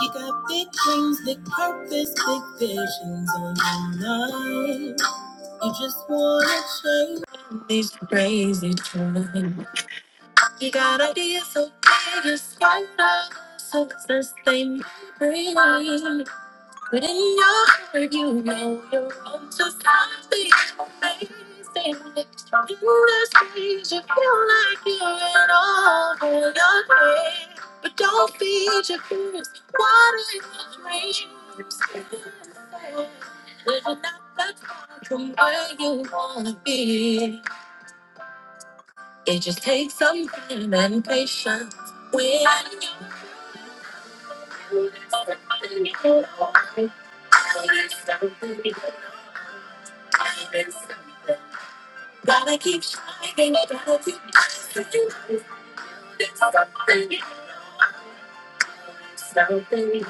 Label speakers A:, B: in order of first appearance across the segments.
A: You got big dreams, big purpose, big visions on your mind. You just wanna change these crazy times. You got ideas so big, it's quite a success they may bring. But in your heart, you know you're wrong. So stop being amazing. In the streets, you feel like you're in over your head. But don't feed your fears, water your dreams. Living up that far from where you wanna be. It just takes some time and patience. When you do something you don't like, it's something you don't Gotta keep shining, gotta keep shining. It's something,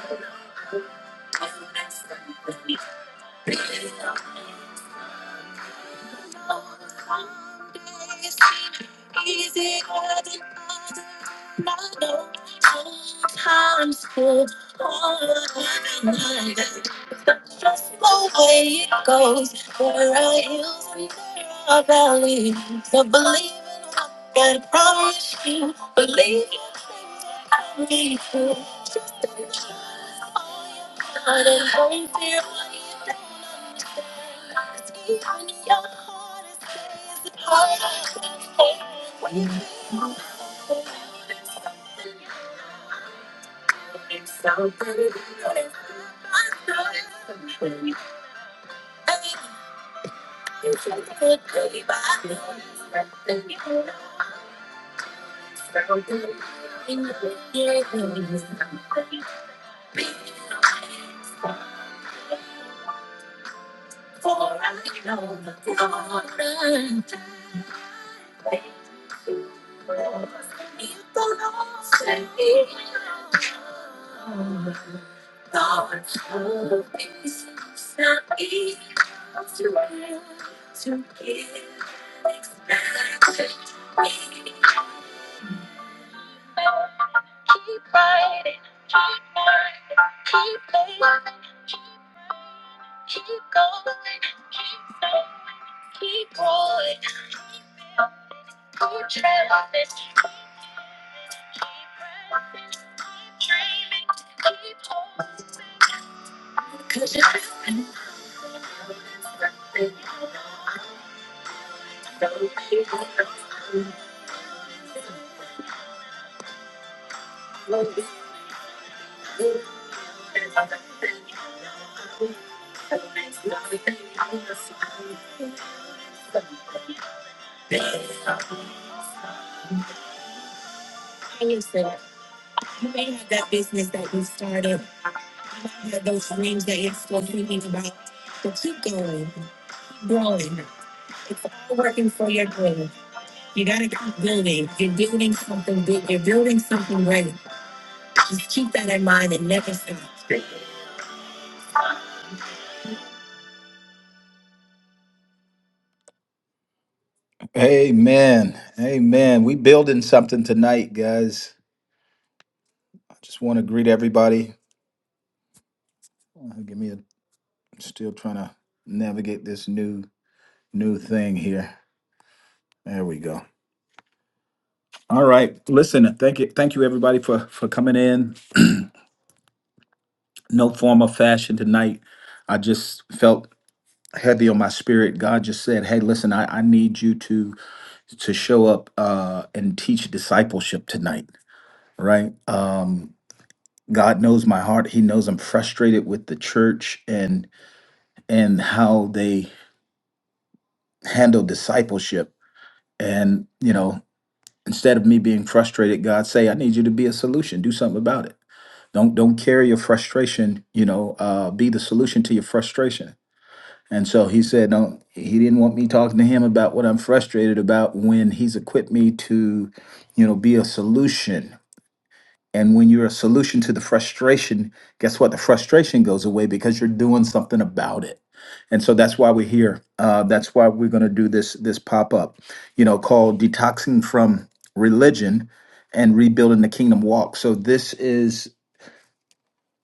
A: something. Sometimes it's harder than others. That's just the way it goes. There are hills and there are valleys. So believe in what God promised you. Believe in things that come true. God and don't fear what you don't understand. 'Cause even your hardest day is the hardest day. When you feel it's something you don't understand. It's something new. It's like a good day, but I know it's something you don't understand. And you're getting something you don't understand. For I know the Tell yourself, you may have that business that you started, you might have those dreams that you're still dreaming about, but keep going, keep growing. It's all working for your good. You gotta keep building. You're building something big. You're building something great. Just keep that in mind and never stop. Amen. Amen. We building something tonight, guys. I just want to greet everybody. Uh, Give me a. Still trying to navigate this new new thing here. There we go. All right. Listen, thank you, thank you everybody for for coming in. No form or fashion tonight. I just felt heavy on my spirit. God just said, "Hey, listen, I, I need you to to show up uh, and teach discipleship tonight." Right? Um, God knows my heart. He knows I'm frustrated with the church and and how they handle discipleship. And you know, Instead of me being frustrated, God say, I need you to be a solution. Do something about it. Don't don't carry your frustration, you know, uh, be the solution to your frustration. And so he said, don't he didn't want me talking to him about what I'm frustrated about when he's equipped me to, you know, be a solution and when you're a solution to the frustration, guess what? The frustration goes away because you're doing something about it. And so that's why we're here. Uh, that's why we're going to do this this pop up, you know, called detoxing from religion and rebuilding the kingdom walk. So this is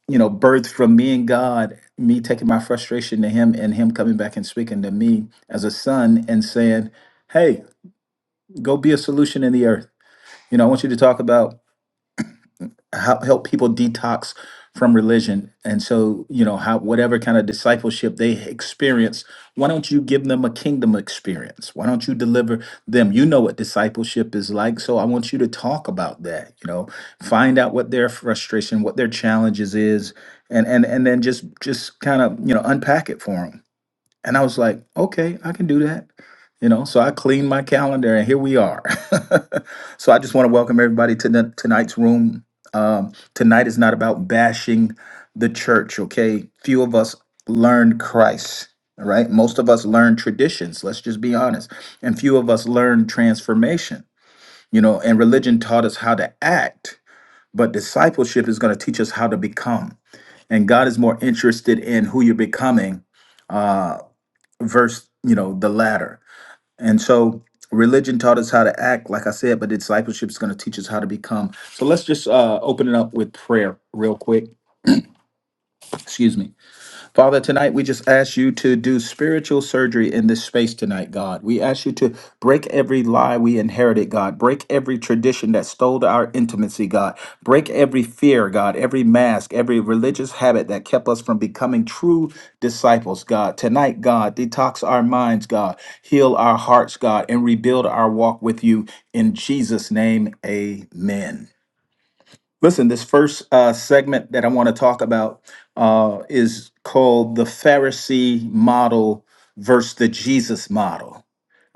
A: you know birthed from me and God, me taking my frustration to Him and Him coming back and speaking to me as a son and saying, "Hey, go be a solution in the earth." You know, I want you to talk about how, help people detox from religion and so you know how whatever kind of discipleship they experience why don't you give them a kingdom experience why don't you deliver them you know what discipleship is like so i want you to talk about that you know find out what their frustration what their challenges is and and and then just just kind of you know unpack it for them and I was like, okay, I can do that. You know, so I cleaned my calendar and here we are. so I just want to welcome everybody to the, tonight's room. Um, tonight is not about bashing the church, okay? Few of us learned Christ, all right? Most of us learned traditions, let's just be honest. And few of us learned transformation, you know, and religion taught us how to act, but discipleship is going to teach us how to become. And God is more interested in who you're becoming uh, versus you know the latter and so religion taught us how to act like i said but discipleship is going to teach us how to become so let's just uh open it up with prayer real quick excuse me Father, tonight we just ask you to do spiritual surgery in this space tonight, God. We ask you to break every lie we inherited, God. Break every tradition that stole our intimacy, God. Break every fear, God, every mask, every religious habit that kept us from becoming true disciples, God. Tonight, God, detox our minds, God. Heal our hearts, God, and rebuild our walk with you. In Jesus' name, amen. Listen, this first uh, segment that I want to talk about uh, is called the Pharisee model versus the Jesus model.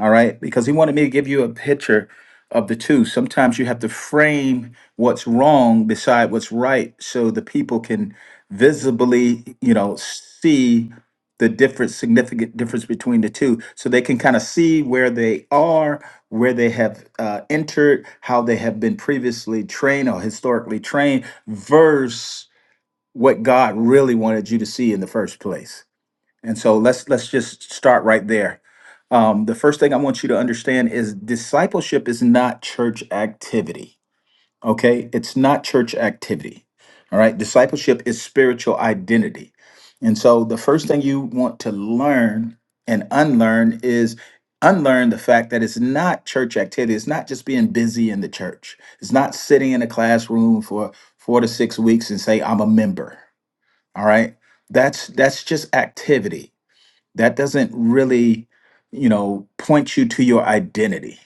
A: All right, because he wanted me to give you a picture of the two. Sometimes you have to frame what's wrong beside what's right so the people can visibly, you know, see the difference, significant difference between the two. So they can kind of see where they are where they have uh, entered, how they have been previously trained or historically trained, versus what God really wanted you to see in the first place. And so let's let's just start right there. Um, the first thing I want you to understand is discipleship is not church activity okay? It's not church activity, all right? Discipleship is spiritual identity. And so the first thing you want to learn and unlearn is unlearn the fact that it's not church activity. It's not just being busy in the church. It's not sitting in a classroom for four to six weeks and say, I'm a member, all right? That's that's just activity. That doesn't really, you know, point you to your identity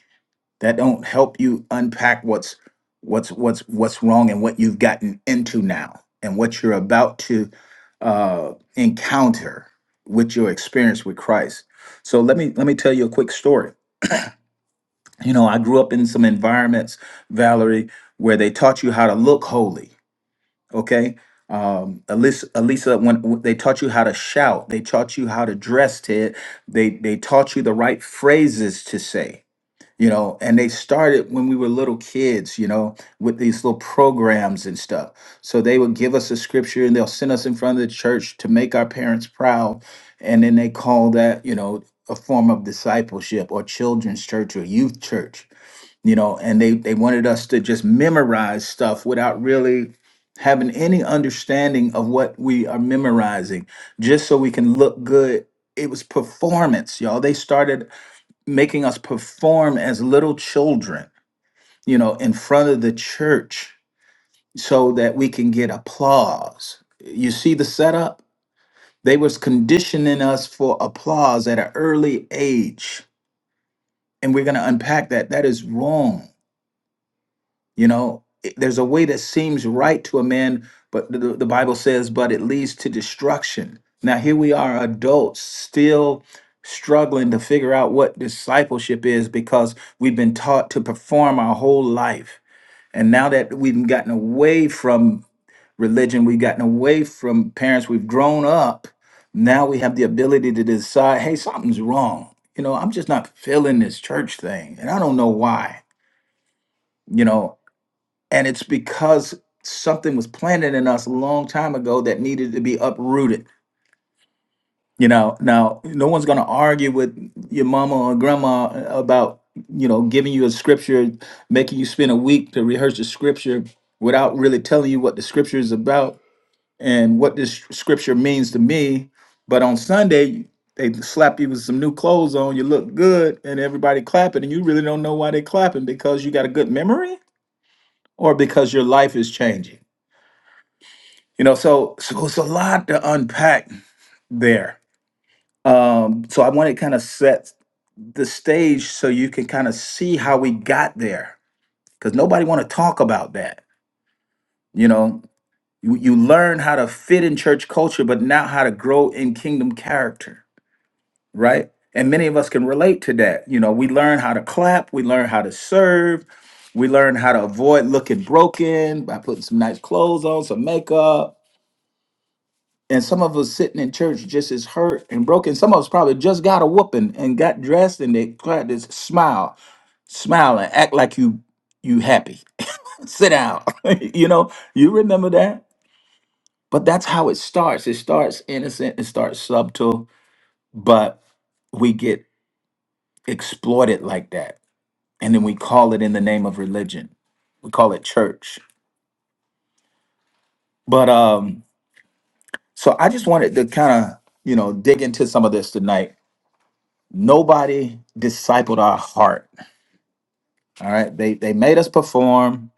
A: that don't help you unpack what's what's what's what's wrong and what you've gotten into now and what you're about to uh, encounter with your experience with Christ. So let me let me tell you a quick story. You know, I grew up in some environments, Valerie, where they taught you how to look holy. Okay, um, Elisa, Elisa, when when they taught you how to shout, they taught you how to dress. Ted, they they taught you the right phrases to say you know, and they started when we were little kids, you know, with these little programs and stuff. So they would give us a scripture and they'll send us in front of the church to make our parents proud. And then they call that, you know, a form of discipleship or children's church or youth church, you know, and they, they wanted us to just memorize stuff without really having any understanding of what we are memorizing, just so we can look good. It was performance, y'all. They started making us perform as little children, you know, in front of the church so that we can get applause. You see the setup? They was conditioning us for applause at an early age. And we're going to unpack that. That is wrong. You know, it- there's a way that seems right to a man, but the, the Bible says, but it leads to destruction. Now, here we are, adults, still struggling to figure out what discipleship is because we've been taught to perform our whole life. And now that we've gotten away from religion, we've gotten away from parents, we've grown up, now we have the ability to decide, hey, something's wrong. You know, I'm just not feeling this church thing, and I don't know why. You know, and it's because something was planted in us a long time ago that needed to be uprooted. You know, now no one's going to argue with your mama or grandma about, you know, giving you a scripture, making you spend a week to rehearse the scripture without really telling you what the scripture is about and what this scripture means to me. But on Sunday, they slap you with some new clothes on, you look good, and everybody clapping, and you really don't know why they clapping because you got a good memory or because your life is changing You know, so so it's a lot to unpack there. Um, so I want to kind of set the stage so you can kind of see how we got there, because nobody want to talk about that. You know, you, you learn how to fit in church culture, but not how to grow in kingdom character, right? And many of us can relate to that. You know, we learn how to clap, we learn how to serve, we learn how to avoid looking broken by putting some nice clothes on, some makeup and some of us sitting in church just as hurt and broken. Some of us probably just got a whooping and got dressed and they tried to smile, smile and act like you you happy. Sit down. you know, you remember that? But that's how it starts. It starts innocent, it starts subtle, but we get exploited like that. And then we call it in the name of religion. We call it church. But um, so I just wanted to kind of, you know, dig into some of this tonight nobody discipled our heart. All right. They they made us perform.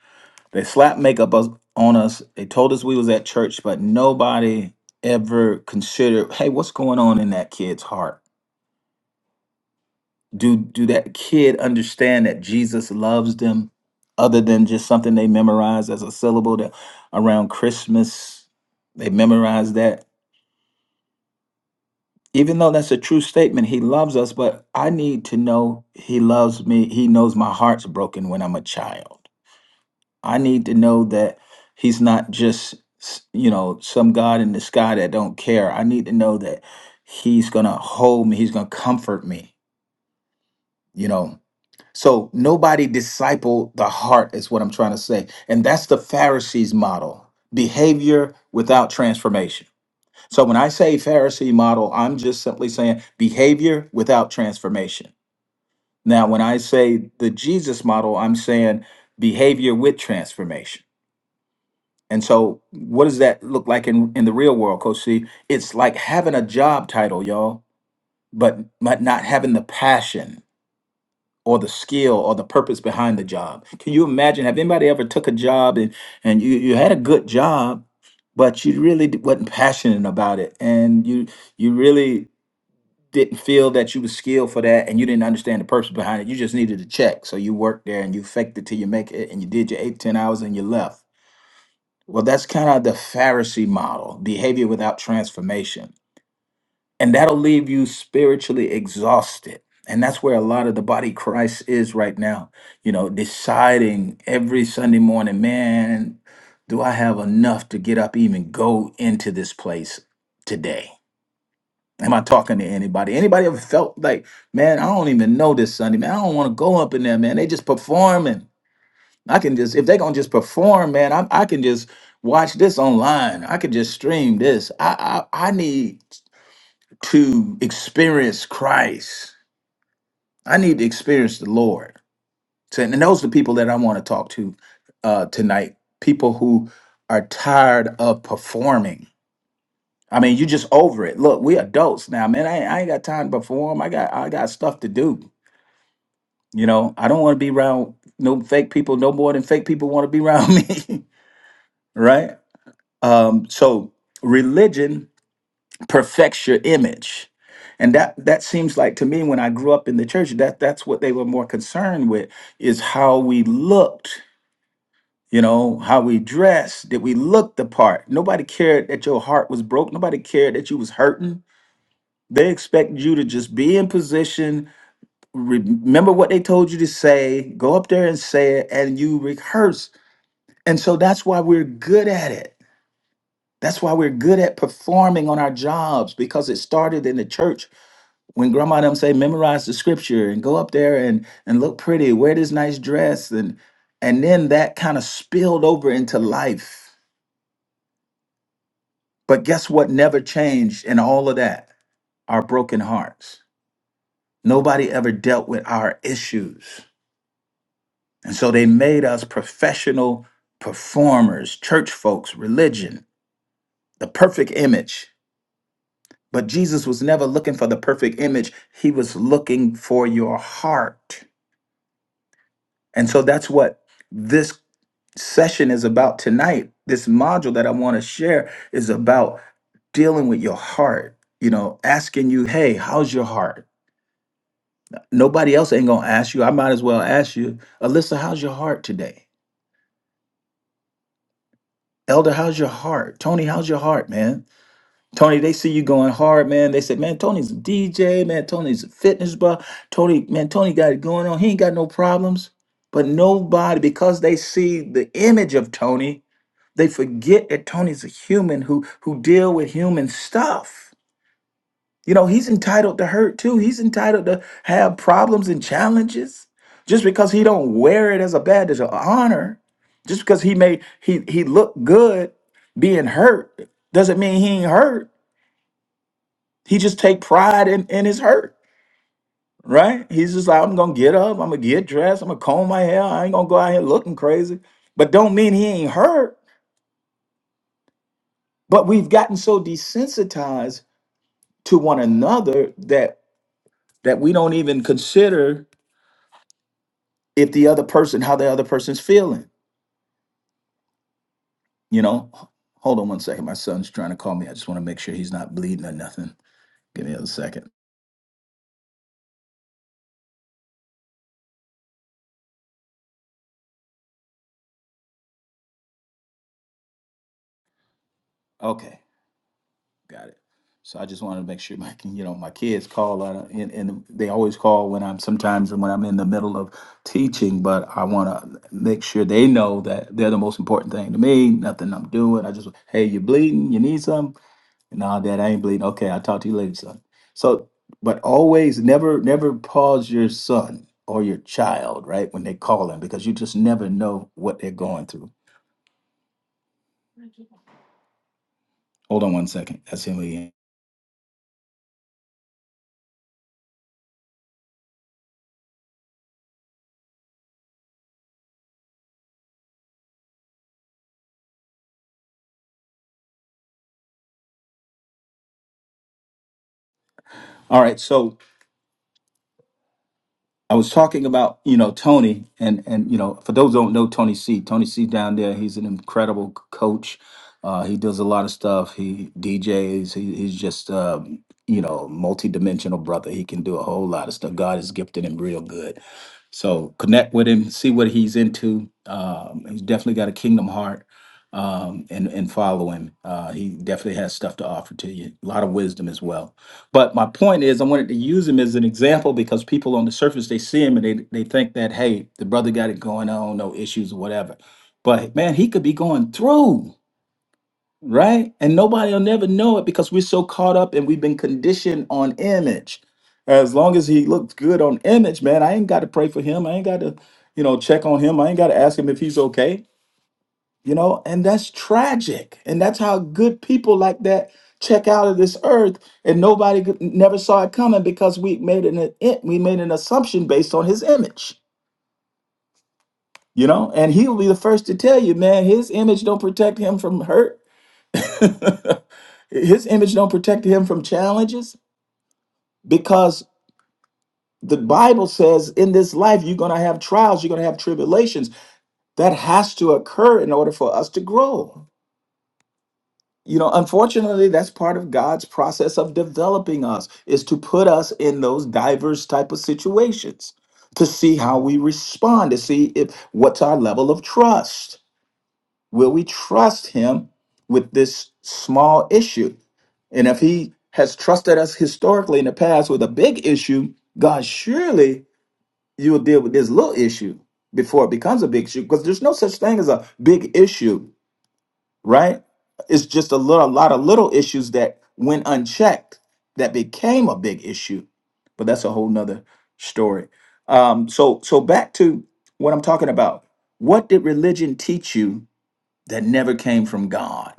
A: They slapped makeup us- on us. They told us we was at church, but nobody ever considered, hey, what's going on in that kid's heart? Do do that kid understand that Jesus loves them other than just something they memorized as a syllable that around Christmas? They memorized that. Even though that's a true statement, he loves us, but I need to know he loves me. He knows my heart's broken when I'm a child. I need to know that he's not just, s- you know, some God in the sky that don't care. I need to know that he's going to hold me, he's going to comfort me, you know. So nobody disciple the heart is what I'm trying to say. And that's the Pharisees model. Behavior without transformation. So when I say Pharisee model, I'm just simply saying behavior without transformation. Now, when I say the Jesus model, I'm saying behavior with transformation And so, what does that look like in, in the real world, Coach C? It's like having a job title, y'all, but but not having the passion or the skill or the purpose behind the job. Can you imagine? Have anybody ever took a job and and you you had a good job, but you really d- wasn't passionate about it, and you you really didn't feel that you was skilled for that, and you didn't understand the purpose behind it. You just needed a check, so you worked there and you faked it till you make it, and you did your eight ten hours and you left well, that's kind of the Pharisee model behavior without transformation. And that'll leave you spiritually exhausted. And that's where a lot of the body of Christ is right now, you know, deciding every Sunday morning, man, do I have enough to get up, even go into this place today? Am I talking to anybody? Anybody ever felt like, man, I don't even know this Sunday, man, I don't want to go up in there, man. They just performing. I can just if they're gonna just perform, man. I I can just watch this online. I can just stream this. I I, I need to experience Christ. I need to experience the Lord. So, and those are the people that I want to talk to uh, tonight. People who are tired of performing. I mean, you just over it. Look, we adults now, man. I, ain't- I ain't got time to perform. I got I got stuff to do. You know, I don't want to be around no fake people no more than fake people want to be around me, right? Um, so religion perfects your image. And that that seems like to me when I grew up in the church, that that's what they were more concerned with is how we looked, you know, how we dressed, did we look the part? Nobody cared that your heart was broke, nobody cared that you was hurting. They expect you to just be in position, remember what they told you to say, go up there and say it, and you rehearse. And so that's why we're good at it That's why we're good at performing on our jobs because it started in the church when grandma them say memorize the scripture and go up there and and look pretty, wear this nice dress and and then that kind of spilled over into life. But guess what never changed in all of that? Our broken hearts. Nobody ever dealt with our issues. And so they made us professional performers, church folks, religion, the perfect image But Jesus was never looking for the perfect image, he was looking for your heart. And so that's what this session is about tonight. This module that I want to share is about dealing with your heart, you know, asking you, hey, how's your heart? Nobody else ain't going to ask you. I might as well ask you, Alyssa, how's your heart today? Elder, how's your heart? Tony, how's your heart, man? Tony, they see you going hard, man. They said, man, Tony's a DJ, man. Tony's a fitness bro. Tony, man, Tony got it going on. He ain't got no problems. But nobody, because they see the image of Tony, they forget that Tony's a human who who deal with human stuff. You know, he's entitled to hurt too. He's entitled to have problems and challenges. Just because he don't wear it as a badge as an honor, just because he may he he look good being hurt doesn't mean he ain't hurt he just take pride in, in his hurt, right? He's just like, I'm gonna get up, I'm gonna get dressed, I'm gonna comb my hair, I ain't gonna go out here looking crazy. But don't mean he ain't hurt. But we've gotten so desensitized to one another that that we don't even consider if the other person, how the other person's feeling. You know, H- hold on one second. My son's trying to call me. I just want to make sure he's not bleeding or nothing. Give me a second. Okay. Got it. So I just wanted to make sure my, you know, my kids call uh, and, and they always call when I'm sometimes when I'm in the middle of teaching, but I want to make sure they know that they're the most important thing to me. Nothing I'm doing. I just, hey, you bleeding? You need some? Nah, dad, I ain't bleeding. Okay, I'll talk to you later, son. So, but always never, never pause your son or your child, right? When they call him, because you just never know what they're going through. Hold on one second. That's him again. All right. So I was talking about you know Tony and and you know for those who don't know Tony C. Tony C. down there, he's an incredible c- coach. Uh, he does a lot of stuff. He DJs. He, he's just um, you know multi-dimensional brother. He can do a whole lot of stuff. God has gifted him real good. So connect with him, see what he's into. Um, he's definitely got a kingdom heart, um, and and follow him. Uh, he definitely has stuff to offer to you. A lot of wisdom as well. But my point is, I wanted to use him as an example because people on the surface they see him and they they think that hey, the brother got it going on, no issues or whatever. But man, he could be going through right, and nobody will never know it because we're so caught up and we've been conditioned on image. As long as he looks good on image, man, I ain't got to pray for him. I ain't got to you know check on him. I ain't got to ask him if he's okay you know and that's tragic and that's how good people like that check out of this earth and nobody could- never saw it coming because we made an we made an assumption based on his image you know and he'll be the first to tell you man his image don't protect him from hurt his image don't protect him from challenges because the bible says in this life you're going to have trials you're going to have tribulations that has to occur in order for us to grow you know unfortunately that's part of god's process of developing us is to put us in those diverse type of situations to see how we respond to see if what's our level of trust will we trust him with this small issue and if he has trusted us historically in the past with a big issue god surely you'll deal with this little issue before it becomes a big issue because there's no such thing as a big issue right? It's just a little, a lot of little issues that went unchecked that became a big issue, but that's a whole nother story. Um, so, so back to what I'm talking about. What did religion teach you that never came from God.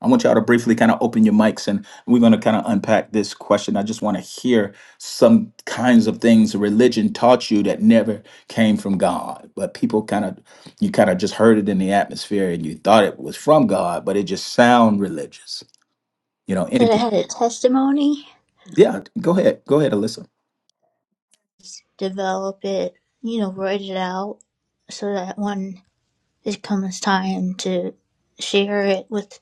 A: I want y'all to briefly kind of open your mics and we're going to kind of unpack this question. I just want to hear some kinds of things religion taught you that never came from God. But people kind of, you kind of just heard it in the atmosphere and you thought it was from God, but it just sound religious. You know, any,
B: that I had a testimony,
A: yeah, go ahead. Go ahead, Alyssa.
B: develop it, you know, write it out so that when it comes time to share it with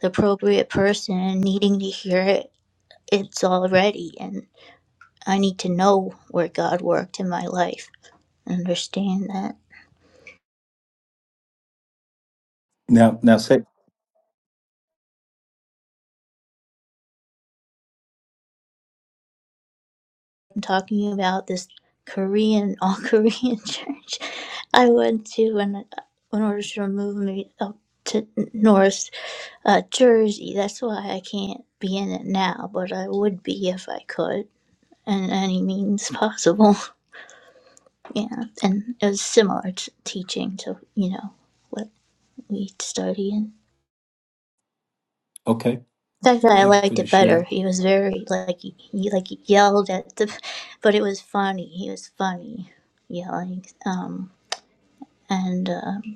B: the appropriate person needing to hear it, it's all ready. And I need to know where God worked in my life and understand that.
A: Now, now say,
B: talking about this Korean all Korean church I went to when in order to move me up to North uh, Jersey. That's why I can't be in it now, but I would be if I could in any means possible. yeah, and it was similar to teaching to you know what we study in.
A: okay,
B: The fact that I
A: thank you for
B: liked
A: the
B: it better,
A: share.
B: he was very like he, he like yelled at the, but it was funny. He was funny yelling. Um. and um,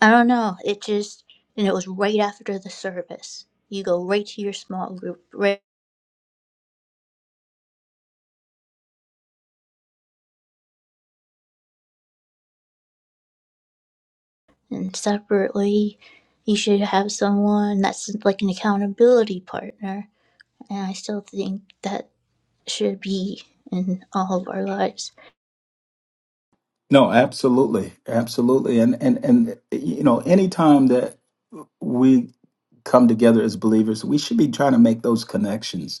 B: I don't know. It just and it was right after the service. You go right to your small group, right? And separately, you should have someone that's like an accountability partner. And I still think that should be in all of our lives.
A: No, absolutely, absolutely, and and and you know, anytime that we come together as believers, we should be trying to make those connections,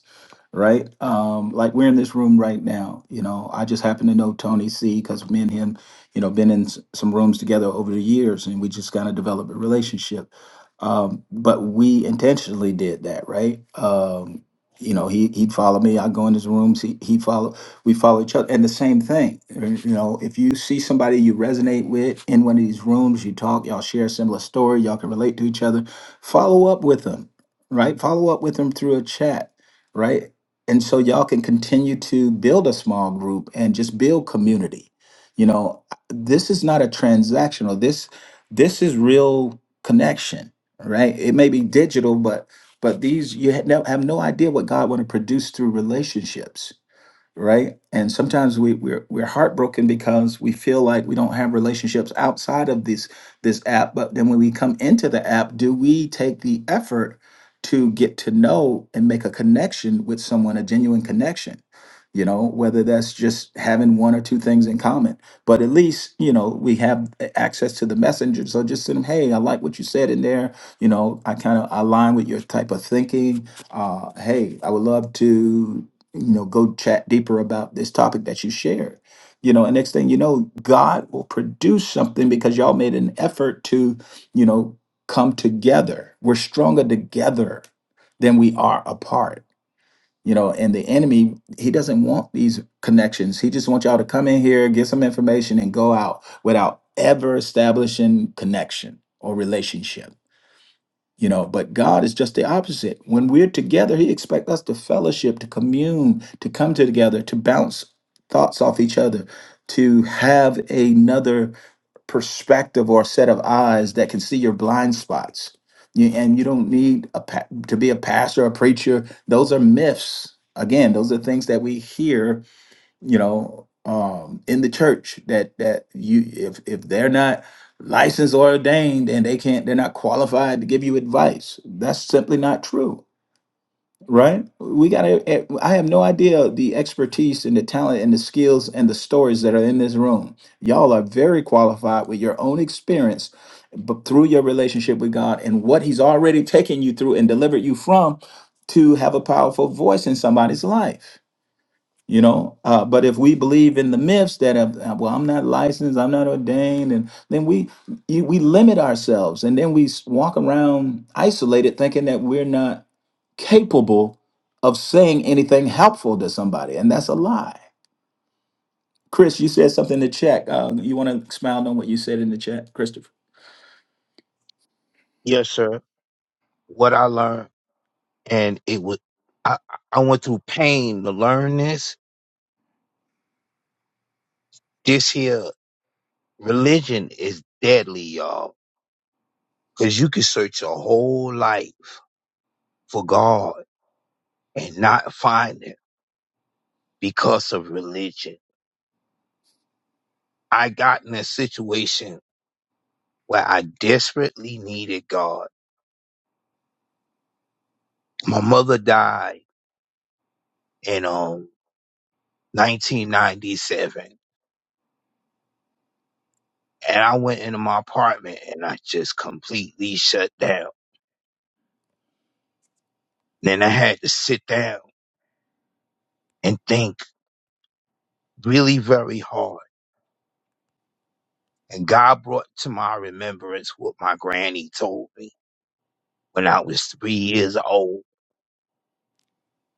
A: right? Um, like we're in this room right now. You know, I just happen to know Tony C because me and him, you know, been in s- some rooms together over the years, and we just kind of developed a relationship. Um, but we intentionally did that, right? Um, you know, he he'd follow me. I go in his rooms. He he follow we follow each other. And the same thing, you know, if you see somebody you resonate with in one of these rooms, you talk, y'all share a similar story, y'all can relate to each other, follow up with them, right? Follow up with them through a chat, right? And so y'all can continue to build a small group and just build community. You know, this is not a transactional. This this is real connection, right? It may be digital, but but these you ha- no- have no idea what God want to produce through relationships right? And sometimes we we're we're heartbroken because we feel like we don't have relationships outside of this this app. But then when we come into the app, do we take the effort to get to know and make a connection with someone, a genuine connection? You know, whether that's just having one or two things in common, but at least you know we have a- access to the messenger. So just send them, hey, I like what you said in there. You know, I kind of align with your type of thinking. Uh, hey, I would love to you know go chat deeper about this topic that you shared you know and next thing you know god will produce something because y'all made an effort to you know come together we're stronger together than we are apart you know and the enemy he doesn't want these connections he just wants y'all to come in here get some information and go out without ever establishing connection or relationship you know but god is just the opposite when we're together he expects us to fellowship to commune to come together to bounce thoughts off each other to have another perspective or set of eyes that can see your blind spots You- and you don't need a pa- to be a pastor or a preacher those are myths again those are things that we hear you know, um, in the church that that you if if they're not licensed or ordained and they can't they're not qualified to give you advice, that's simply not true, right? We got to. I have no idea the expertise and the talent and the skills and the stories that are in this room. Y'all are very qualified with your own experience. But through your relationship with God and what He's already taken you through and delivered you from, to have a powerful voice in somebody's life you know uh, but if we believe in the myths that have, uh, well i'm not licensed i'm not ordained and then we you- we limit ourselves and then we s- walk around isolated thinking that we're not capable of saying anything helpful to somebody and that's a lie chris you said something in the chat uh, you want to expound on what you said in the chat christopher
C: Yes, sir. What I learned, and it was, I, I went through pain to learn this. This here religion is deadly, y'all, because you can search your whole life for God and not find it because of religion. I got in a situation where I desperately needed God. My mother died in um 1997, and I went into my apartment and I just completely shut down. Then I had to sit down and think really very hard. And God brought to my remembrance what my granny told me when I was three years old.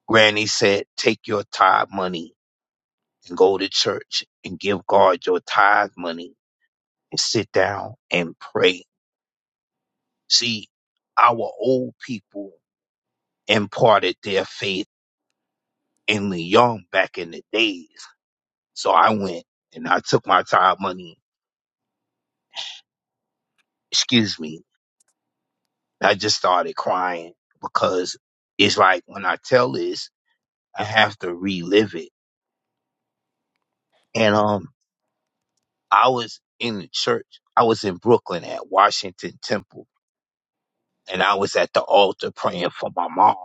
C: Granny said, take your tithe money and go to church and give God your tithe money and sit down and pray. See, our old people imparted their faith in the young back in the days. So I went and I took my tithe money, excuse me, I just started crying because it's like when I tell this, I have to relive it. And um, I was in the church. I was in Brooklyn at Washington Temple, and I was at the altar praying for my mom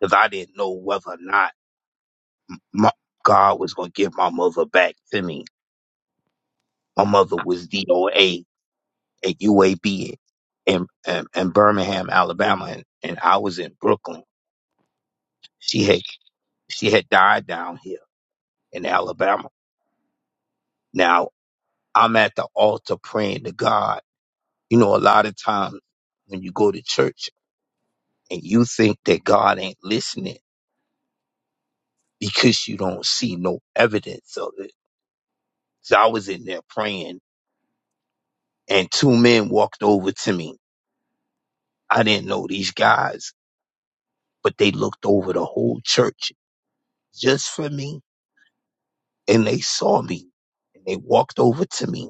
C: because I didn't know whether or not my, God was going to give my mother back to me. My mother was DOA at UAB in, in, in Birmingham, Alabama, and, and I was in Brooklyn. She had she had died down here in Alabama. Now. I'm at the altar praying to God. You know, a lot of times when you go to church and you think that God ain't listening because you don't see no evidence of it. So I was in there praying and two men walked over to me. I didn't know these guys, but they looked over the whole church just for me and they saw me and they walked over to me,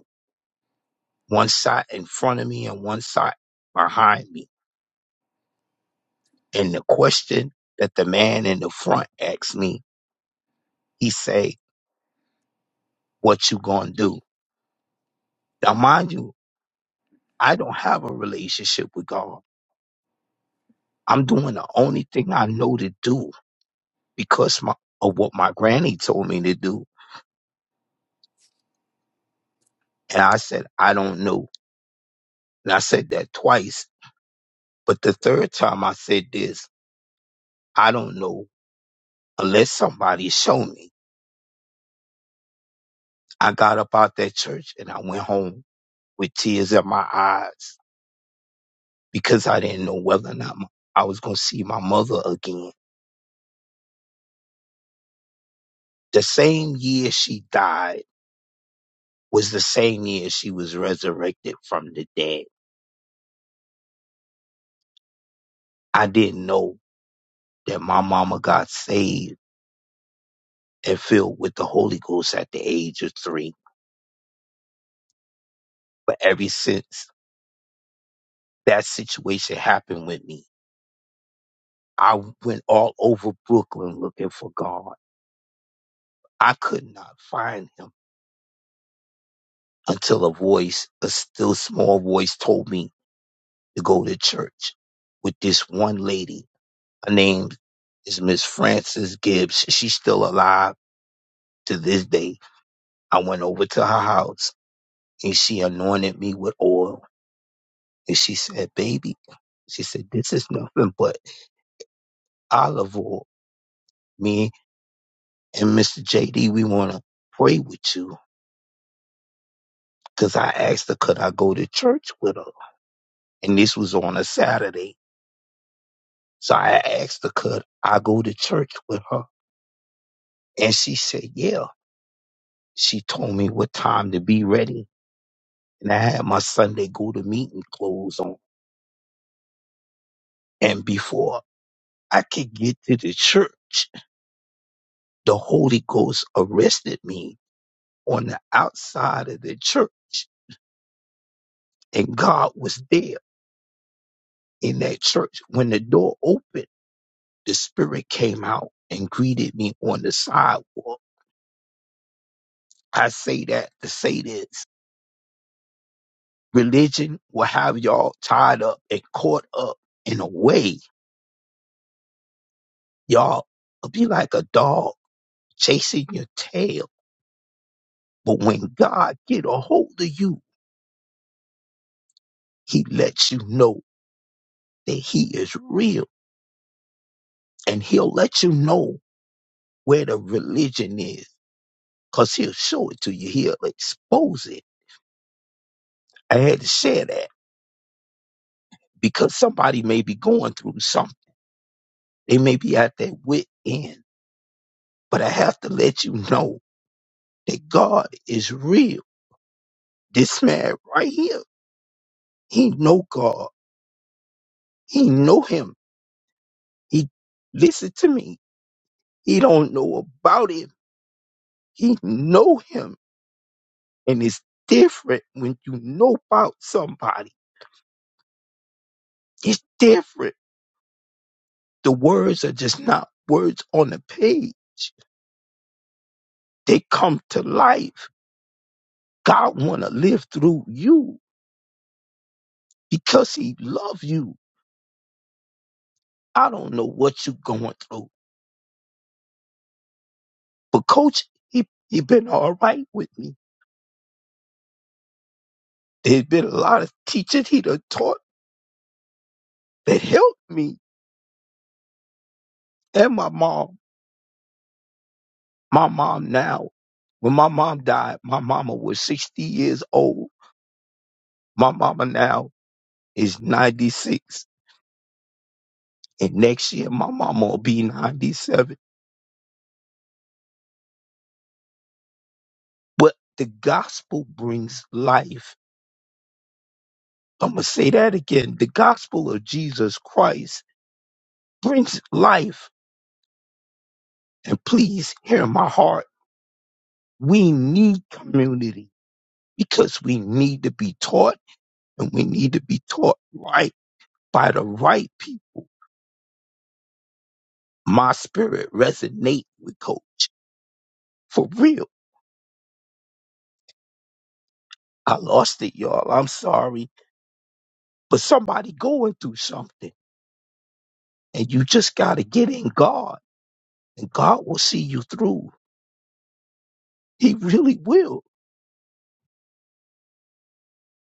C: one side in front of me and one side behind me. And the question that the man in the front asked me He say, what you gonna do? Now, mind you, I don't have a relationship with God. I'm doing the only thing I know to do because my, of what my granny told me to do. And I said, I don't know. And I said that twice. But the third time I said this, I don't know unless somebody show me. I got up out that church and I went home with tears in my eyes because I didn't know whether or not my, I was going to see my mother again. The same year she died was the same year she was resurrected from the dead. I didn't know that my mama got saved and filled with the Holy Ghost at the age of three. But ever since that situation happened with me, I went all over Brooklyn looking for God. I could not find him until a voice, a still small voice, told me to go to church with this one lady. Her name is Miss Frances Gibbs. She's still alive to this day I went over to her house and she anointed me with oil. And she said, Baby, she said, This is nothing but olive oil. Me and Mr. JD, we want to pray with you. Because I asked her, Could I go to church with her? And this was on a Saturday. So I asked her, Could I go to church with her? And she said, Yeah. She told me what time to be ready. And I had my Sunday go to meeting clothes on. And before I could get to the church, the Holy Ghost arrested me on the outside of the church, and God was there in that church. When the door opened, the Spirit came out and greeted me on the sidewalk. I say that to say this religion will have y'all tied up and caught up in a way. Y'all will be like a dog chasing your tail. But when God get a hold of you, he lets you know that he is real and he'll let you know where the religion is because he'll show it to you. He'll expose it. I had to share that because somebody may be going through something. They may be at their wit end, but I have to let you know that God is real. This man right here, he know God. He know him. He listen to me. He don't know about him. He know him. And it's different when you know about somebody. It's different. The words are just not words on the page. They come to life. God want to live through you because he love you. I don't know what you going through, but coach, he, he been all right with me. There's been a lot of teachers he done taught that helped me and my mom. My mom now, when my mom died, my mama was 60 years old. My mama now is 96. And next year, my mama will be 97 But the gospel brings life. I'm going to say that again. The gospel of Jesus Christ brings life. And please hear my heart. We need community because we need to be taught and we need to be taught right by the right people. My spirit resonate with coach for real. I lost it, y'all. I'm sorry, but somebody going through something and you just got to get in God and God will see you through. He really will.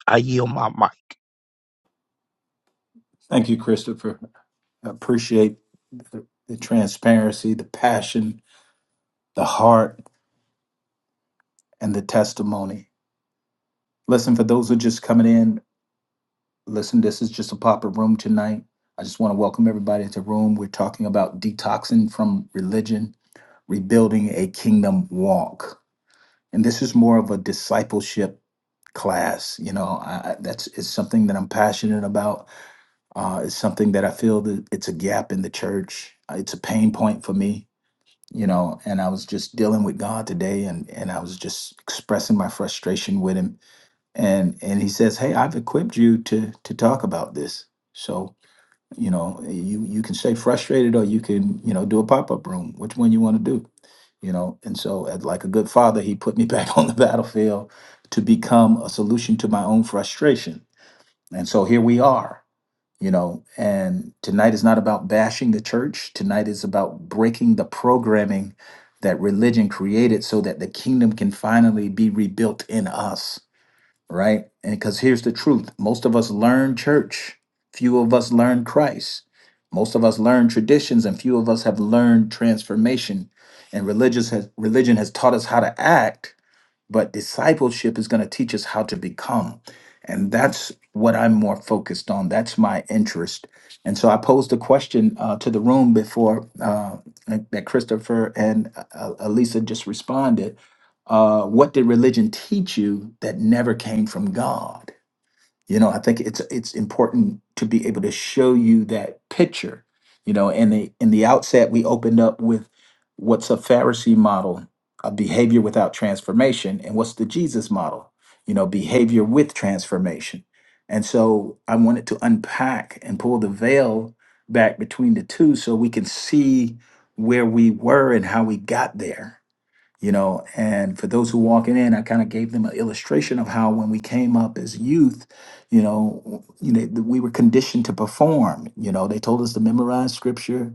C: I yield my mic.
A: thank you christopher I appreciate the, the transparency the passion the heart and the testimony listen for those who are just coming in Listen, this is just a pop up room tonight. I just want to welcome everybody into the room. We're talking about detoxing from religion, rebuilding a kingdom walk. And this is more of a discipleship class. You know, I, I- that's it's something that I'm passionate about. Uh, it's something that I feel that it's a gap in the church. Uh, It's a pain point for me, you know. And I was just dealing with God today, and and I was just expressing my frustration with Him. And and He says, "Hey, I've equipped you to to talk about this." So you know, you you can stay frustrated, or you can you know do a pop up room. Which one you want to do? You know, and so as like a good father, he put me back on the battlefield to become a solution to my own frustration. And so here we are. You know, and tonight is not about bashing the church. Tonight is about breaking the programming that religion created so that the kingdom can finally be rebuilt in us right? And because here's the truth most of us learn church, few of us learn Christ. Most of us learn traditions, and few of us have learned transformation. And religious has, religion has taught us how to act, but discipleship is going to teach us how to become. And that's what I'm more focused on. That's my interest. And so I posed a question uh, to the room before uh, that Christopher and uh, uh, Elisa just responded. Uh, what did religion teach you that never came from God? you know i think it's it's important to be able to show you that picture you know in the in the outset we opened up with what's a pharisee model a behavior without transformation and what's the jesus model you know behavior with transformation and so i wanted to unpack and pull the veil back between the two so we can see where we were and how we got there you know and for those who walking in i kind of gave them an illustration of how when we came up as youth you know you know we were conditioned to perform you know they told us to memorize scripture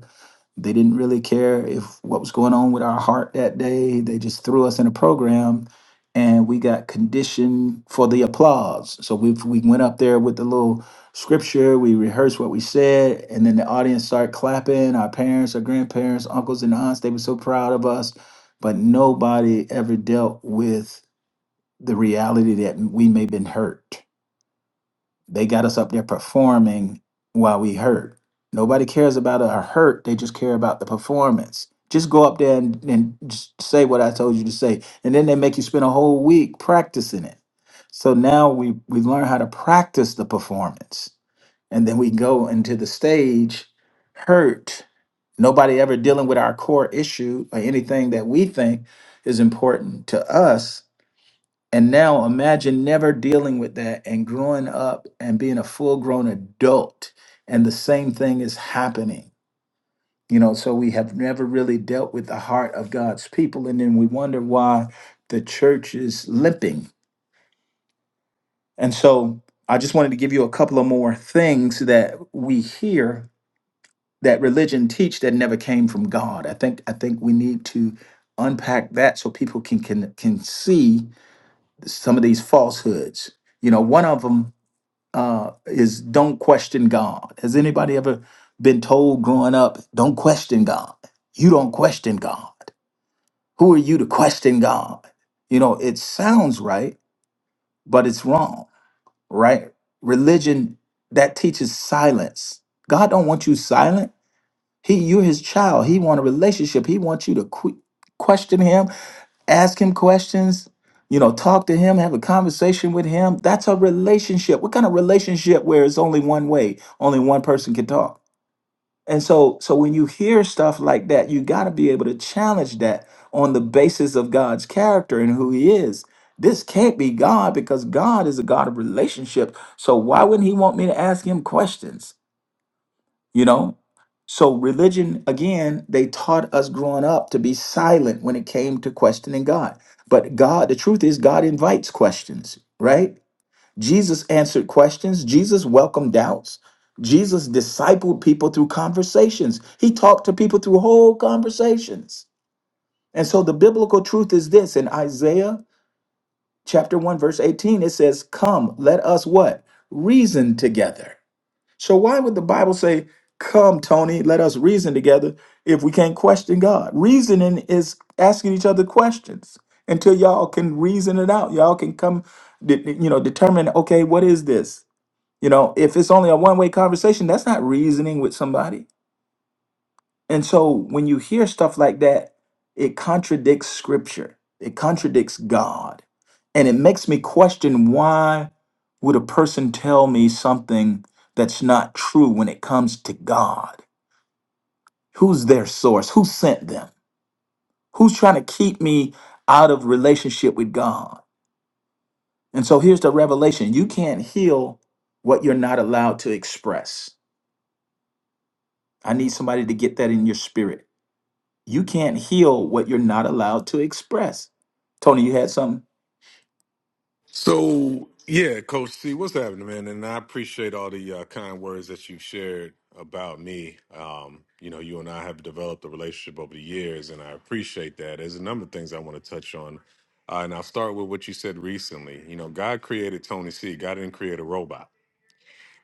A: they didn't really care if what was going on with our heart that day. They just threw us in a program and we got conditioned for the applause. So we we went up there with the little scripture, we rehearsed what we said, and then the audience started clapping. Our parents, our grandparents, uncles and aunts, they were so proud of us, but nobody ever dealt with the reality that we may have been hurt they got us up there performing while we hurt. Nobody cares about our hurt. They just care about the performance. Just go up there and, and just say what I told you to say. And then they make you spend a whole week practicing it. So now we, we learn how to practice the performance. And then we go into the stage hurt. Nobody ever dealing with our core issue or anything that we think is important to us and now imagine never dealing with that and growing up and being a full grown adult, and the same thing is happening. You know, so we have never really dealt with the heart of God's people, and then we wonder why the church is limping. And so I just wanted to give you a couple of more things that we hear that religion teach that never came from God. I think I think we need to unpack that so people can can can see some of these falsehoods. You know, one of them uh, is don't question God. Has anybody ever been told growing up, don't question God? You don't question God. Who are you to question God? You know, it sounds right, but it's wrong, right? Religion that teaches silence. God don't want you silent. He, you're His child. He want a relationship. He wants you to que- question Him ask him questions you know talk to him have a conversation with him that's a relationship what kind of relationship where it's only one way only one person can talk and so so when you hear stuff like that you got to be able to challenge that on the basis of god's character and who he is this can't be god because god is a god of relationship so why wouldn't he want me to ask him questions you know so religion again they taught us growing up to be silent when it came to questioning god but god the truth is god invites questions right jesus answered questions jesus welcomed doubts jesus discipled people through conversations he talked to people through whole conversations and so the biblical truth is this in isaiah chapter 1 verse 18 it says come let us what reason together so why would the Bible say, "Come, Tony, let us reason together" if we can't question God? Reasoning is asking each other questions until y'all can reason it out. Y'all can come, de- you know, determine, okay, what is this? You know, if it's only a one-way conversation, that's not reasoning with somebody. And so when you hear stuff like that, it contradicts scripture, it contradicts God. And it makes me question why would a person tell me something that's not true when it comes to God? Who's their source? Who sent them? Who's trying to keep me out of relationship with God? And so here's the revelation you can't heal what you're not allowed to express. I need somebody to get that in your spirit. You can't heal what you're not allowed to express. Tony, you had something?
D: So yeah, Coach C, what's happening, man? And I appreciate all the uh, kind words that you have shared about me. Um, you know, you and I have developed a relationship over the years, and I appreciate that. There's a number of things I want to touch on, uh, and I'll start with what you said recently. You know, God created Tony C. God didn't create a robot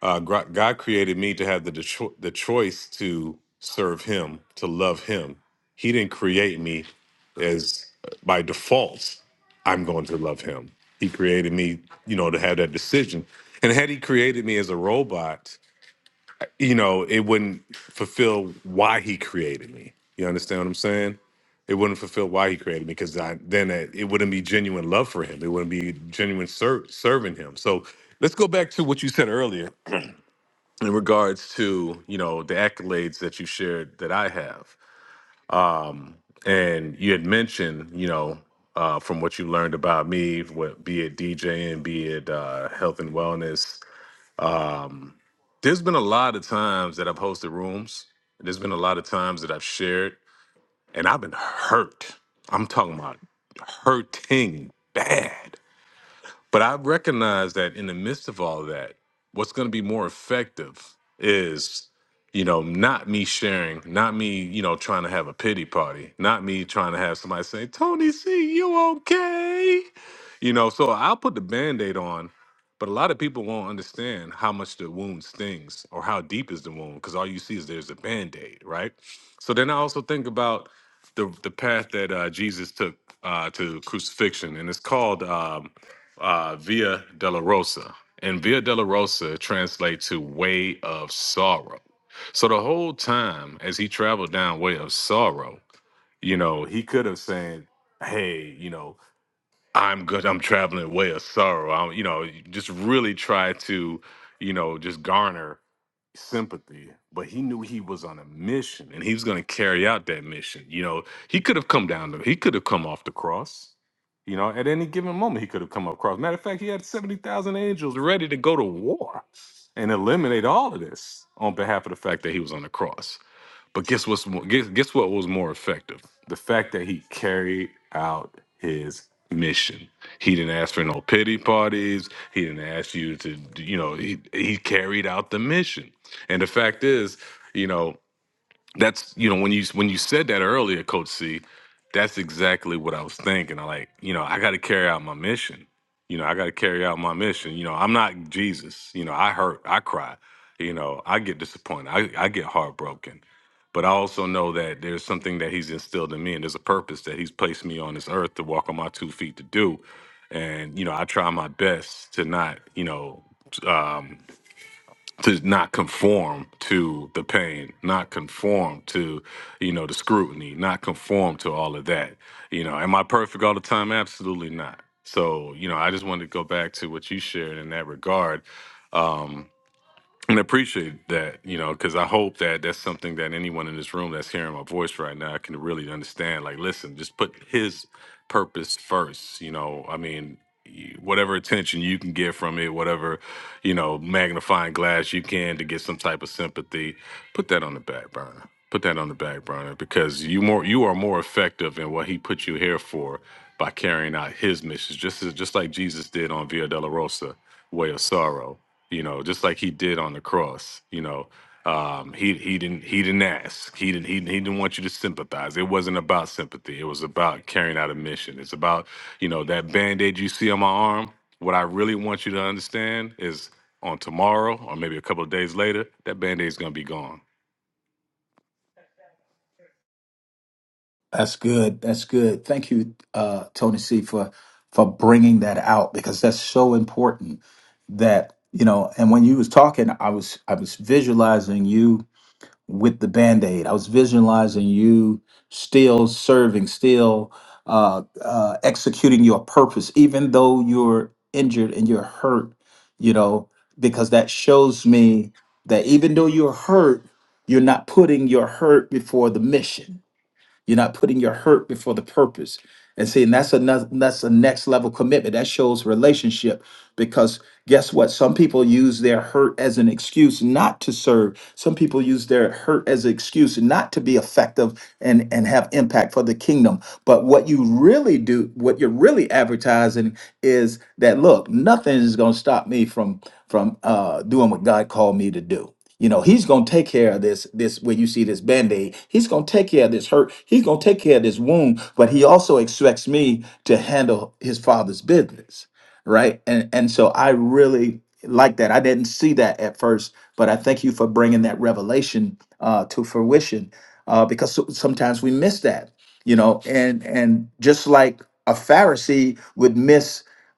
D: uh, Gro- God created me to have the, the, cho- the choice to serve Him, to love Him. He didn't create me as uh, by default, I'm going to love Him. He created me, you know, to have that decision. And had He created me as a robot, you know, it wouldn't fulfill why He created me. You understand what I'm saying? It wouldn't fulfill why He created me because I, then it, it wouldn't be genuine love for Him. It wouldn't be genuine ser- serving Him. So let's go back to what you said earlier in regards to you know the accolades that you shared that I have, and you had mentioned you know uh, from what you learned about me, what be it DJing, be it uh, health and wellness. There's been a lot of times that I've hosted rooms. There's been a lot of times that I've shared, and I've been hurt. I'm talking about hurting bad But I recognize that in the midst of all that, what's going to be more effective is, you know, not me sharing, not me, you know, trying to have a pity party, not me trying to have somebody say, Tony C, you okay? You know, so I'll put the band-aid on, but a lot of people won't understand how much the wound stings or how deep is the wound, because all you see is there's a band-aid, right? So then I also think about the the path that uh, Jesus took uh, to crucifixion, and it's called um, uh, Via della Rosa. And Via della Rosa translates to way of sorrow. So the whole time as he traveled down way of sorrow, you know, he could have said, Hey, you know, I'm good. I'm traveling way of sorrow. I'm, you know, just really try to, you know, just garner sympathy. But he knew he was on a mission and he was going to carry out that mission. You know, he could have come down to, he could have come off the cross. You know, at any given moment, he could have come across. Matter of fact, he had 70,000 angels ready to go to war and eliminate all of this on behalf of the fact that he was on the cross. But guess what's mo- guess, guess what was more effective? The fact that he carried out his mission. He didn't ask for no pity parties. He didn't ask you to, you know, he he carried out the mission. And the fact is, you know, that's you know when you when you said that earlier coach c that's exactly what i was thinking i like you know i got to carry out my mission you know i got to carry out my mission you know i'm not jesus you know i hurt i cry you know i get disappointed i, I get heartbroken but i also know that there's something that he's instilled in me and there's a purpose that he's placed me on this earth to walk on my two feet to do and you know i try my best to not you know to not conform to the pain, not conform to, you know, the scrutiny, not conform to all of that. You know, am I perfect all the time? Absolutely not. So, you know, I just wanted to go back to what you shared in that regard and I appreciate that, you know, because I hope that that's something that anyone in this room that's hearing my voice right now can really understand. Like, listen, just put his purpose first. You know, I mean, y- whatever attention you can get from it, whatever, you know, magnifying glass you can to get some type of sympathy, put that on the back burner. Put that on the back burner because you more you are more effective in what he put you here for by carrying out his missions, just as, just like Jesus did on Via Dolorosa, Way of Sorrow you know, just like he did on the cross. You know, um, he he didn't he didn't ask. He didn't he, he didn't want you to sympathize. It wasn't about sympathy. It was about carrying out a mission. It's about you know that band aid you see on my arm. What I really want you to understand is on tomorrow or maybe a couple of days later, that band aid is gonna be gone
A: That's good. That's good. Thank you, uh, Tony C, for for bringing that out because that's so important. That you know, and when you was talking, I was I was visualizing you with the band aid. I was visualizing you still serving, still uh, uh, executing your purpose, even though you're injured and you're hurt, you know, because that shows me that even though you're hurt, you're not putting your hurt before the mission you're not putting your hurt before the purpose. And see, and that's another that's a next level commitment. That shows relationship because guess what? Some people use their hurt as an excuse not to serve. Some people use their hurt as an excuse not to be effective and, and have impact for the kingdom. But what you really do, what you're really advertising is that look, nothing is gonna stop me from from uh doing what God called me to do. You know, he's gonna take care of this, this where you see this band-aid. He's gonna take care of this hurt. He's gonna take care of this wound, but he also expects me to handle his father's business. Right. And and so I really like that. I didn't see that at first, but I thank you for bringing that revelation uh, to fruition uh, because so- sometimes we miss that, you know, and and just like a Pharisee would miss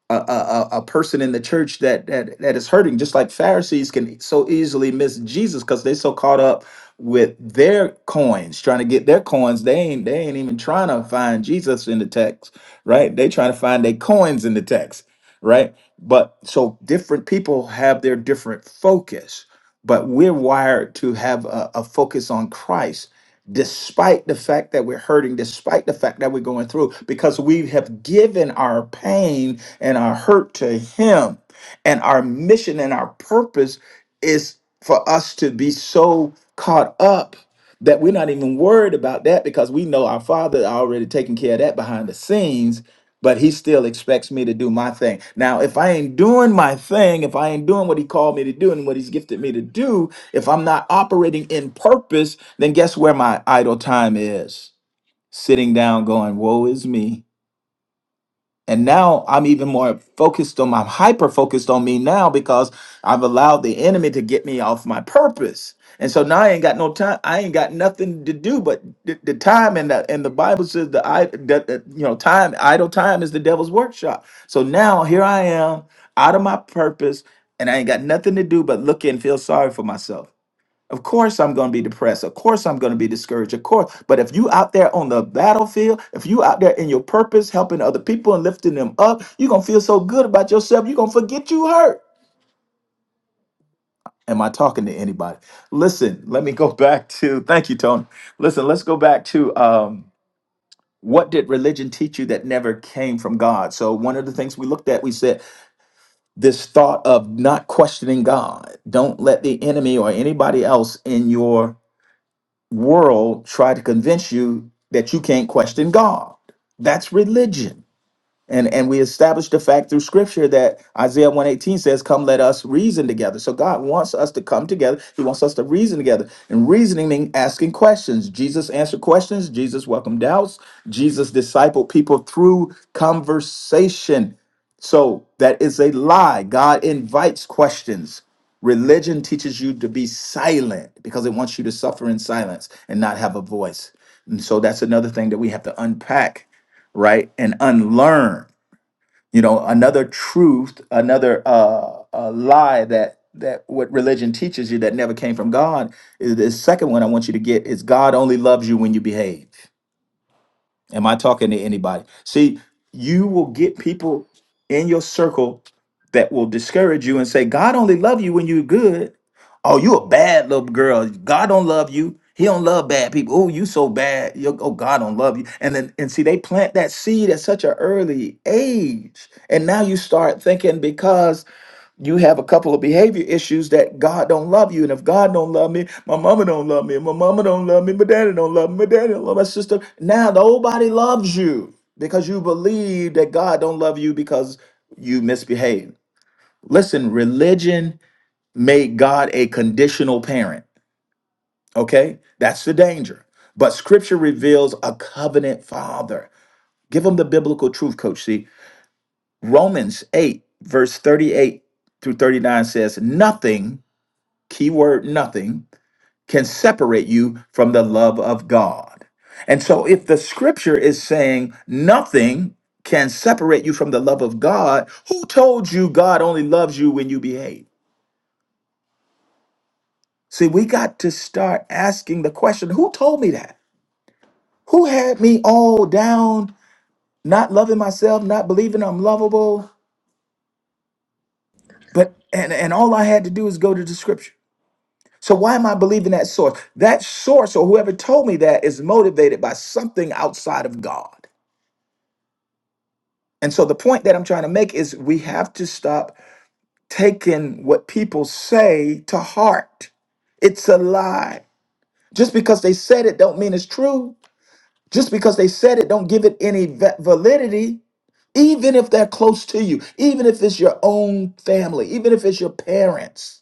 A: a, a, a person in the church that, that that is hurting, just like Pharisees can so easily miss Jesus because they're so caught up with their coins, trying to get their coins. They ain't they ain't even trying to find Jesus in the text, right? They trying to find their coins in the text, right? But so different people have their different focus, but we're wired to have a, a focus on Christ despite the fact that we're hurting, despite the fact that we're going through, because we have given our pain and our hurt to Him. And our mission and our purpose is for us to be so caught up that we're not even worried about that because we know our Father already taking care of that behind the scenes. But he still expects me to do my thing. Now, if I ain't doing my thing, if I ain't doing what he called me to do and what he's gifted me to do, if I'm not operating in purpose, then guess where my idle time is? Sitting down going, woe is me. And now I'm even more focused on, I'm hyper focused on me now because I've allowed the enemy to get me off my purpose. And so now I ain't got no time. I ain't got nothing to do but the, the time and the and the Bible says the I that that, you know time idle time is the devil's workshop. So now here I am out of my purpose and I ain't got nothing to do but look and feel sorry for myself. Of course I'm going to be depressed. Of course I'm going to be discouraged. Of course. But if you out there on the battlefield, if you out there in your purpose, helping other people and lifting them up, you're going to feel so good about yourself. You're going to forget you hurt. Am I talking to anybody? Listen, let me go back to, thank you, Tony. Listen, let's go back to, um, what did religion teach you that never came from God? So, one of the things we looked at, we said this thought of not questioning God. Don't let the enemy or anybody else in your world try to convince you that you can't question God. That's religion. And and we establish the fact through scripture that Isaiah 118 says, Come let us reason together. So God wants us to come together. He wants us to reason together. And reasoning means asking questions. Jesus answered questions. Jesus welcomed doubts. Jesus discipled people through conversation. So that is a lie. God invites questions. Religion teaches you to be silent because it wants you to suffer in silence and not have a voice. And so that's another thing that we have to unpack, right? And unlearn you know another truth another uh, uh lie that that what religion teaches you that never came from god is the second one i want you to get is god only loves you when you behave Am I talking to anybody? See, you will get people in your circle that will discourage you and say, God only love you when you're good. Oh, you a bad little girl. God don't love you. He don't love bad people. Oh, you so bad. you oh, God don't love you. And then and see, they plant that seed at such an early age. And now you start thinking you have a couple of behavior issues that God don't love you. And if God don't love me, my mama don't love me. and My mama don't love me. My daddy don't love me. My daddy don't love my sister. Now nobody loves you because you believe that God don't love you because you misbehave. Listen, religion made God a conditional parent. Okay? That's the danger. But scripture reveals a covenant father. Give them the biblical truth, coach. See, Romans 8, verse 38 through 39 says, Nothing keyword nothing, can separate you from the love of God. And so if the scripture is saying nothing can separate you from the love of God, who told you God only loves you when you behave? See, we got to start asking the question who told me that? Who had me all down, not loving myself, not believing I'm lovable? But and, and all I had to do is go to the scripture. So why am I believing that source? That source or whoever told me that is motivated by something outside of God. And so the point that I'm trying to make is we have to stop taking what people say to heart. It's a lie. Just because they said it don't mean it's true. Just because they said it don't give it any va- validity even if they're close to you, even if it's your own family, even if it's your parents.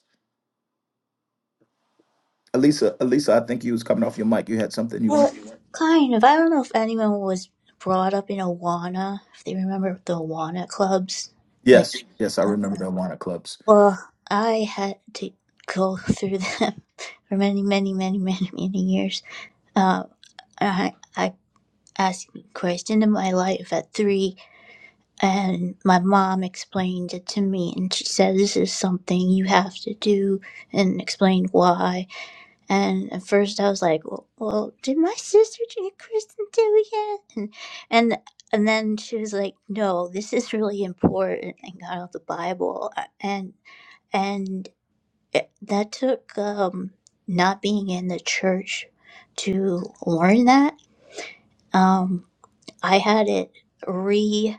A: Elisa, Elisa, I think you was coming off your mic. You had something you want.
B: Well, kind of. I don't know if anyone was brought up in Awana, if they remember the Awana clubs, like.
A: Yes, yes, I remember the Awana clubs.
B: Well, I had to go through them for many, many, many, many, many years. Uh, I, I asked Christ into my life at three, and my mom explained it to me, and she said, This is something you have to do, and explained why. And at first, I was like, Well, well did my sister get Christ into yet? And, and and then she was like, "No, this is really important." And got out the Bible, uh, and and it- that took um, not being in the church to learn that. Um, I had it re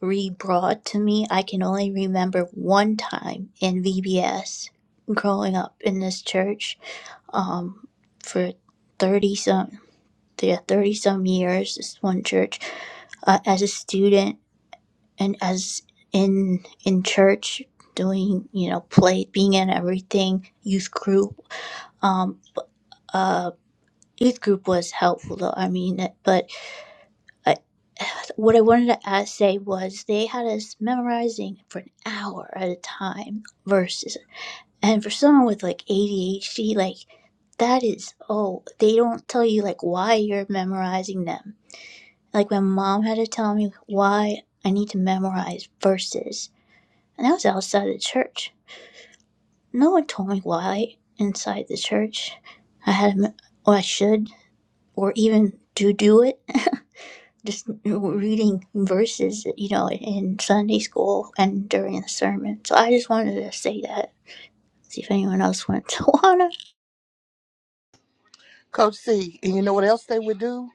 B: re brought to me. I can only remember one time in VBS growing up in this church um, for thirty some yeah thirty some years. This one church uh, as a student and as in in church doing you know play being in everything youth group um, uh, youth group was helpful though. I mean, it- but I, what I wanted to ask, say was they had us memorizing for an hour at a time verses. And for someone with like ADHD, like that is, oh, they don't tell you like why you're memorizing them. Like my mom had to tell me why I need to memorize verses. And that was outside the church. No one told me why inside the church I had, to mem- or I should, or even to do it. just reading verses, you know, in Sunday school and during the sermon. So I just wanted to say that. See if anyone else wants to wanna
E: Coach C, and you know what else they would do?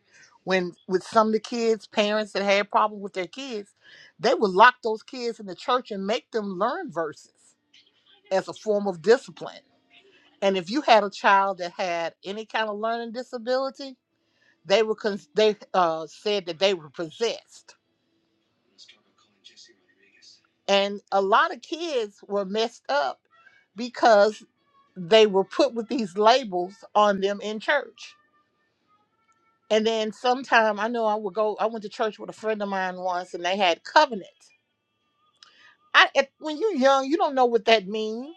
E: When with some of the kids, parents that had problems with their kids, they would lock those kids in the church and make them learn verses as a form of discipline. And if you had a child that had any kind of learning disability, they were cons- they uh, said that they were possessed. And a lot of kids were messed up because they were put with these labels on them in church. And then sometime I know I would go. I went to church with a friend of mine once, and they had covenant. I at- when you're young, you don't know what that means.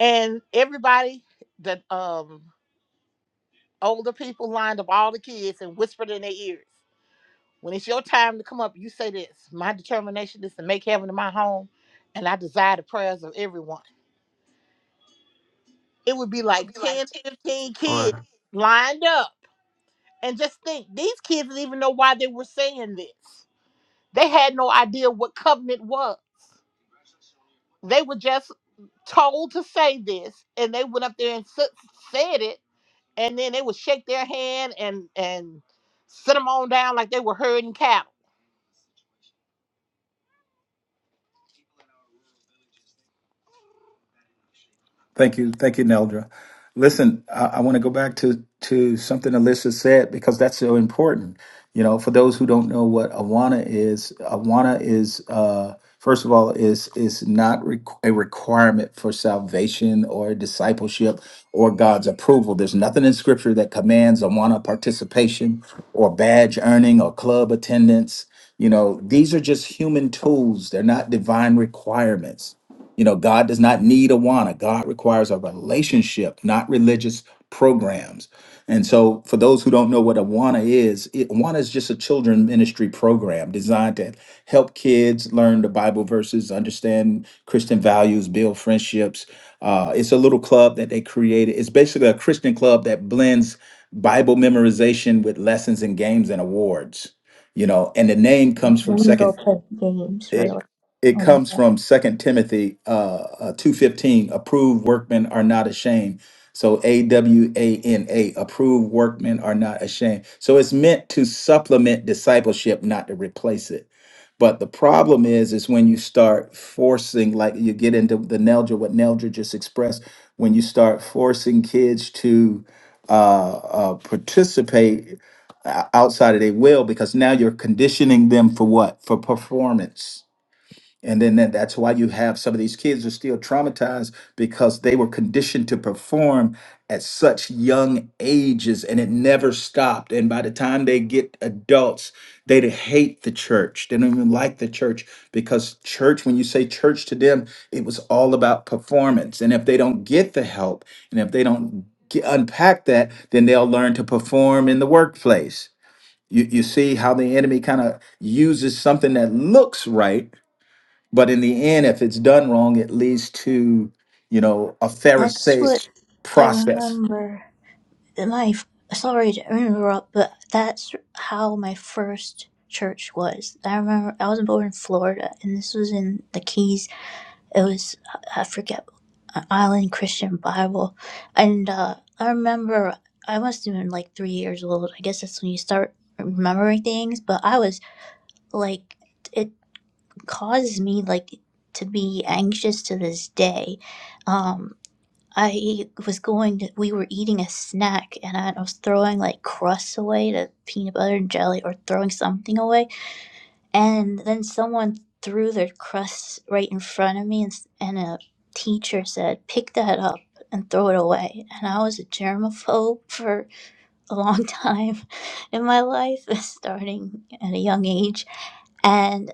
E: And everybody, the um older people lined up all the kids and whispered in their ears, "When it's your time to come up, you say this. My determination is to make heaven my home, and I desire the prayers of everyone." It would be like 10, 15 kids
F: or.
E: lined up, and just think these kids didn't even know why they were saying this They had no idea what covenant was. They were just told to say this, and they went up there and s- said it, and then they would shake their hand and and sit them on down like they were herding cattle.
A: Thank you, thank you, Neldra. Listen, I, I want to go back to to something Alyssa said because that's so important. You know, for those who don't know what Awana is, Awana is uh, first of all is is not requ a requirement for salvation or discipleship or God's approval. There's nothing in Scripture that commands Awana participation or badge earning or club attendance. You know, these are just human tools. They're not divine requirements You know, God does not need a wanna. God requires a relationship, not religious programs. And so, for those who don't know what Awana is, it, Awana is just a children ministry program designed to help kids learn the Bible verses, understand Christian values, build friendships. Uh, it's a little club that they created. It's basically a Christian club that blends Bible memorization with lessons and games and awards. You know, and the name comes from
B: let me
A: Second.
B: go play games
A: It
B: really
A: it
B: a while.
A: comes from Second Timothy uh, uh, two fifteen. Approved workmen are not ashamed. So A W A N A. Approved workmen are not ashamed. So it's meant to supplement discipleship, not to replace it. But the problem is, is when you start forcing, like you get into the Neldra, what Neldra just expressed, when you start forcing kids to uh, uh, participate o- outside of their will, because now you're conditioning them for what? For performance and then that, that's why you have some of these kids are still traumatized because they were conditioned to perform at such young ages and it never stopped. And by the time they get adults, they hate the church. They don't even like the church because church, when you say church to them, it was all about performance. And if they don't get the help and if they don't get, unpack that, then they'll learn to perform in the workplace. You, you see how the enemy kind of uses something that looks right but in the end if it's done wrong it leads to you know a
B: That's what
A: pharisaic
B: I
A: process
B: remember. My sorry to interrupt, but that's how my first church was. I remember I was born in Florida, and this was in the Keys It was I forget uh, Island Christian Bible, and uh, I remember I must have been like three years old. I guess that's when you start remembering things. But I was like, it caused me like to be anxious to this day. Um, I was going to, we were eating a snack and I was throwing like crusts away to peanut butter and jelly or throwing something away and then someone threw their crust right in front of me, and, s- and a teacher said, Pick that up and throw it away. And I was a germaphobe for a long time in my life, starting at a young age. And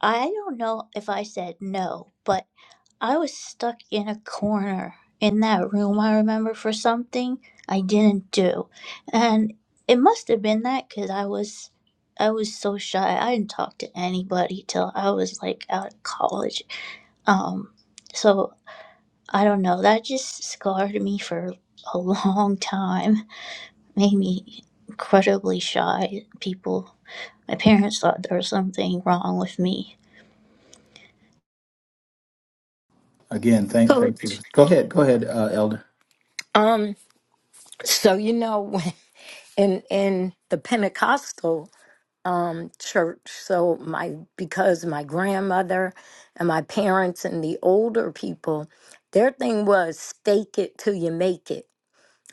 B: I don't know if I said no, but I was stuck in a corner in that room, I remember, for something I didn't do. And it must have been that because I was. I was so shy. I didn't talk to anybody till I was like out of college. Um, so I don't know. That just scarred me for a long time. Made me incredibly shy. People, my parents thought there was something wrong with me.
A: again thank thank you
G: Coach,
A: go ahead go ahead uh, elder
G: um, so you know, when- in in the Pentecostal um church, so my because my grandmother and my parents and the older people, their thing was stake it till you make it.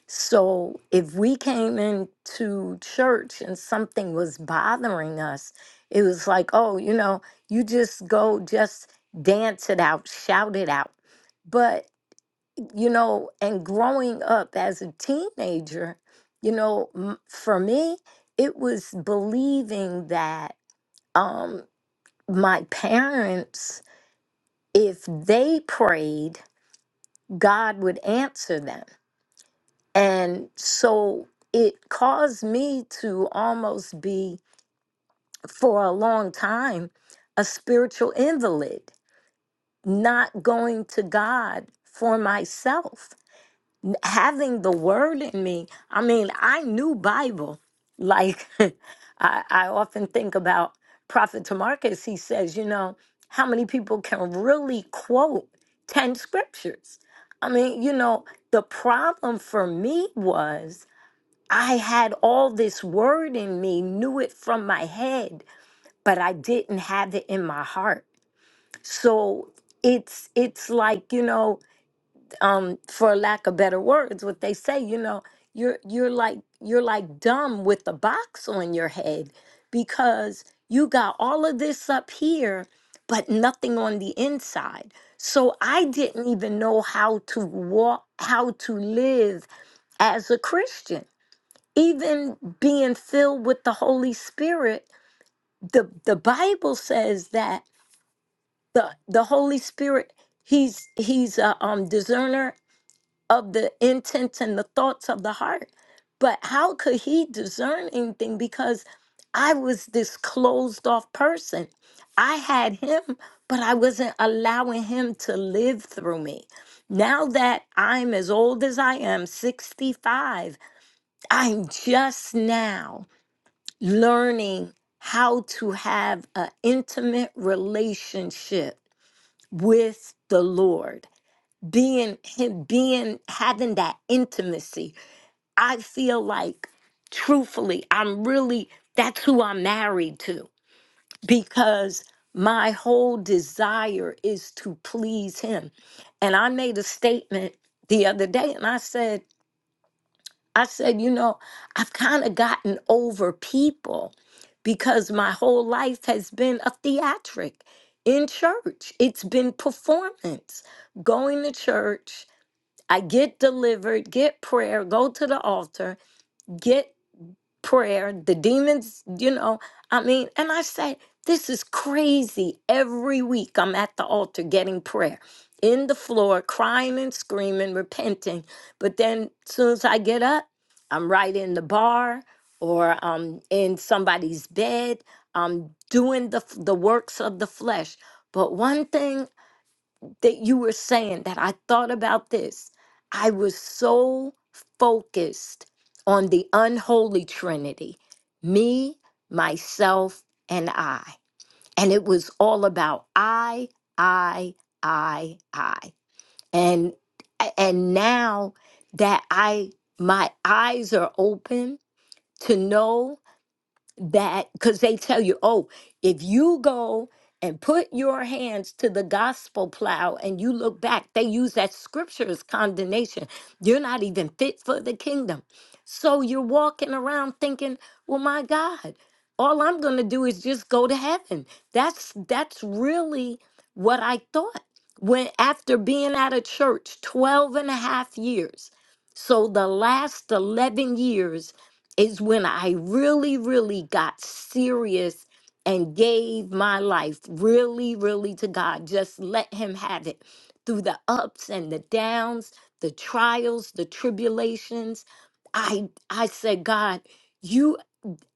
G: So if we came into church and something was bothering us, it was like, oh, you know, you just go, just dance it out, shout it out. But you know, and growing up as a teenager, you know, m- for me, it was believing that um, my parents, if they prayed, God would answer them. And so it caused me to almost be, for a long time, a spiritual invalid, not going to God for myself having the word in me. I mean, I knew Bible. Like I, I often think about Prophet Tamarcus, he says, you know, how many people can really quote 10 scriptures? I mean, you know, the problem for me was I had all this word in me, knew it from my head, but I didn't have it in my heart. So it's it's like, you know, um for lack of better words what they say you know you're you're like you're like dumb with the box on your head because you got all of this up here but nothing on the inside so i didn't even know how to walk how to live as a christian even being filled with the holy spirit the the bible says that the the holy spirit he's he's a um discerner of the intents and the thoughts of the heart. But how could he discern anything? Because I was this closed off person. I had him, but I wasn't allowing him to live through me. Now that I'm as old as I am, 65, I'm just now learning how to have an intimate relationship with the Lord being him being having that intimacy i feel like truthfully i'm really that's who i'm married to because my whole desire is to please him and i made a statement the other day and i said i said you know i've kind of gotten over people because my whole life has been a theatric in church it's been performance going to church I get delivered, get prayer, go to the altar, get prayer. The demons, you know, I mean, and I say, this is crazy. Every week I'm at the altar getting prayer in the floor, crying and screaming, repenting. But then as soon as I get up, I'm right in the bar or I'm in somebody's bed. I'm doing the, the works of the flesh. But one thing that you were saying that I thought about this. I was so focused on the unholy trinity me, myself, and I. And it was all about I, I, I, I. And and now that I my eyes are open to know that because they tell you, oh, if you go and put your hands to the gospel plow and you look back, they use that scripture as condemnation. You're not even fit for the kingdom. So you're walking around thinking, well, my God, all I'm going to do is just go to heaven. That's that's really what I thought when after being out of church 12 and a half years. So the last 11 years is when I really, really got serious and gave my life really, really to God. Just let Him have it through the ups and the downs, the trials, the tribulations. I I said, God, you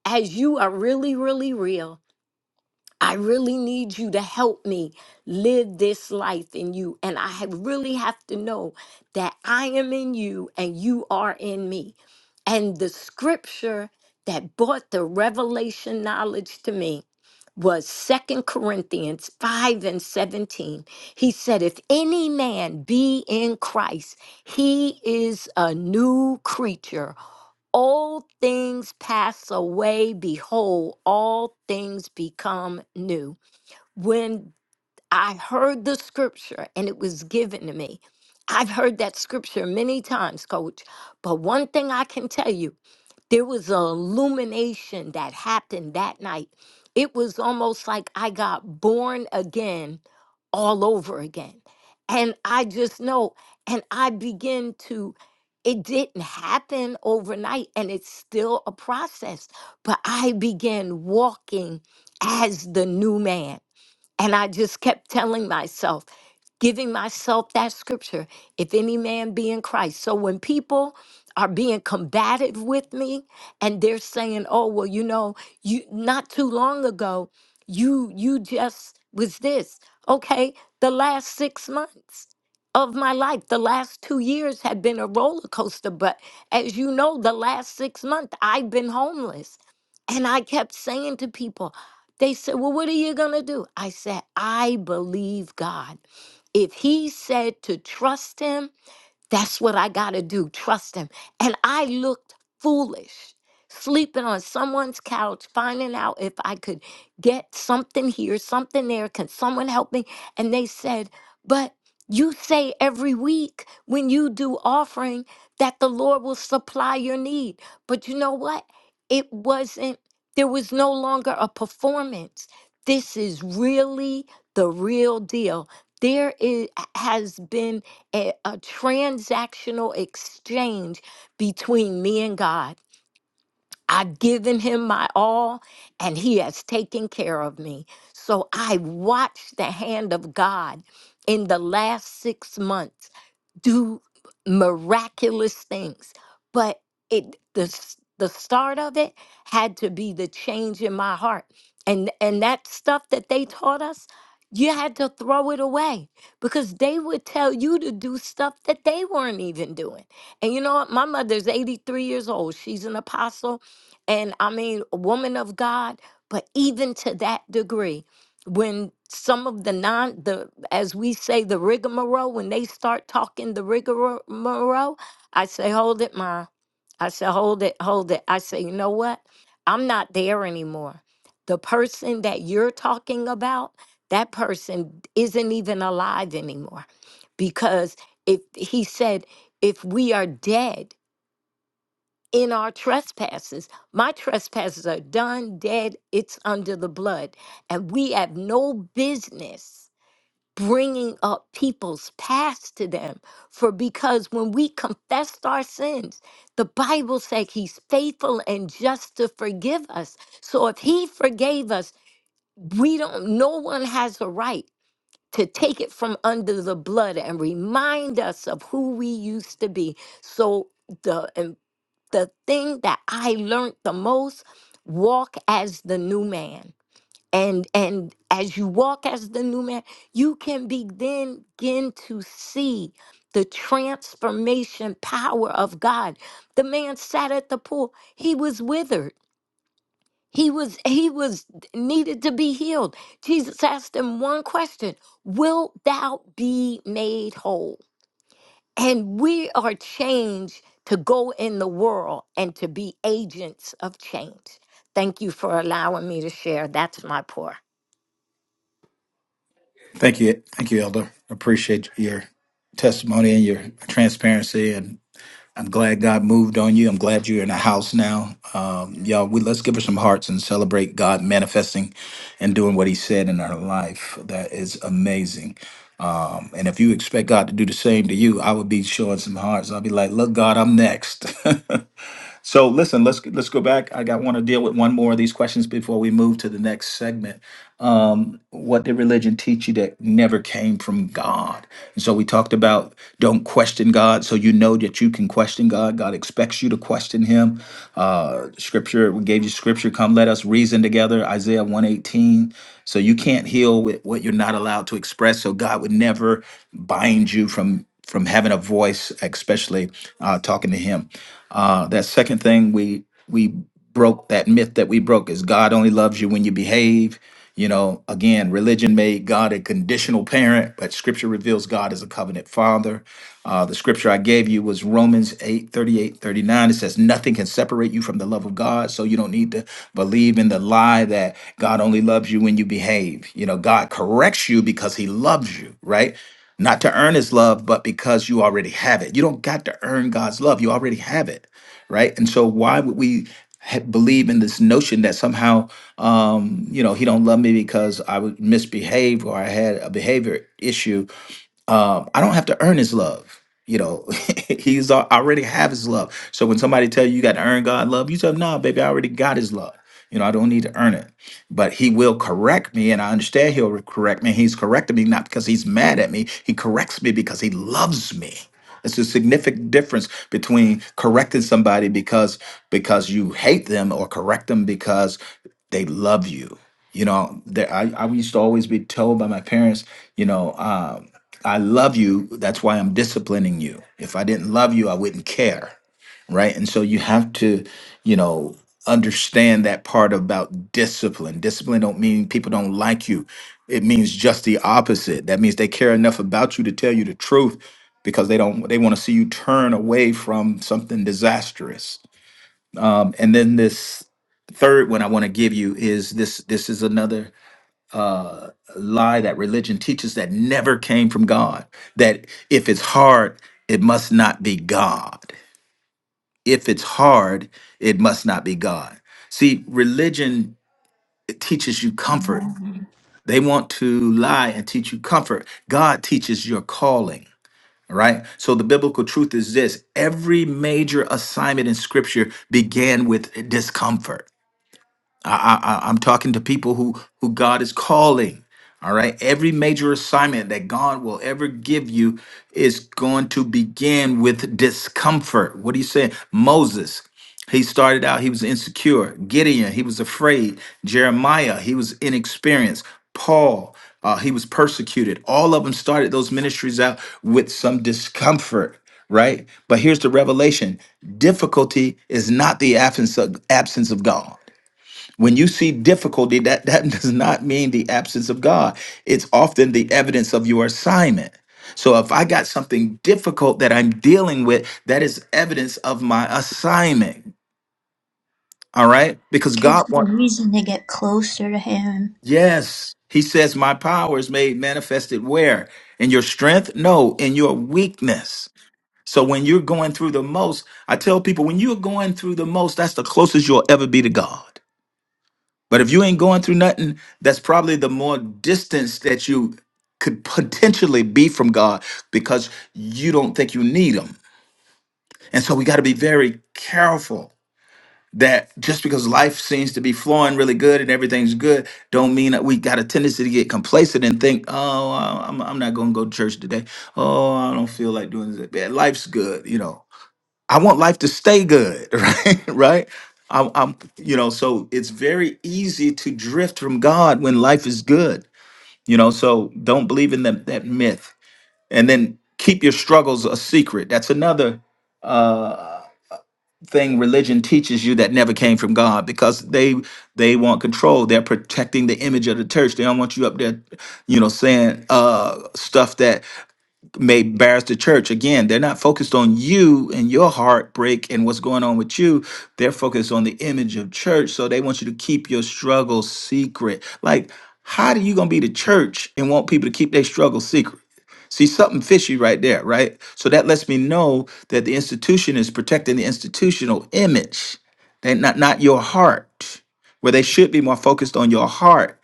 G: as you are really, really real. I really need you to help me live this life in you. And I have- really have to know that I am in you and you are in me. And the scripture that brought the revelation knowledge to me was Second Corinthians 5 and 17. He said, If any man be in Christ, he is a new creature. Old things pass away. Behold, all things become new. When I heard the scripture and it was given to me, I've heard that scripture many times, coach. But one thing I can tell you, there was an illumination that happened that night. It was almost like I got born again all over again. And I just know, and I begin to, it didn't happen overnight, and it's still a process, but I began walking as the new man. And I just kept telling myself, giving myself that scripture if any man be in Christ. So when people are being combative with me and they're saying, "Oh, well, you know, you not too long ago, you you just was this." Okay, the last 6 months of my life, the last 2 years have been a roller coaster, but as you know, the last 6 months I've been homeless. And I kept saying to people, they said, Well, what are you going to do? I said, I believe God. If he said to trust him, that's what I got to do. Trust him. And I looked foolish, sleeping on someone's couch, finding out if I could get something here, something there. Can someone help me? And they said, But you say every week when you do offering that the Lord will supply your need. But you know what? It wasn't, there was no longer a performance. This is really the real deal. There is, has been a, a transactional exchange between me and God. I've given him my all and he has taken care of me. So I watched the hand of God in the last six months do miraculous things. But it the s- the start of it had to be the change in my heart. And and that stuff that they taught us, you had to throw it away because they would tell you to do stuff that they weren't even doing. And you know what? My mother's 83 years old. She's an apostle and I mean a woman of God, but even to that degree when some of the non the as we say the rigmarole when they start talking the rigmarole i say hold it ma i say hold it hold it i say you know what i'm not there anymore the person that you're talking about that person isn't even alive anymore because if he said if we are dead in our trespasses. My trespasses are done, dead, it's under the blood. And we have no business bringing up people's past to them. For because when we confessed our sins, the Bible said he's faithful and just to forgive us. So if he forgave us, we don't, no one has a right to take it from under the blood and remind us of who we used to be. So, the the thing that I learned the most walk as the new man. And and as you walk as the new man, you can begin, begin to see the transformation power of God. The man sat at the pool. He was withered. He was he was needed to be healed. Jesus asked him one question, "Wilt thou be made whole?" And we are changed to go in the world and to be agents of change. Thank you for allowing me to share. That's my pour.
A: Thank you. Thank you, Elder. Appreciate your testimony and your transparency. And I'm glad God moved on you. I'm glad you're in a house now. Um, y'all, we, let's give her some hearts and celebrate God manifesting and doing what he said in her life. That is amazing. Um, And if you expect God to do the same to you, I would be showing some hearts. I'll be like, look, God, I'm next. So listen, let's let's go back. I got want to deal with one more of these questions before we move to the next segment um, what did religion teach you that never came from God? And so we talked about don't question God, so you know that you can question God. God expects you to question Him. Uh, scripture, we gave you scripture. Come, let us reason together. Isaiah one eighteen. So you can't heal with what you're not allowed to express. So God would never bind you from from having a voice, especially uh, talking to Him. Uh, that second thing we we broke that myth that we broke is God only loves you when you behave. You know, again, religion made God a conditional parent, but scripture reveals God as a covenant father. Uh, the scripture I gave you was Romans 8 38 39. It says, Nothing can separate you from the love of God. So you don't need to believe in the lie that God only loves you when you behave. You know, God corrects you because he loves you, right? Not to earn his love, but because you already have it. You don't got to earn God's love, you already have it, right? And so why would we ha- believe in this notion that somehow? Um, you know, he don't love me because I would misbehave or I had a behavior issue um, I don't have to earn his love. You know, he's al- I already have his love. So when somebody tell you you got to earn God love, you tell them, nah, baby, I already got his love. You know, I don't need to earn it. But he will correct me, and I understand he'll correct me. He's correcting me not because he's mad at me. He corrects me because he loves me. It's a significant difference between correcting somebody because because you hate them or correct them because they love you. You know, there, I, I used to always be told by my parents, you know. um, I love you. That's why I'm disciplining you. If I didn't love you, I wouldn't care. Right. And so you have to, you know, understand that part about discipline. Discipline don't mean people don't like you. It means just the opposite. That means they care enough about you to tell you the truth because they don't they want to see you turn away from something disastrous. Um, and then this third one I want to give you is this this is another uh, lie that religion teaches that never came from God. That if it's hard, it must not be God. If it's hard, it must not be God. See, religion it teaches you comfort. They want to lie and teach you comfort. God teaches your calling. Right. So the biblical truth is this every major assignment in scripture began with discomfort. I, I, I- I'm talking to people who who God is calling. All right. Every major assignment that God will ever give you is going to begin with discomfort. What are you saying? Moses, he started out, he was insecure. Gideon, he was afraid. Jeremiah, he was inexperienced. Paul, uh, he was persecuted. All of them started those ministries out with some discomfort, right? But here's the revelation difficulty is not the absence of, absence of God. When you see difficulty, that, that does not mean the absence of God. It's often the evidence of your assignment. So if I got something difficult that I'm dealing with, that is evidence of my assignment. All right? Because
B: Gives
A: God
B: me
A: wants,
B: reason to get closer to him.
A: yes, He says, My power is made manifested where? In your strength? No, in your weakness. So when you're going through the most, I tell people, when you're going through the most, that's the closest you'll ever be to God. But if you ain't going through nothing, that's probably the more distance that you could potentially be from God because you don't think you need Him. And so we got to be very careful that just because life seems to be flowing really good and everything's good, don't mean that we got a tendency to get complacent and think, oh, I- I'm, I'm not going to go to church today. Oh, I don't feel like doing this. Yeah, Life's good, you know. I want life to stay good, right? right? I'm, I'm, you know, so it's very easy to drift from God when life is good, you know. So don't believe in that that myth, and then keep your struggles a secret. That's another uh, thing religion teaches you that never came from God because they they want control. They're protecting the image of the church. They don't want you up there, you know, saying uh, stuff that may embarrass the church. Again, they're not focused on you and your heartbreak and what's going on with you. They're focused on the image of church. So they want you to keep your struggle secret. Like, how do you gonna be the church and want people to keep their struggle secret? See something fishy right there, right? So that lets me know that the institution is protecting the institutional image, they not not your heart, where they should be more focused on your heart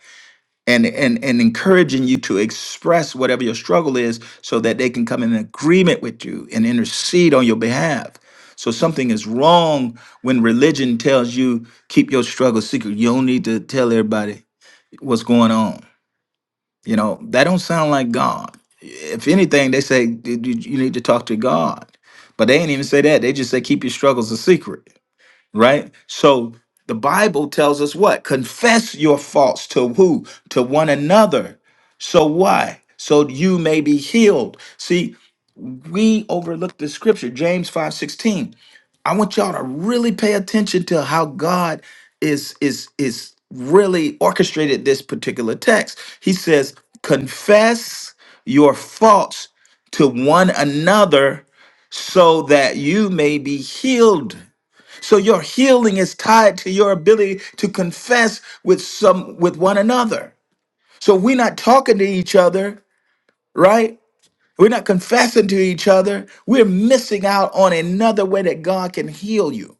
A: and and and encouraging you to express whatever your struggle is so that they can come in agreement with you and intercede on your behalf so something is wrong when religion tells you keep your struggle secret you don't need to tell everybody what's going on you know that don't sound like god if anything they say "Dude, you you need to talk to god but they ain't even say that they just say keep your struggles a secret right? So the Bible tells us what? Confess your faults to who? To one another. So why? So you may be healed. See, we overlook the scripture, James 5 16. I want y'all to really pay attention to how God is is is really orchestrated this particular text. He says, confess your faults to one another so that you may be healed. So your healing is tied to your ability to confess with some with one another. So we're not talking to each other, right? We're not confessing to each other. We're missing out on another way that God can heal you.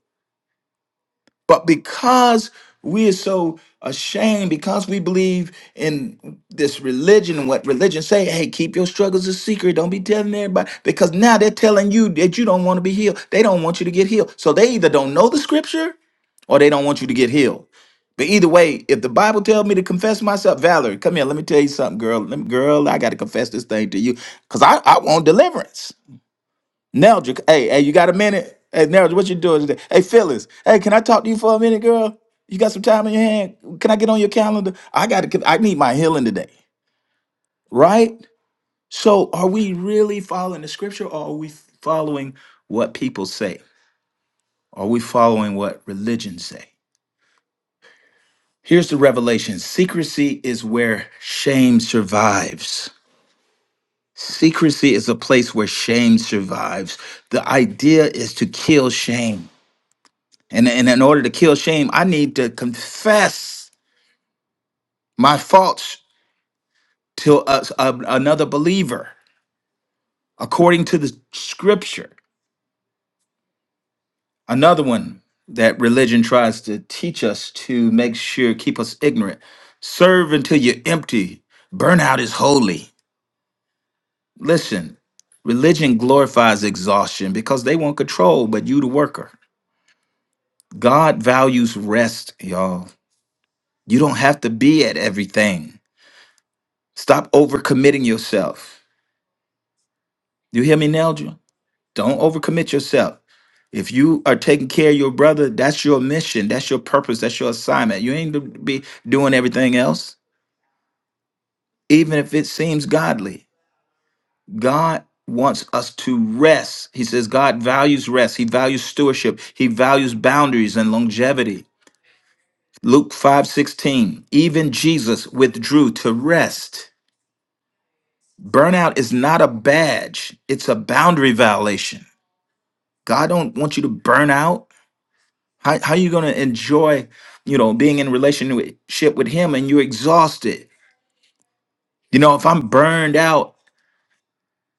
A: But because we are so ashamed, because we believe in this religion and what religion say, hey, keep your struggles a secret. Don't be telling everybody. Because now they're telling you that you don't want to be healed. They don't want you to get healed. So they either don't know the scripture or they don't want you to get healed. But either way, if the Bible tells me to confess myself, Valerie, come here, let me tell you something, girl. Let me, girl, I gotta confess this thing to you. Cause I, I want deliverance. Now, hey, hey, you got a minute? Hey, now, what you doing today? Hey, Phyllis, hey, can I talk to you for a minute, girl? You got some time in your hand? Can I get on your calendar? I got to. I need my healing today, right? So, are we really following the scripture, or are we following what people say? Are we following what religions say? Here's the revelation: secrecy is where shame survives. Secrecy is a place where shame survives. The idea is to kill shame. And, and in order to kill shame, I need to confess my faults to a, a- another believer according to the scripture. Another one that religion tries to teach us to make sure, keep us ignorant. Serve until you're empty. Burnout is holy. Listen, religion glorifies exhaustion because they want control, but you the worker. God values rest, y'all. You don't have to be at everything. Stop overcommitting yourself. You hear me, Neldra? Don't overcommit yourself. If you are taking care of your brother, that's your mission, that's your purpose, that's your assignment. You ain't to be doing everything else, even if it seems godly. God wants us to rest. He says God values rest. He values stewardship. He values boundaries and longevity. Luke 5:16. Even Jesus withdrew to rest. Burnout is not a badge, it's a boundary violation. God don't want you to burn out. How how you gonna enjoy, you know, being in relationship with him and you're exhausted? You know, if I'm burned out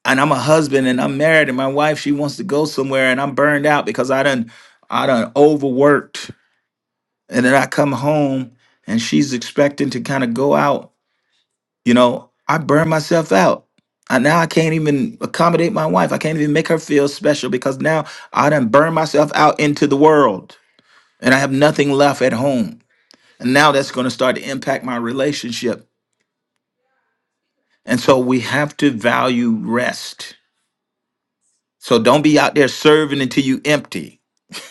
A: and I'm a husband and I'm married and my wife she wants to go somewhere and I'm burned out because I done I done overworked and then I come home and she's expecting to kind of go out, you know, I burn myself out. I, now I can't even accommodate my wife. I can't even make her feel special because now I done burn myself out into the world and I have nothing left at home And now that's going to start to impact my relationship. And so we have to value rest. So don't be out there serving until you empty.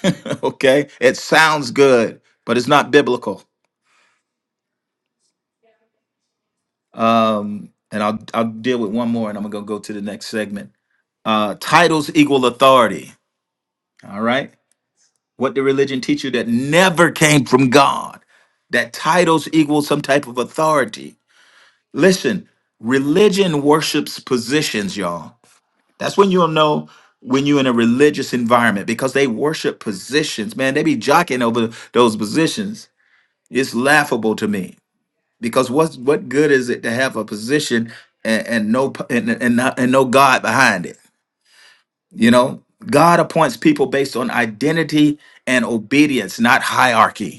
A: okay? It sounds good, but it's not biblical. Um, and I'll I'll deal with one more and I'm gonna go to the next segment. Uh, titles equal authority. All right. What did religion teach you that never came from God? That titles equal some type of authority. Listen, religion worships positions, y'all. That's when you'll know when you're in a religious environment because they worship positions. Man, they be jockeying over those positions. It's laughable to me because what what good is it to have a position and, and no p- and, and not, and no God behind it? You know, God appoints people based on identity and obedience, not hierarchy.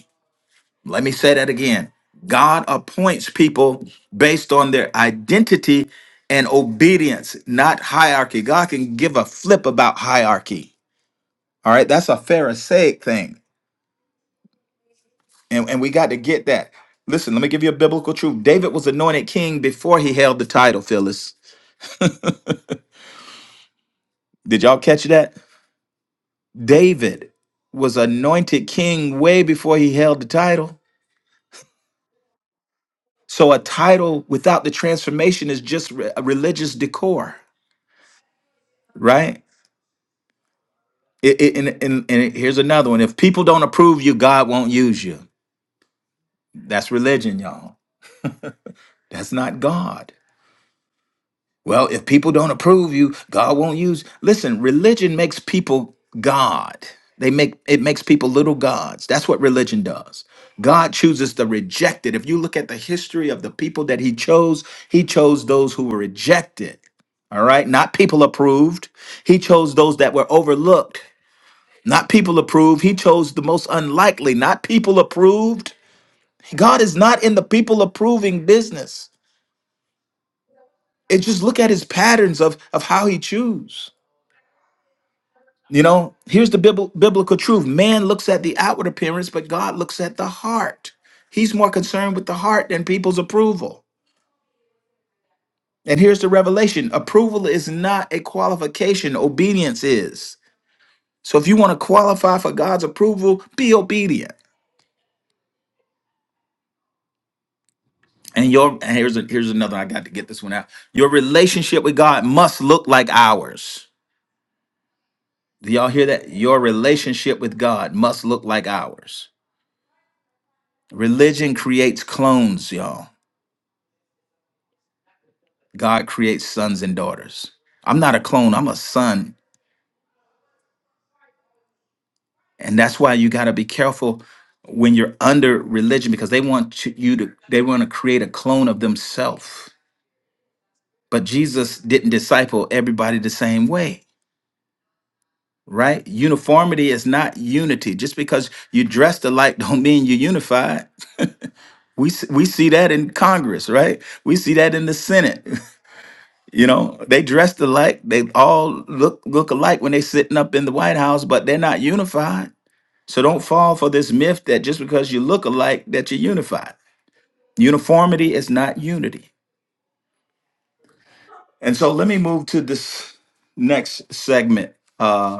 A: Let me say that again. God appoints people based on their identity and obedience, not hierarchy. God can give a flip about hierarchy. All right, that's a Pharisaic thing. And, and we got to get that. Listen, let me give you a biblical truth. David was anointed king before he held the title, Phyllis. Did y'all catch that? David was anointed king way before he held the title. So a title without the transformation is just re- a religious decor, right? It, it- and, and, and here's another one. If people don't approve you, God won't use you. That's religion, y'all. That's not God. Well, if people don't approve you, God won't use. Listen, religion makes people God. They make it makes people little gods. That's what religion does. God chooses the rejected. If you look at the history of the people that he chose, he chose those who were rejected. All right? Not people approved. He chose those that were overlooked. Not people approved. He chose the most unlikely, not people approved. God is not in the people approving business. It just look at his patterns of, of how he choose. You know, here's the bibl- biblical truth. Man looks at the outward appearance, but God looks at the heart. He's more concerned with the heart than people's approval. And here's the revelation. Approval is not a qualification. Obedience is. So if you want to qualify for God's approval, be obedient. And your and here's a, here's another. I got to get this one out. Your relationship with God must look like ours. Do y'all hear that? Your relationship with God must look like ours. Religion creates clones, y'all. God creates sons and daughters. I'm not a clone. I'm a son, and that's why you got to be careful when you're under religion because they want to- you to they want to create a clone of themselves. But Jesus didn't disciple everybody the same way. right? Uniformity is not unity. Just because you dressed alike don't mean you're unified. We s- we see that in Congress, right? We see that in the Senate. You know, they dressed alike. They all look look alike when they sitting up in the White House, but they're not unified. So don't fall for this myth that just because you look alike that you're unified. Uniformity is not unity. And so let me move to this next segment. uh,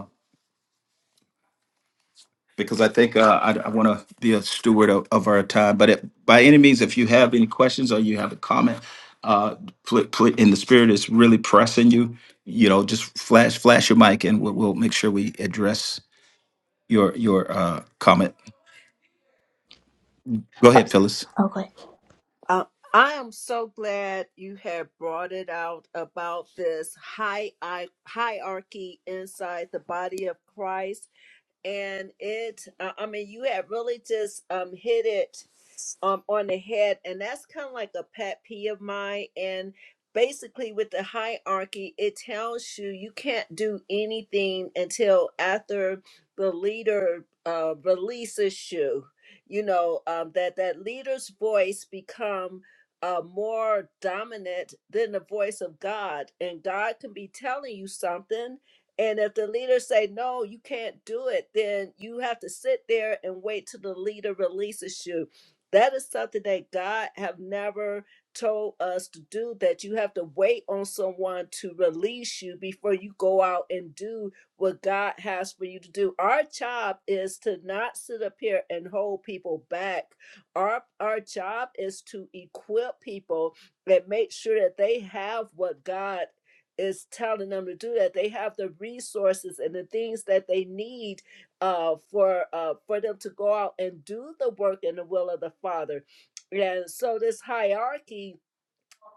A: because I think uh, I, I want to be a steward of, of our time. But it, by any means, if you have any questions or you have a comment, uh, pl- pl- and the spirit is really pressing you, you know, just flash flash your mic, and we'll, we'll make sure we address your your uh, comment. Go
B: Oh,
A: ahead, Phyllis.
B: okay.
H: Uh, I am so glad you have brought it out about this high hi- hierarchy inside the body of Christ, and it. Uh, I mean, you have really just um, hit it um, on the head, and that's kind of like a pet peeve of mine. And basically, with the hierarchy, it tells you you can't do anything until after the leader uh, releases you. You know um, that that leader's voice become uh, more dominant than the voice of God, and God can be telling you something. And if the leader say no, you can't do it, then you have to sit there and wait till the leader releases you that is something that God have never told us to do that you have to wait on someone to release you before you go out and do what God has for you to do. Our job is to not sit up here and hold people back. Our our job is to equip people and make sure that they have what God is telling them to do that they have the resources and the things that they need uh, for uh, for them to go out and do the work in the will of the Father. And so this hierarchy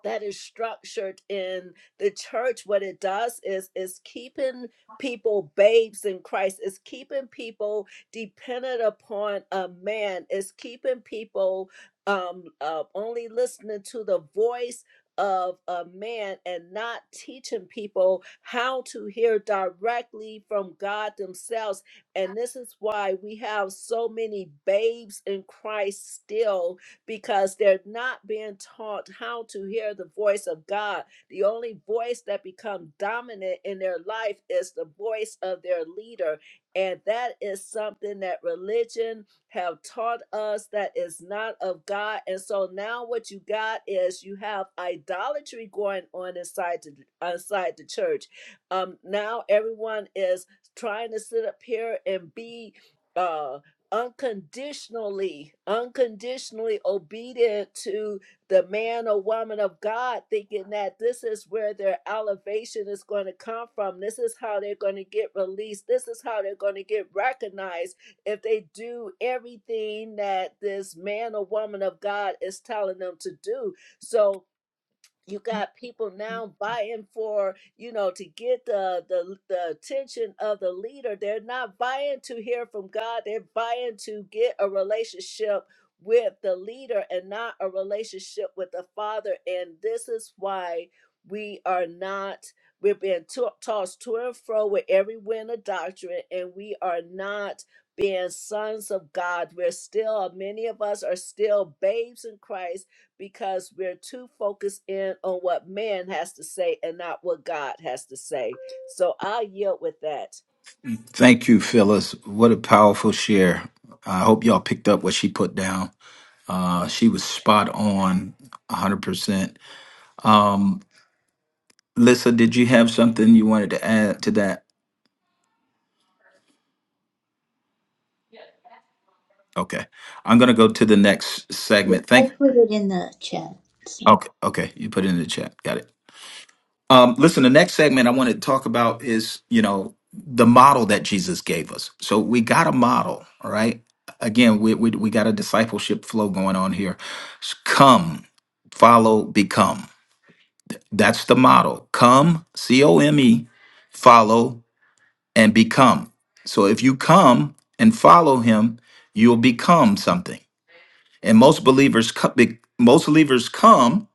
H: that is structured in the church what it does is is keeping people babes in christ it's keeping people dependent upon a man it's keeping people um uh, only listening to the voice of a man and not teaching people how to hear directly from god themselves and this is why we have so many babes in christ still because they're not being taught how to hear the voice of God. The only voice that becomes dominant in their life is the voice of their leader. And that is something that religion have taught us that is not of God. And so now what you got is you have idolatry going on inside the, inside the church. Um, now everyone is trying to sit up here and be uh unconditionally, unconditionally obedient to the man or woman of God, thinking that this is where their elevation is going to come from. This is how they're going to get released. This is how they're going to get recognized if they do everything that this man or woman of God is telling them to do. So, you got people now vying for you know to get the, the the attention of the leader they're not vying to hear from god they're vying to get a relationship with the leader and not a relationship with the father and this is why we are not we're being to- tossed to and fro with every wind of doctrine and we are not being sons of god we're still many of us are still babes in christ because we're too focused in on what man has to say and not what God has to say. So I yield with that.
A: Thank you, Phyllis. What a powerful share. I hope y'all picked up what she put down. Uh, she was spot on, 100%. Um, Lissa, did you have something you wanted to add to that? Okay. I'm going to go to the next
B: I
A: segment. Thank
B: put it in the chat. So
A: Okay, okay. You put it in the chat. Got it. Um listen, the next segment I want to talk about is, you know, the model that Jesus gave us. So we got a model, all right? Again, we we we got a discipleship flow going on here. S- Come, follow, become. That's the model. Come, C O M E, follow and become. So if you come and follow him, you'll become something. and most believers co- be- most believers come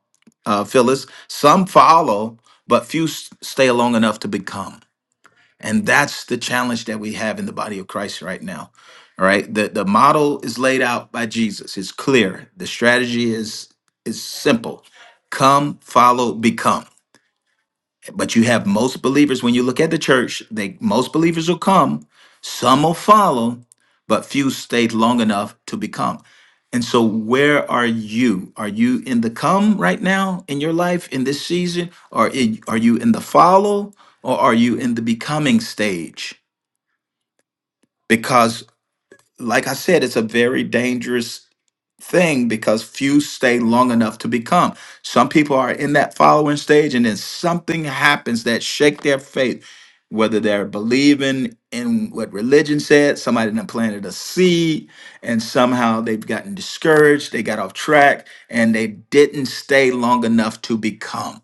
A: uh, phyllis some follow but few s- stay long enough to become and that's the challenge that we have in the body of christ right now all right the, the model is laid out by jesus it's clear the strategy is is simple come follow become but you have most believers, when you look at the church, they most believers will come, some will follow, but few stayed long enough to become. And so where are you? Are you in the come right now in your life in this season? Or i- are you in the follow or are you in the becoming stage? like I said, it's a very dangerous thing because few stay long enough to become. Some people are in that following stage, and then something happens that shake their faith, whether they're believing in what religion said, somebody done planted a seed, and somehow they've gotten discouraged, they got off track, and they didn't stay long enough to become.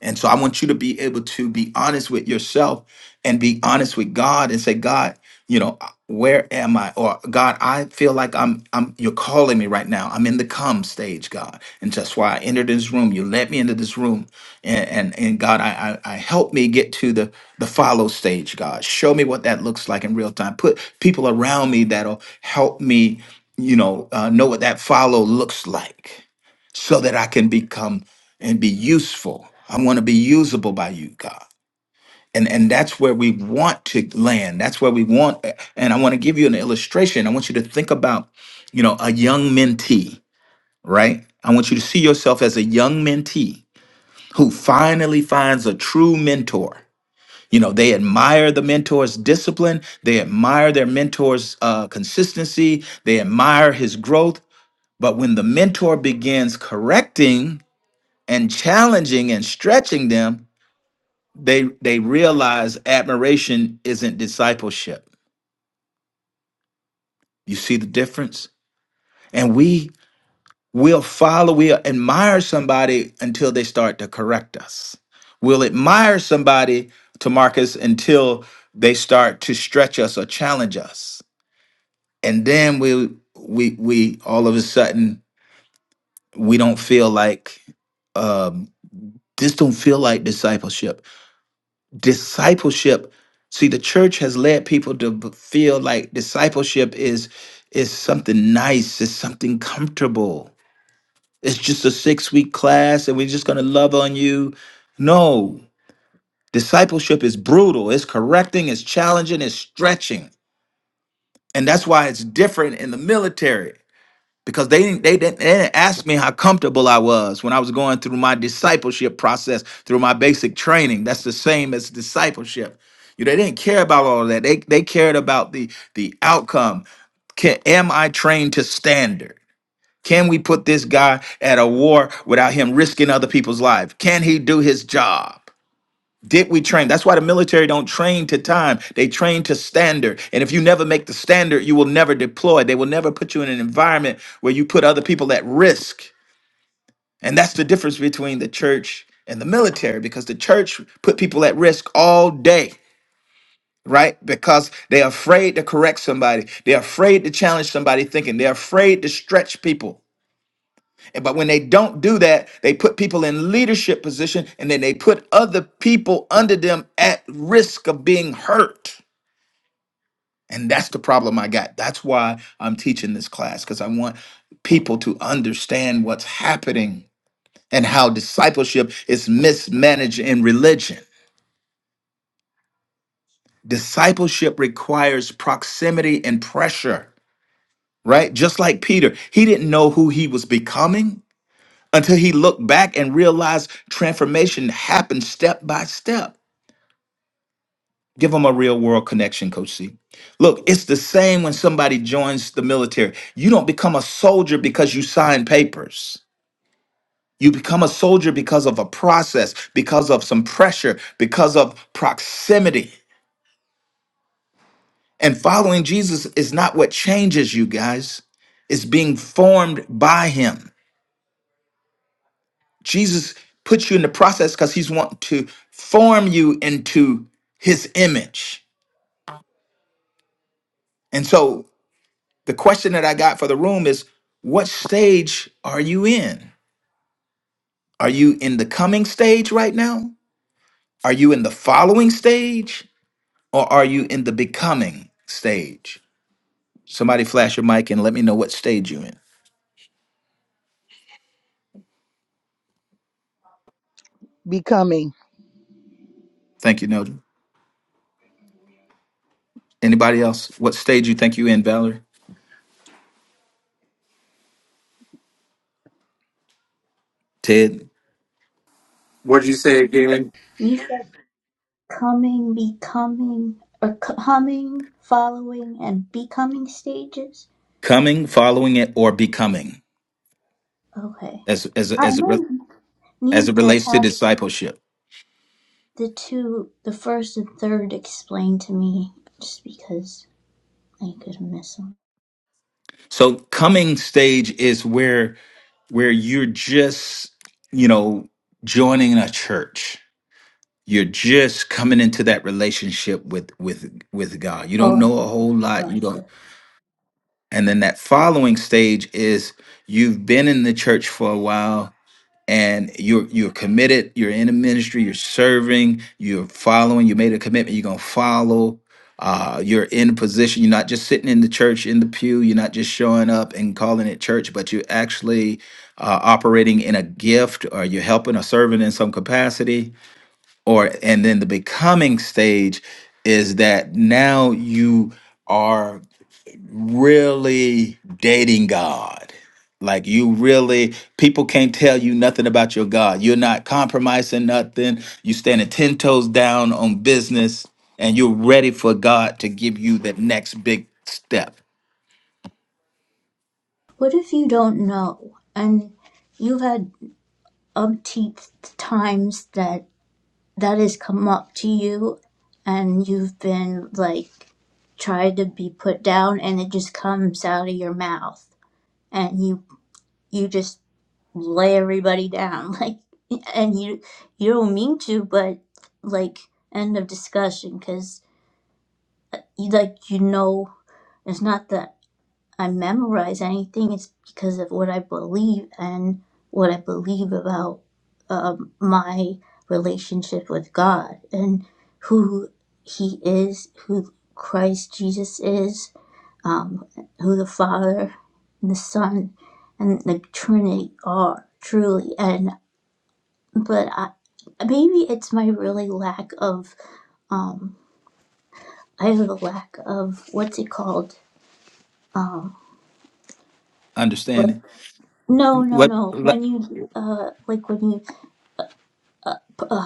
A: And so I want you to be able to be honest with yourself and be honest with God and say, God, you know, where am I? Or God, I feel like I'm I'm you're calling me right now. I'm in the come stage, God. And that's why I entered this room. You led me into this room. And and, and God, I, I I help me get to the the follow stage, God. Show me what that looks like in real time. Put people around me that'll help me, you know, uh, know what that follow looks like so that I can become and be useful. I want to be usable by you, God. And and that's where we want to land. That's where we want. And I want to give you an illustration. I want you to think about, you know, a young mentee, right? I want you to see yourself as a young mentee who finally finds a true mentor. You know, they admire the mentor's discipline. They admire their mentor's uh, consistency. They admire his growth. But when the mentor begins correcting and challenging and stretching them, they they realize admiration isn't discipleship you see the difference and we will follow we'll admire somebody until they start to correct us we'll admire somebody to marcus until they start to stretch us or challenge us and then we we we all of a sudden we don't feel like um this don't feel like discipleship discipleship see the church has led people to b- feel like discipleship is is something nice it's something comfortable it's just a six week class and we're just going to love on you no discipleship is brutal it's correcting it's challenging it's stretching and that's why it's different in the military because they didn't they didn't, they didn't ask me how comfortable I was when I was going through my discipleship process through my basic training. That's the same as discipleship. You know, they didn't care about all of that. They they cared about the the outcome. Can, am I trained to standard? Can we put this guy at a war without him risking other people's lives? Can he do his job? Did we train? That's why the military don't train to time. They train to standard. And if you never make the standard, you will never deploy. They will never put you in an environment where you put other people at risk. And that's the difference between the church and the military because the church put people at risk all day, right? Because they're afraid to correct somebody. They're afraid to challenge somebody thinking. They're afraid to stretch people. But when they don't do that, they put people in leadership position and then they put other people under them at risk of being hurt. And that's the problem I got. That's why I'm teaching this class because I want people to understand what's happening and how discipleship is mismanaged in religion. Discipleship requires proximity and pressure, right? Just like Peter, he didn't know who he was becoming until he looked back and realized transformation happened step by step. Give them a real world connection, Coach C. Look, it's the same when somebody joins the military. You don't become a soldier because you sign papers. You become a soldier because of a process, because of some pressure, because of proximity. And following Jesus is not what changes you guys, it's being formed by him. Jesus puts you in the process because he's wanting to form you into his image. And so the question that I got for the room is what stage are you in? Are you in the coming stage right now? Are you in the following stage? Or are you in the becoming stage? Somebody flash your mic and let me know what stage you're in.
E: Becoming.
A: Thank you, Nelda. Anybody else? What stage you think you in, Valerie? Ted?
I: What'd you say again?
B: you said coming, becoming, or c- coming, following, and becoming stages.
A: Coming, following it, or becoming?
B: Okay.
A: As as
B: I
A: as it. re-
B: might
A: as it
B: need to
A: relates to
B: have
A: discipleship.
B: the two, the first and third, explained to me just because I could miss them.
A: So coming stage is where where you're just, you know, joining a church. You're just coming into that relationship with with with God. You don't
B: Oh,
A: know a whole lot. You don't.
B: gotcha.
A: And then that following stage is you've been in the church for a while and you're you're committed you're in the ministry you're serving you're following you made a commitment you're going to follow uh, you're in a position you're not just sitting in the church in the pew you're not just showing up and calling it church but you're actually uh, operating in a gift or you're helping or serving in some capacity or and then the becoming stage is that now you are really dating God. Like you really, people can't tell you nothing about your God. You're not compromising nothing. You standing ten toes down on business, and you're ready for God to give you the next big step.
B: What if you don't know and you've had umpteen times that that has come up to you and you've been like try to be put down and it just comes out of your mouth and you you just lay everybody down like and you you don't mean to but like end of discussion because you like you know it's not that i memorize anything it's because of what i believe and what i believe about um, my relationship with god and who he is who christ jesus is um, who the Father and the Son and the Trinity are truly. And but I, maybe it's my really lack of um, I have a lack of what's it called? Um, but
A: Understanding
B: no, no,
A: what
B: no.
A: le-
B: When you uh, like when you uh,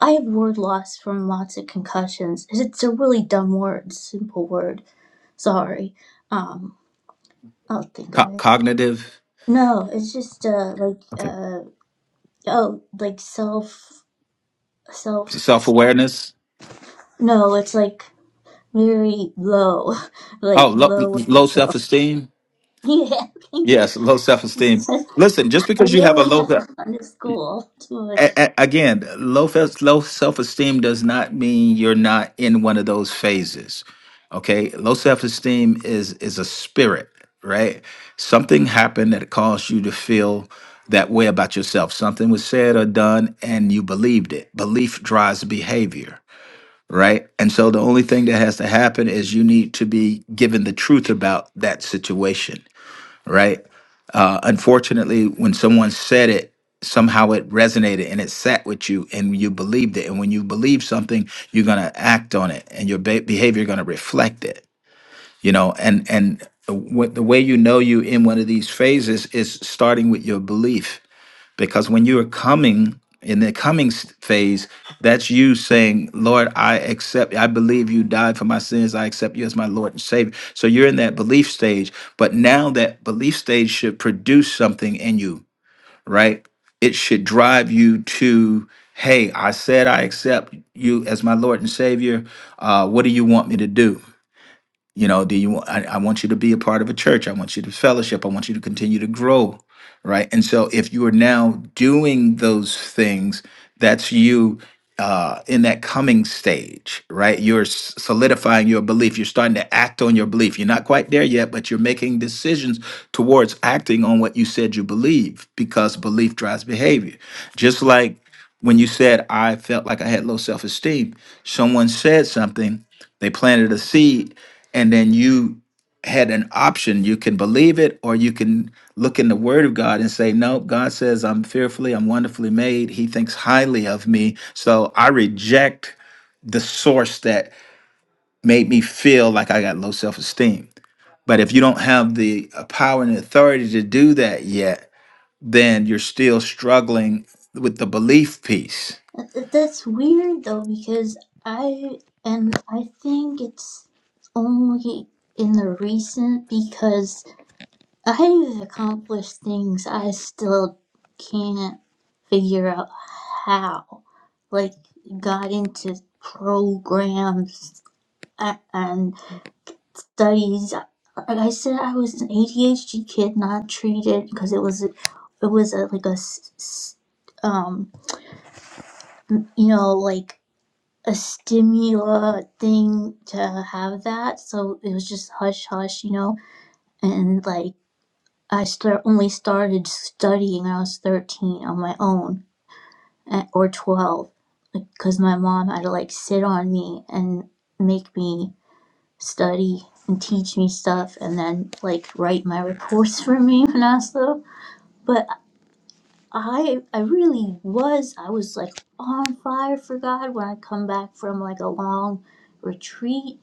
B: I have word loss from lots of concussions. It's a really dumb word, simple word. Sorry. Um, I'll think of
A: co-
B: it.
A: cognitive?
B: No, it's just uh like
A: Okay,
B: uh oh like self self
A: self awareness.
B: No, it's like very low, like
A: Oh, lo-
B: low of
A: low self
B: yourself.
A: esteem.
B: Yeah, thank you.
A: Yes, low self esteem.
B: I
A: Listen, just because you have a
B: really
A: low
B: haven't gone to school too much.
A: a- a- again, low fe- low self esteem does not mean you're not in one of those phases. Okay, low self esteem is is a spirit, right? Something happened that caused you to feel that way about yourself. Something was said or done, and you believed it. Belief drives behavior, right? And so the only thing that has to happen is you need to be given the truth about that situation right? Uh, unfortunately, when someone said it, somehow it resonated and it sat with you and you believed it. And when you believe something, you're going to act on it and your be- behavior going to reflect it, you know, and, and w- the way you know you in one of these phases is starting with your belief because when you are coming in the coming s- phase that's you saying lord i accept i believe you died for my sins i accept you as my lord and savior so you're in that belief stage but now that belief stage should produce something in you right it should drive you to hey i said i accept you as my lord and savior uh, what do you want me to do you know do you I, I want you to be a part of a church i want you to fellowship i want you to continue to grow right and so if you are now doing those things that's you uh, in that coming stage right you're s- solidifying your belief you're starting to act on your belief you're not quite there yet but you're making decisions towards acting on what you said you believe because belief drives behavior just like when you said i felt like i had low self-esteem someone said something they planted a seed and then you had an option you can believe it or you can look in the word of god and say no god says i'm fearfully i'm wonderfully made he thinks highly of me so i reject the source that made me feel like i got low self-esteem but if you don't have the uh, power and authority to do that yet then you're still struggling with the belief piece
B: That- that- That's weird though, because I, and I think it's only in the recent because I've accomplished things I still can't figure out how. Like, got into programs a- and. studies. Like I said, I was an ADHD kid, not treated because it was, it was a, like a, s- s- um, you know, like a stimula thing to have that. So it was just hush hush, you know. And like I start only started studying when I was thirteen on my own, eh, or twelve, because my mom had to like sit on me and make me. study and teach me stuff and then like write my reports for me when I was little. But I I really was I was like on fire for God when I come back from like a long retreat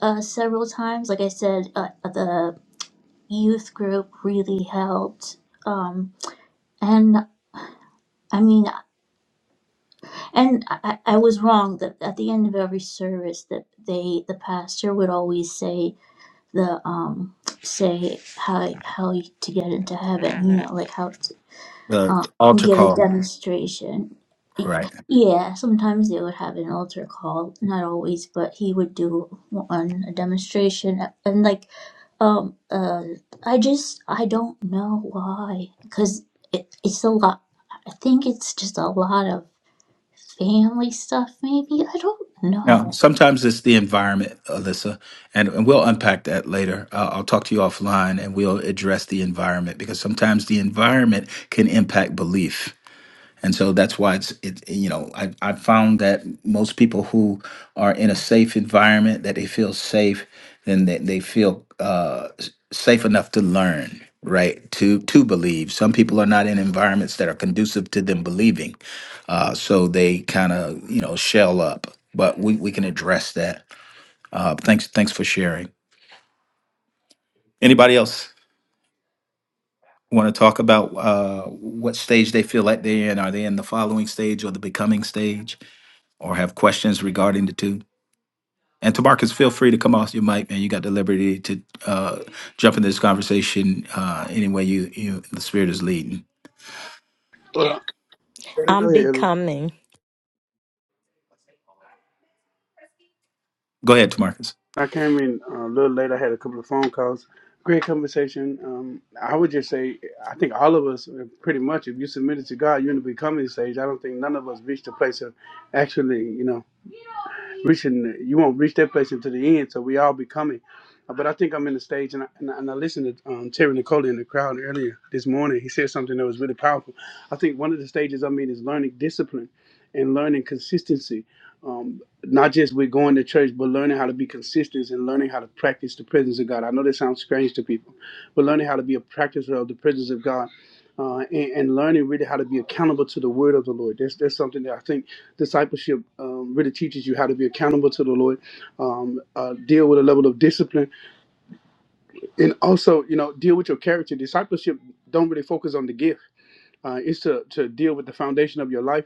B: uh, several times. Like I said, uh, the youth group really helped. Um, and I mean, and I, I was wrong that at the end of every service that they the pastor would always say the um say how like, how you- to get into heaven you know like how to
A: the
B: um
A: altar
B: get a
A: call
B: demonstration yeah sometimes they would have an altar call not always but he would do one a demonstration and like um uh i just i don't know why because it, it's a lot i think it's just a lot of family stuff maybe i don't
A: Now,
B: know
A: sometimes it's the environment, Alyssa, and, and we'll unpack that later. Uh, I'll talk to you offline and we'll address the environment because sometimes the environment can impact belief. And so that's why it's it you know I I found that most people who are in a safe environment that they feel safe then they, they feel uh, s- safe enough to learn right to to believe. Some people are not in environments that are conducive to them believing, uh, so they kind of you know shell up. But we, we can address that. Uh, thanks thanks for sharing. Anybody else want to talk about uh, what stage they feel like they're in? Are they in the following stage or the becoming stage? or have questions regarding the two. And Tamarcus, feel free to come off your mic, man. You got the liberty to uh, jump into this conversation uh, any way you, you the spirit is leading.
J: Well, Go
G: I'm
J: ahead.
G: becoming.
A: Go ahead, Tamarcus.
J: I came in uh, a little late. I had a couple of phone calls. Great conversation. Um, I would just say, I think all of us, uh, pretty much, if you submit it to God, you're in the becoming stage. I don't think none of us reached the place of actually, you know. reaching. You won't reach that place until the end. So we all be coming. Uh, But I think I'm in the stage, and I, and I, and I listened to um, Terry Nicole in the crowd earlier this morning. He said something that was really powerful. I think one of the stages I'm in is learning discipline and learning consistency. Um, not just with going to church, but learning how to be consistent and learning how to practice the presence of God. I know that sounds strange to people, but learning how to be a practicer of the presence of God uh, and, and learning really how to be accountable to the word of the Lord. That's, that's something that I think discipleship um, really teaches you how to be accountable to the Lord, um, uh, deal with a level of discipline, and also you know deal with your character. Discipleship don't really focus on the gift; uh, it's to to deal with the foundation of your life,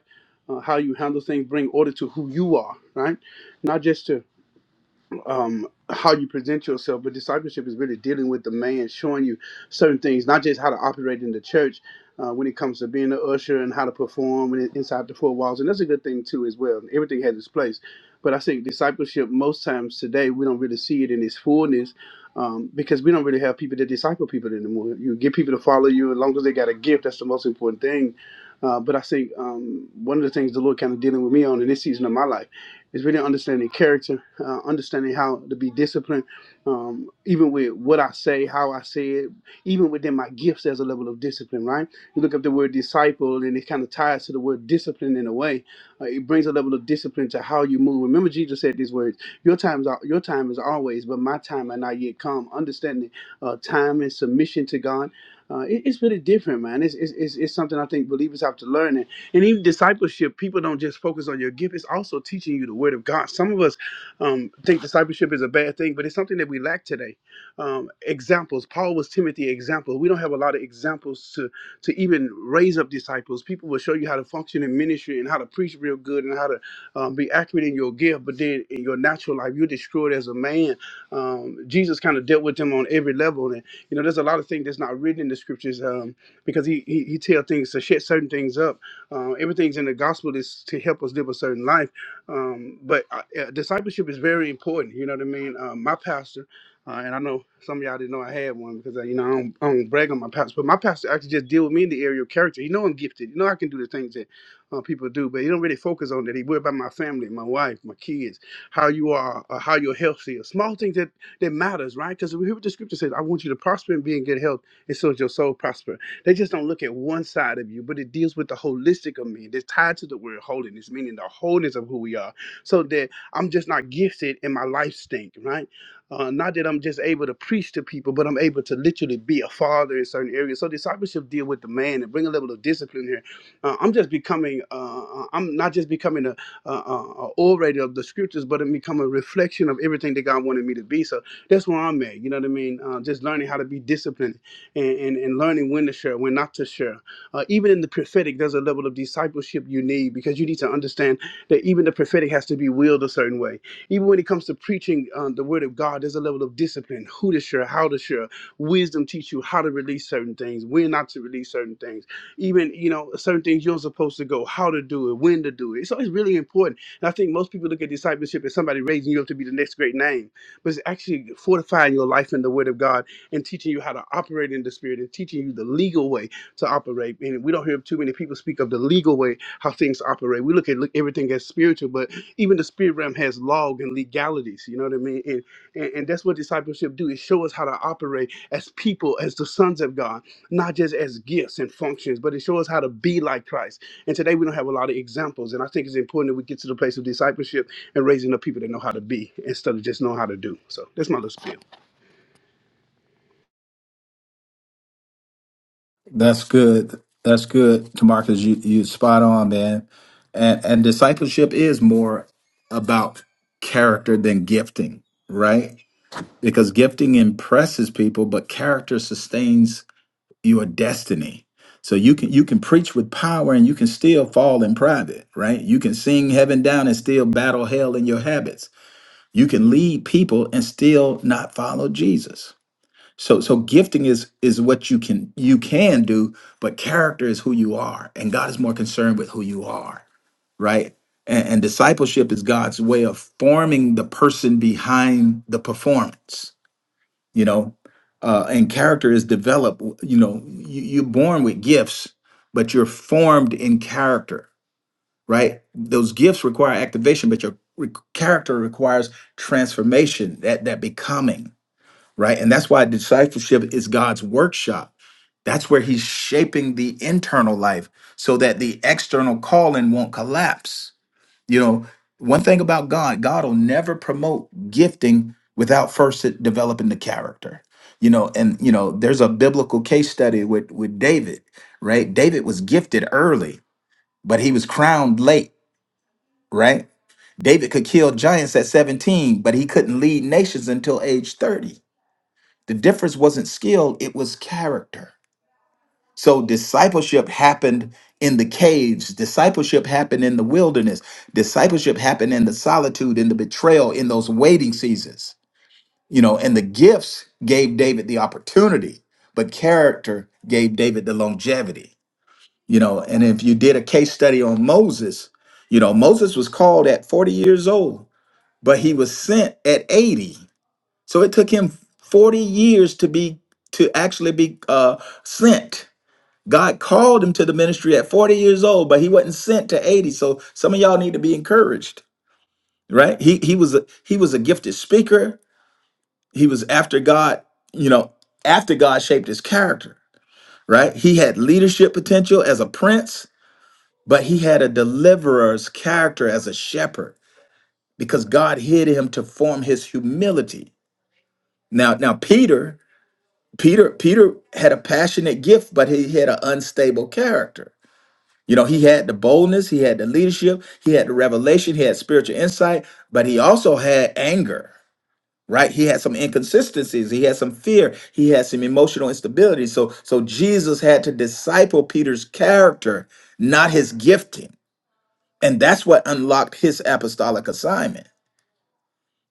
J: uh, how you handle things, bring order to who you are, right? Not just to um, how you present yourself, but discipleship is really dealing with the man, showing you certain things, not just how to operate in the church uh, when it comes to being an usher and how to perform when inside the four walls. And that's a good thing, too, as well. Everything has its place. But I think discipleship, most times today, we don't really see it in its fullness um, because we don't really have people that disciple people anymore. You get people to follow you as long as they got a gift, that's the most important thing. Uh, but I think um, one of the things the Lord kind of dealing with me on in this season of my life it's really understanding character, uh, understanding how to be disciplined, um, even with what I say, how I say it, even within my gifts, there's a level of discipline, right? You look up the word disciple, and it kind of ties to the word discipline in a way. Uh, it brings a level of discipline to how you move. Remember, Jesus said these words: "Your times, are, your time is always, but my time are not yet come." Understanding uh, time and submission to God. Uh, it- it's really different, man. It's, it's, it's, it's something I think believers have to learn, and even discipleship, people don't just focus on your gift. It's also teaching you the word of God. Some of us um, think discipleship is a bad thing, but it's something that we lack today. Um, examples. Paul was Timothy example. We don't have a lot of examples to to even raise up disciples. People will show you how to function in ministry and how to preach real good and how to um, be accurate in your gift, but then in your natural life, you're destroyed as a man. Um, Jesus kind of dealt with them on every level, and you know there's a lot of things that's not written in the scriptures um, because he he, he tell things to shut certain things up uh, everything's in the gospel is to help us live a certain life. Um, but uh, uh, discipleship is very important. You know what I mean? Uh, my pastor, uh, and I know some of y'all didn't know I had one because I, you know I don't, I don't brag on my pastor, but my pastor actually just deal with me in the area of character. He know I'm gifted. You know I can do the things that uh, people do, but he don't really focus on that. He worry about my family, my wife, my kids, how you are, uh, how your health is. Small things that that matters, right? Because we hear what the scripture says. I want you to prosper and be in good health, and so is your soul prosper. They just don't look at one side of you, but it deals with the holistic of me. It's tied to the word holiness, meaning the wholeness of who we are. So that I'm just not gifted and my life stink, right? Uh, not that I'm just able to preach to people, but I'm able to literally be a father in certain areas. So discipleship deal with the man and bring a level of discipline here. Uh, I'm just becoming, uh, uh, I'm not just becoming a, a, a a orator of the scriptures, but I'm becoming a reflection of everything that God wanted me to be. So that's where I'm at. You know what I mean? Uh, just learning how to be disciplined and, and, and learning when to share, when not to share. Uh, even in the prophetic, there's a level of discipleship you need because you need to understand that even the prophetic has to be wielded a certain way. Even when it comes to preaching um, the word of God, there's a level of discipline, who to share, how to share. Wisdom teach you how to release certain things, when not to release certain things. Even, you know, certain things you're supposed to go, how to do it, when to do it. So it's really important. And I think most people look at discipleship as somebody raising you up to be the next great name, but it's actually fortifying your life in the word of God and teaching you how to operate in the spirit and teaching you the legal way to operate. And we don't hear too many people speak of the legal way how things operate. We look at look, everything as spiritual, but even the spirit realm has log and legalities. You know what I mean? And, and and that's what discipleship do. It show us how to operate as people, as the sons of God, not just as gifts and functions, but it shows us how to be like Christ. And today we don't have a lot of examples. And I think it's important that we get to the place of discipleship and raising up people that know how to be instead of just know how to do. So that's my little spiel.
A: That's good. That's good, Tamarcus. You you spot on, man. And and discipleship is more about character than gifting, right? Because gifting impresses people, but character sustains your destiny. So you can you can preach with power and you can still fall in private, right? You can sing heaven down and still battle hell in your habits. You can lead people and still not follow Jesus. So so gifting is is what you can you can do, but character is who you are, and God is more concerned with who you are, right? And, and discipleship is God's way of forming the person behind the performance you know uh, and character is developed you know you, you're born with gifts but you're formed in character right those gifts require activation but your re- character requires transformation that that becoming right and that's why discipleship is god's workshop that's where he's shaping the internal life so that the external calling won't collapse you know, one thing about God, God will never promote gifting without first it developing the character. You know, and you know, there's a biblical case study with with David, right? David was gifted early, but he was crowned late, right? David could kill giants at 17, but he couldn't lead nations until age 30. The difference wasn't skill, it was character so discipleship happened in the caves. Discipleship happened in the wilderness. Discipleship happened in the solitude, in the betrayal, in those waiting seasons. You know, and the gifts gave David the opportunity, but character gave David the longevity. You know, and if you did a case study on Moses, you know, Moses was called at 40 years old, but he was sent at 80. So it took him 40 years to be to actually be uh sent God called him to the ministry at 40 years old, but he wasn't sent to 80. So some of y'all need to be encouraged, right? He he was a he was a gifted speaker. He was after God, you know, after God shaped his character, right? He had leadership potential as a prince, but he had a deliverer's character as a shepherd because God hid him to form his humility. Now now Peter, Peter Peter had a passionate gift, but he had an unstable character You know, he had the boldness, he had the leadership, he had the revelation, he had spiritual insight, but he also had anger, right? He had some inconsistencies, he had some fear, he had some emotional instability. So so Jesus had to disciple Peter's character, not his gifting. And that's what unlocked his apostolic assignment.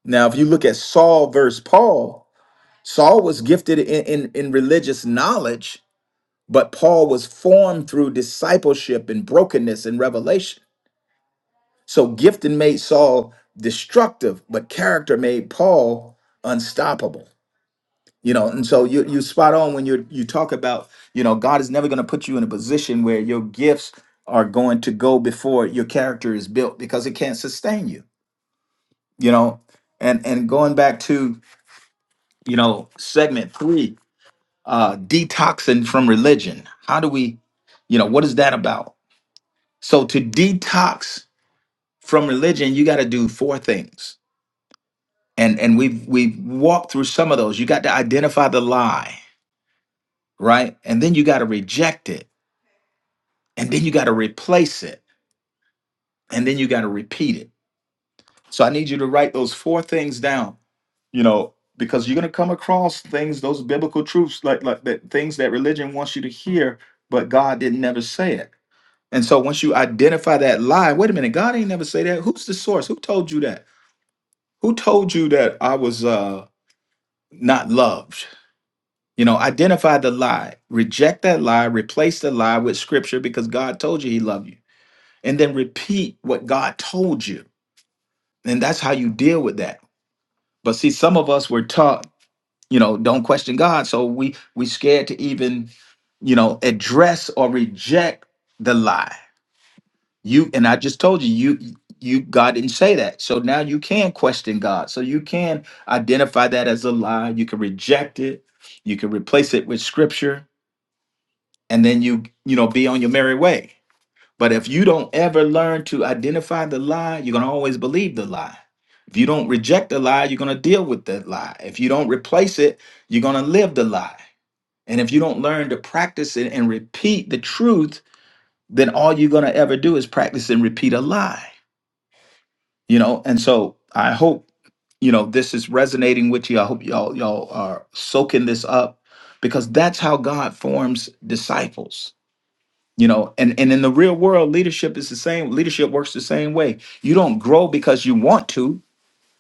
A: Now, if you look at Saul versus Paul, Saul was gifted in, in, in religious knowledge, but Paul was formed through discipleship and brokenness and revelation. So gifting made Saul destructive, but character made Paul unstoppable. You know, and so you you spot on when you you talk about, you know, God is never going to put you in a position where your gifts are going to go before your character is built because it can't sustain you, you know. And and going back to, you know, segment 3, uh detoxing from religion. How do we, you know, what is that about? So to detox from religion, you got to do four things and and we've we've walked through some of those you got to identify the lie right and then you got to reject it and then you got to replace it and then you got to repeat it so i need you to write those four things down you know because you're going to come across things those biblical truths like like that things that religion wants you to hear but god didn't never say it and so once you identify that lie wait a minute god ain't never say that who's the source who told you that who told you that i was uh not loved You know, identify the lie, reject that lie, replace the lie with scripture because God told you he loved you. And then repeat what God told you. And that's how you deal with that. But see, some of us were taught, you know, don't question God. So we we scared to even, you know, address or reject the lie. You and I just told you, you you God didn't say that. So now you can question God. So you can identify that as a lie. You can reject it. You can replace it with scripture and then you you know be on your merry way but if you don't ever learn to identify the lie you're going to always believe the lie if you don't reject the lie you're going to deal with that lie if you don't replace it you're going to live the lie and if you don't learn to practice it and repeat the truth then all you're going to ever do is practice and repeat a lie you know and so i hope you know this is resonating with you i hope y'all y'all are soaking this up because that's how god forms disciples you know and and in the real world leadership is the same leadership works the same way you don't grow because you want to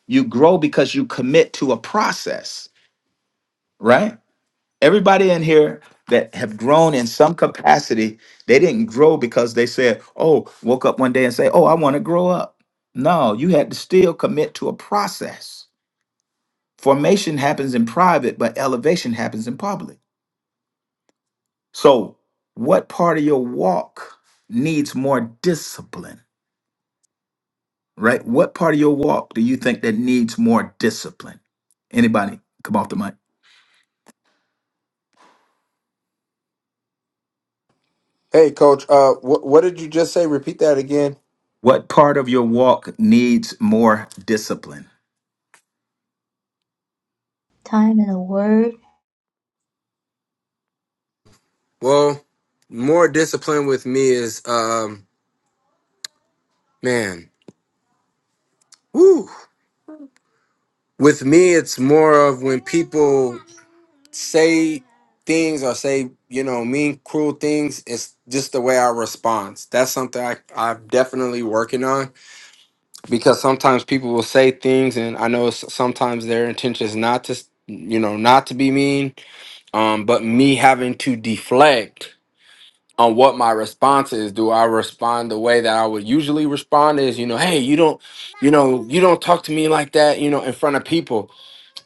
A: you grow because you commit to a process right everybody in here that have grown in some capacity they didn't grow because they said oh woke up one day and say oh i want to grow up no you had to still commit to a process formation happens in private but elevation happens in public so what part of your walk needs more discipline right? What part of your walk do you think that needs more discipline? Anybody come off the mic?
I: Hey, coach. Uh, wh- what did you just say? Repeat that again.
A: What part of your walk needs more discipline?
B: time in the word
I: Well, more discipline with me is, um, man, woo. With me, it's more of when people say things or say, you know, mean, cruel things. It's just the way I respond. That's something I, I'm definitely working on because sometimes people will say things, and I know s- sometimes their intention is not to, s- you know, not to be mean. Um, but me having to deflect on what my response is. Do I respond the way that I would usually respond is, you know, hey, you don't, you know, you don't talk to me like that, you know, in front of people.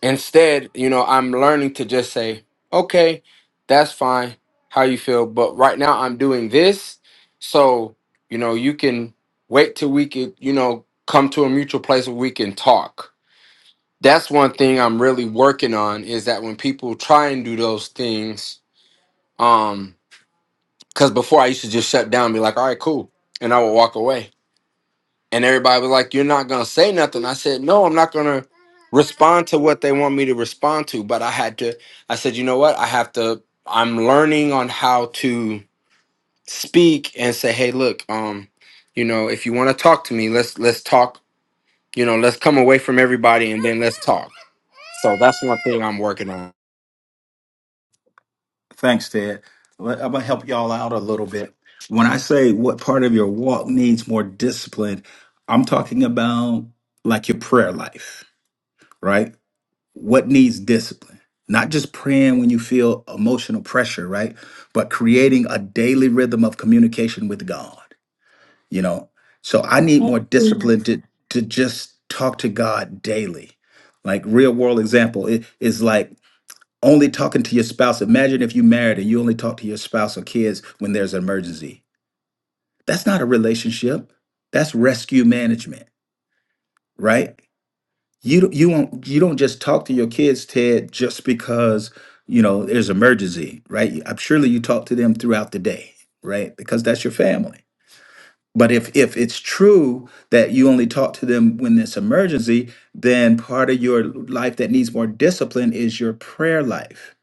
I: Instead, you know, I'm learning to just say, okay, that's fine, how you feel. But right now I'm doing this. So, you know, you can wait till we could, you know, come to a mutual place where we can talk. That's one thing I'm really working on is that when people try and do those things, um. Because before I used to just shut down and be like, all right, cool. And I would walk away. And everybody was like, you're not going to say nothing. I said, no, I'm not going to respond to what they want me to respond to. But I had to, I said, you know what? I have to, I'm learning on how to speak and say, hey, look, um, you know, if you want to talk to me, let's, let's talk, you know, let's come away from everybody and then let's talk. So that's one thing I'm working on.
A: Thanks, Ted. Let- I'm gonna help y'all out a little bit. When I say what part of your walk needs more discipline, I'm talking about like your prayer life, right? What needs discipline? Not just praying when you feel emotional pressure, right? But creating a daily rhythm of communication with God you know so i need more
B: thank you
A: discipline to to just talk to god daily like real world example it is like only talking to your spouse imagine if you married and you only talk to your spouse or kids when there's an emergency that's not a relationship that's rescue management right you don't- you don't you don't just talk to your kids ted just because you know there's emergency right i'm surely you talk to them throughout the day right because that's your family But if if it's true that you only talk to them when it's emergency, then part of your life that needs more discipline is your prayer life,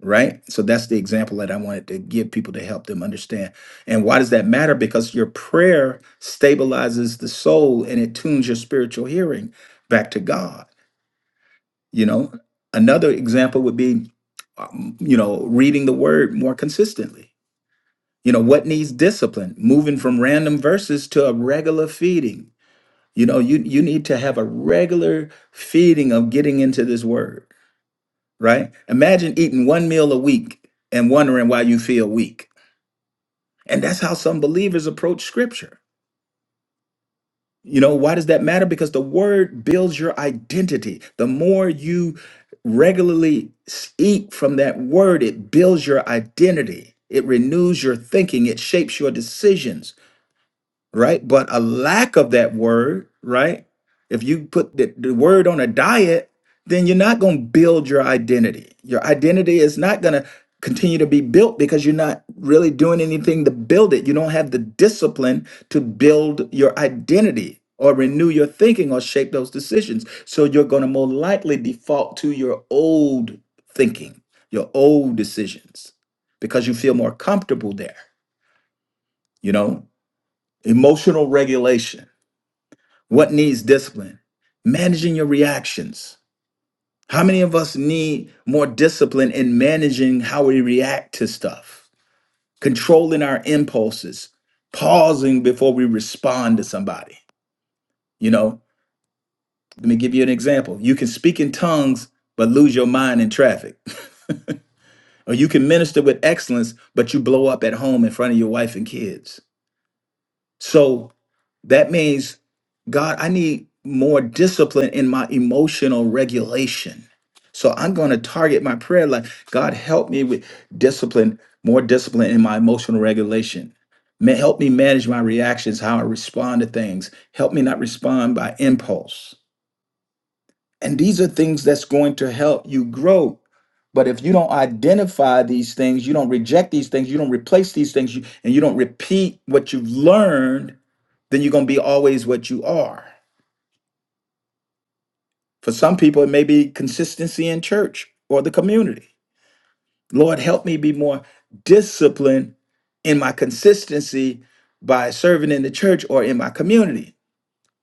A: right? So that's the example that I wanted to give people to help them understand. And why does that matter? Because your prayer stabilizes the soul and it tunes your spiritual hearing back to God. You know, another example would be, um, you know, reading the Word more consistently. You know, what needs discipline? Moving from random verses to a regular feeding you know, you you need to have a regular feeding of getting into this word, right? Imagine eating one meal a week and wondering why you feel weak. And that's how some believers approach scripture. You know, why does that matter? Because the word builds your identity. The more you regularly s- eat from that word, it builds your identity. It renews your thinking, it shapes your decisions right? But a lack of that word, right? If you put the, the word on a diet, then you're not going to build your identity. Your identity is not going to continue to be built because you're not really doing anything to build it. You don't have the discipline to build your identity or renew your thinking or shape those decisions. So you're going to more likely default to your old thinking, your old decisions, because you feel more comfortable there, you know? Emotional regulation what needs discipline? Managing your reactions. How many of us need more discipline in managing how we react to stuff? Controlling our impulses, pausing before we respond to somebody. You know, let me give you an example. You can speak in tongues, but lose your mind in traffic. or you can minister with excellence, but you blow up at home in front of your wife and kids So that means, God, I need more discipline in my emotional regulation. So I'm going to target my prayer life. God, help me with discipline, more discipline in my emotional regulation. Ma- Help me manage my reactions, how I respond to things. Help me not respond by impulse. And these are things that's going to help you grow. But if you don't identify these things, you don't reject these things, you don't replace these things, you, and you don't repeat what you've learned, then you're going to be always what you are. For some people, it may be consistency in church or the community. Lord, help me be more disciplined in my consistency by serving in the church or in my community.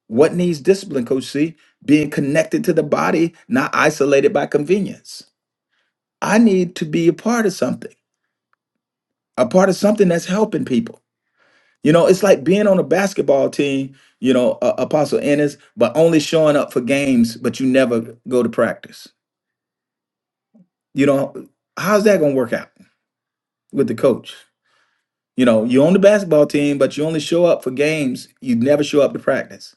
A: What needs discipline, Coach C? Being connected to the body, not isolated by convenience. I need to be a part of something, a part of something that's helping people. You know, it's like being on a basketball team, you know, uh, Apostle Ennis, but only showing up for games, but you never go to practice. You know, how's that going to work out with the coach? You know, you're on the basketball team, but you only show up for games. You never show up to practice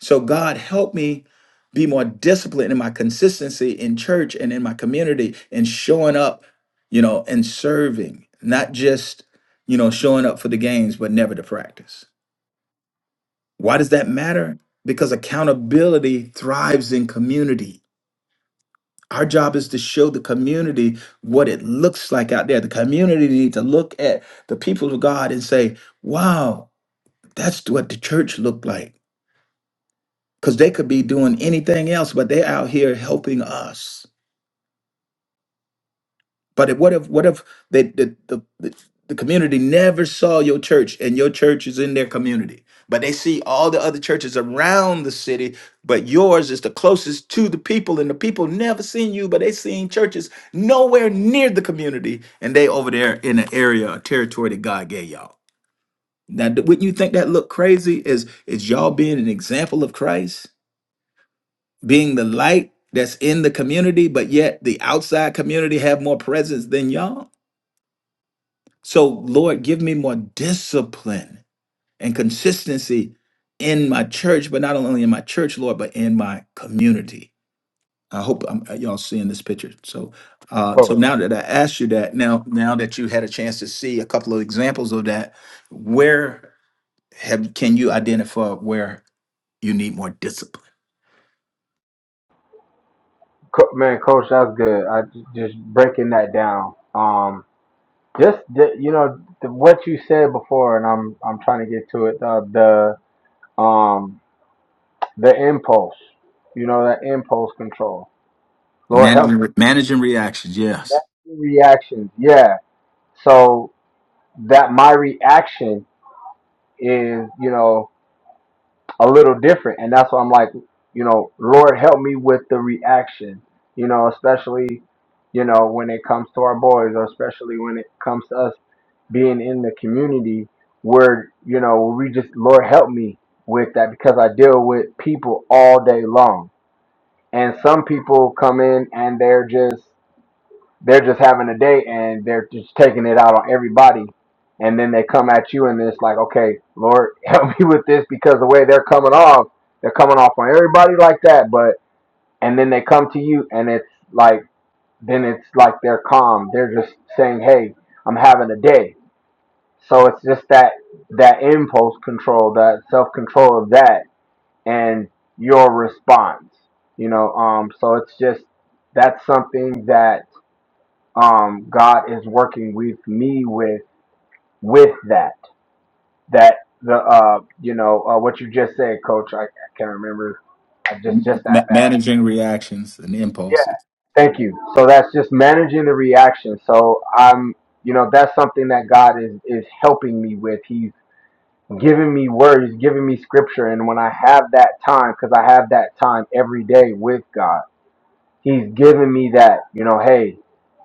A: So, God, help me be more disciplined in my consistency in church and in my community and showing up, you know, and serving, not just, you know, showing up for the games, but never to practice. Why does that matter? Because accountability thrives in community. Our job is to show the community what it looks like out there. The community needs to look at the people of God and say, wow, that's what the church looked like. because they could be doing anything else, but they're out here helping us. But if, what if what if they, the, the the the community never saw your church and your church is in their community, but they see all the other churches around the city, but yours is the closest to the people, and the people never seen you, but they seen churches nowhere near the community, and they over there in an area, a territory that God gave y'all. Now, d- wouldn't you think that look crazy? Is is y'all being an example of Christ? being the light that's in the community, but yet the outside community have more presence than y'all. So, Lord, give me more discipline and consistency in my church, but not only in my church, Lord, but in my community. I hope I'm, uh, y'all seeing this picture. So, uh, so
I: Coach,
A: now that I asked you that, now now that you had a chance to see a couple of examples of that, where have can you identify where you need more discipline?
I: co- man, coach, that's good. I j- just breaking that down. Just the, you know the, what you said before, and I'm I'm trying to get to it. Uh, the um the impulse, you know that impulse control. Lord help me.
A: Managing managing reactions, yes.
I: That's the reactions. Yeah. So that my reaction is you know a little different, and that's why I'm like you know Lord help me with the reaction. You know especially you know when it comes to our boys, or especially when it comes to us being in the community where you know we just Lord help me with that because I deal with people all day long, and some people come in and they're just they're just having a day and they're just taking it out on everybody, and then they come at you and it's like, okay, Lord help me with this because the way they're coming off, they're coming off on everybody like that, but and then they come to you and it's like then it's like they're calm, they're just saying, hey, I'm having a day so it's just that that impulse control, that self control of that, and your response. You know, um, so it's just that's something that um, God is working with me with with that that the uh you know uh, what you just said, Coach. I, I can't remember. I just just that
A: Ma-
I: fast.
A: managing reactions and
I: Yeah.
A: impulses.
I: Thank you. So that's just managing the reaction. So I'm you know that's something that God is is helping me with. He's. giving me words, giving me scripture. And when I have that time, because I have that time every day with God, He's giving me that, you know, hey,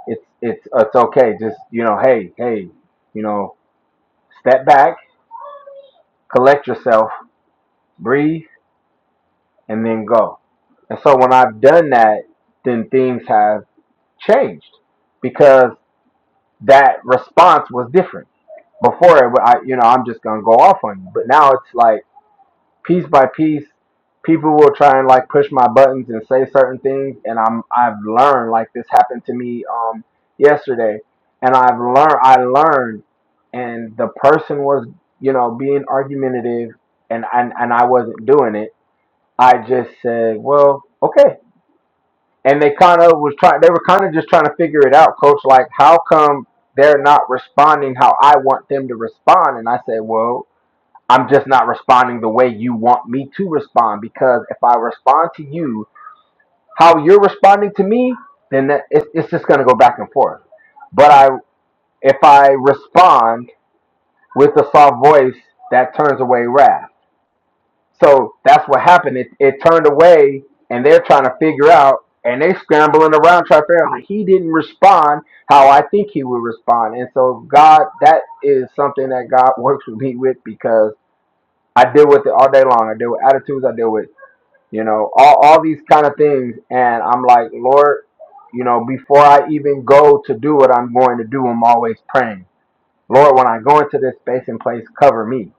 I: it's it's it's okay. Just you know, hey, hey, you know, step back, collect yourself, breathe, and then go. And so when I've done that, then things have changed because that response was different. Before, it, wa- I, you know, I'm just gonna go off on you, but now it's like piece by piece, people will try and like push my buttons and say certain things, and I'm I've learned like this happened to me um yesterday, and I've learned I learned, and the person was you know being argumentative, and and and I wasn't doing it. I just said, well, okay, and they kind of was trying. They were kind of just trying to figure it out, coach. Like, how come? They're not responding how I want them to respond, and I said, "Well, I'm just not responding the way you want me to respond because if I respond to you how you're responding to me, then that, it's, it's just going to go back and forth. But I, if I respond with a soft voice, that turns away wrath. So that's what happened. It, it turned away, and they're trying to figure out, and they scrambling around trying to figure out he didn't respond how I think he would respond. And so God, that is something that God works with me with because I deal with it all day long. I deal with attitudes. I deal with you know, all, all these kind of things. And I'm like, Lord, you know, before I even go to do what I'm going to do, I'm always praying. Lord, when I go into this space and place, cover me,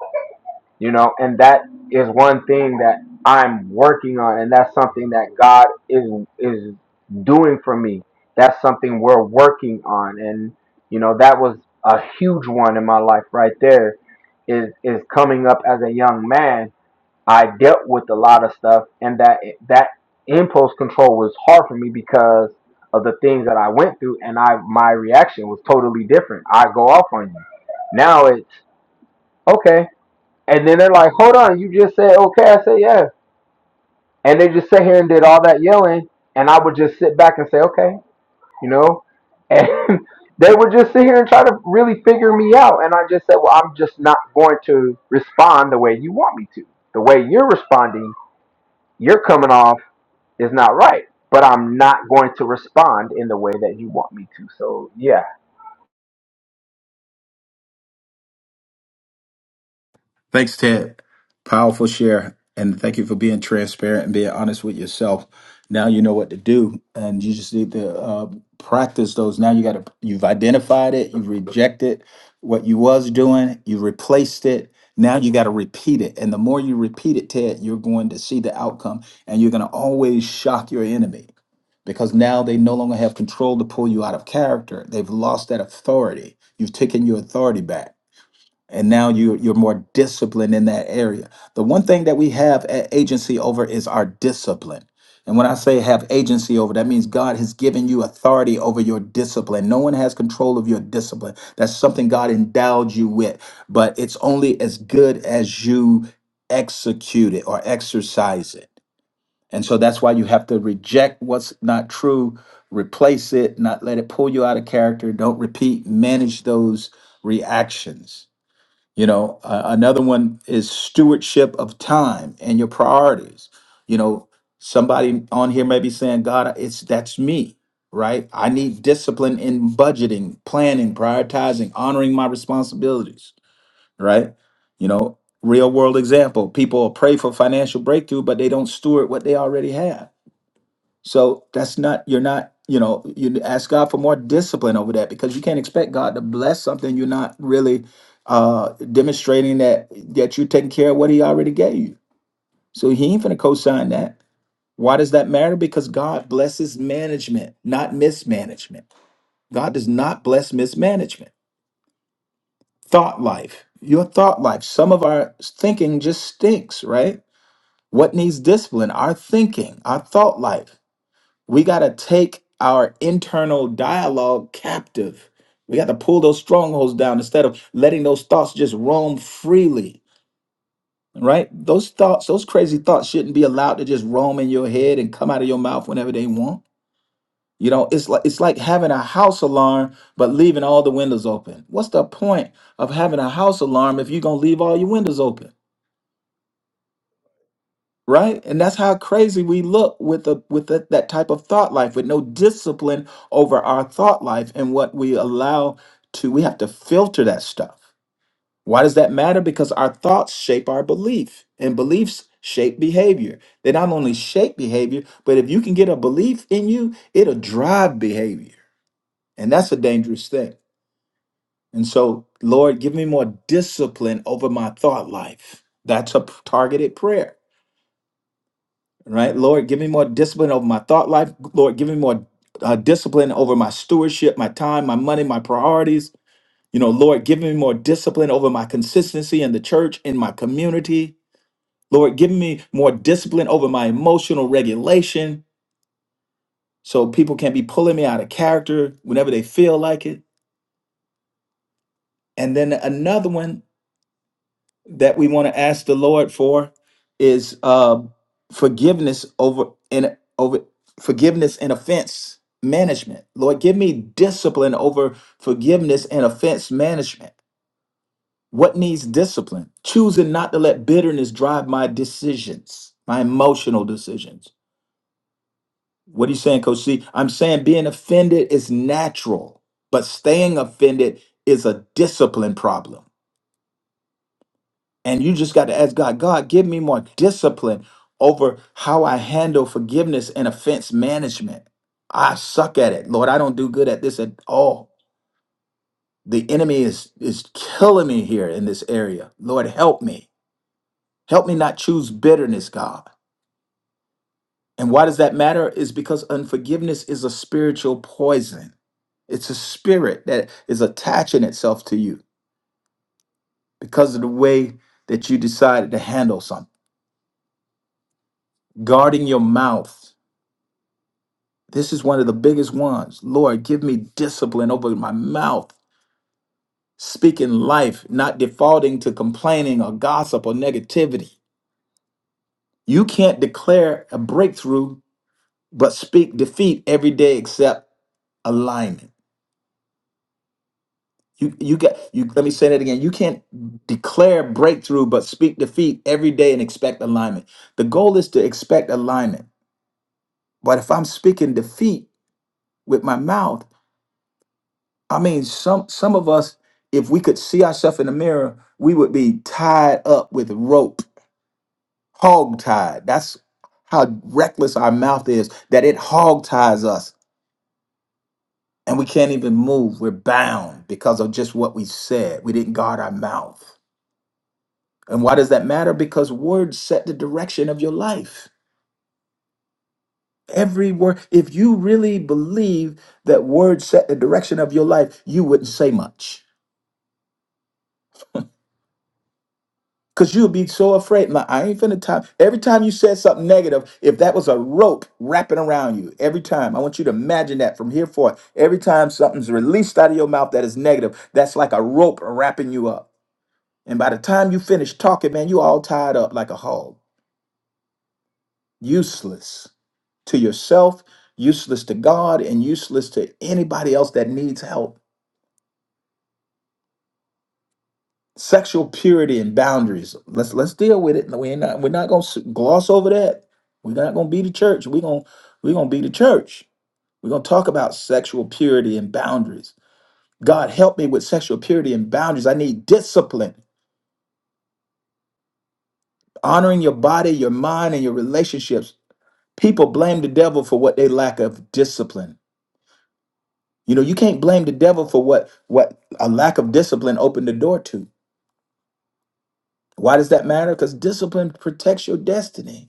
I: you know, and that is one thing that I'm working on. And that's something that God is, is doing for me. That's something we're working on. And, you know, that was a huge one in my life right there is, is coming up as a young man I dealt with a lot of stuff, and that that impulse control was hard for me because of the things that I went through, and I my reaction was totally different. I go off on you. Now it's okay, and then they're like, "Hold on, you just said okay." I said, "Yeah," and they just sat here and did all that yelling, and I would just sit back and say, "Okay," you know, and they would just sit here and try to really figure me out, and I just said, "Well, I'm just not going to respond the way you want me to. The way you're responding, you're coming off." is not right. But I'm not going to respond in the way that you want me to. So yeah,
A: Thanks, Ted. Powerful share. And thank you for being transparent and being honest with yourself. Now you know what to do, and you just need to uh, practice those. Now you got to, you've identified it, you've rejected what you was doing, you replaced it. Now you got to repeat it. And the more you repeat it, Ted, you're going to see the outcome, and you're going to always shock your enemy because now they no longer have control to pull you out of character. They've lost that authority. You've taken your authority back and now you you're more disciplined in that area. The one thing that we have a- agency over is our discipline. And when I say have agency over, that means God has given you authority over your discipline. No one has control of your discipline. That's something God endowed you with, but it's only as good as you execute it or exercise it. And so that's why you have to reject what's not true, replace it, not let it pull you out of character. Don't repeat, manage those reactions you know, uh, another one is stewardship of time and your priorities. You know, somebody on here may be saying, God, it's that's me, right? I need discipline in budgeting, planning, prioritizing, honoring my responsibilities, right? You know, real world example people pray for financial breakthrough, but they don't steward what they already have so that's not, you're not, you know, you ask God for more discipline over that because you can't expect God to bless something you're not really uh demonstrating that that you're taking care of what he already gave you. So he ain't finna co-sign that. Why does that matter? Because God blesses management, not mismanagement. God does not bless mismanagement. Thought life, your thought life. Some of our thinking just stinks, right? What needs discipline? Our thinking, our thought life We got to take our internal dialogue captive. We got to pull those strongholds down instead of letting those thoughts just roam freely, right? Those thoughts, those crazy thoughts shouldn't be allowed to just roam in your head and come out of your mouth whenever they want. You know, it's like it's like having a house alarm but leaving all the windows open. What's the point of having a house alarm if you're going to leave all your windows open? right and that's how crazy we look with the with the, that type of thought life with no discipline over our thought life and what we allow to we have to filter that stuff why does that matter because our thoughts shape our belief and beliefs shape behavior they not only shape behavior but if you can get a belief in you it'll drive behavior and that's a dangerous thing and so lord give me more discipline over my thought life that's a p- targeted prayer right? Lord, give me more discipline over my thought life. Lord, give me more uh, discipline over my stewardship, my time, my money, my priorities. You know, Lord, give me more discipline over my consistency in the church, in my community. Lord, give me more discipline over my emotional regulation so people can't be pulling me out of character whenever they feel like it. And then another one that we want to ask the Lord for is uh, forgiveness over and over forgiveness and offense management. Lord, give me discipline over forgiveness and offense management. What needs discipline? Choosing not to let bitterness drive my decisions, my emotional decisions. What are you saying, Coach C? I'm saying being offended is natural, but staying offended is a discipline problem. And you just got to ask God, God, give me more discipline over how I handle forgiveness and offense management. I suck at it. Lord, I don't do good at this at all. The enemy is is killing me here in this area. Lord, help me. Help me not choose bitterness, God. And why does that matter? Is because unforgiveness is a spiritual poison. It's a spirit that is attaching itself to you because of the way that you decided to handle something. Guarding your mouth This is one of the biggest ones. Lord, give me discipline over my mouth, speaking life, not defaulting to complaining or gossip or negativity. You can't declare a breakthrough but speak defeat every day except alignment. You you got you let me say that again. You can't declare breakthrough but speak defeat every day and expect alignment. The goal is to expect alignment. But if I'm speaking defeat with my mouth, I mean, some some of us, if we could see ourselves in the mirror, we would be tied up with rope, hog tied. That's how reckless our mouth is, that it hog ties us and we can't even move. We're bound because of just what we said. We didn't guard our mouth. And why does that matter? Because words set the direction of your life. Every word, if you really believe that words set the direction of your life, you wouldn't say much. Cause you'll be so afraid. Nah, I ain't finna time. Every time you said something negative, if that was a rope wrapping around you, every time, I want you to imagine that from here forth. Every time something's released out of your mouth that is negative, that's like a rope wrapping you up. And by the time you finish talking, man, you all tied up like a hog, useless to yourself, useless to God, and useless to anybody else that needs help. sexual purity and boundaries. Let's let's deal with it. We're not we're not gonna s- gloss over that. We're not gonna be the church. We're gonna we're gonna be the church. We're gonna talk about sexual purity and boundaries. God help me with sexual purity and boundaries. I need discipline, honoring your body, your mind, and your relationships. People blame the devil for what they lack of discipline. You know, you can't blame the devil for what what a lack of discipline opened the door to. Why does that matter? Because discipline protects your destiny.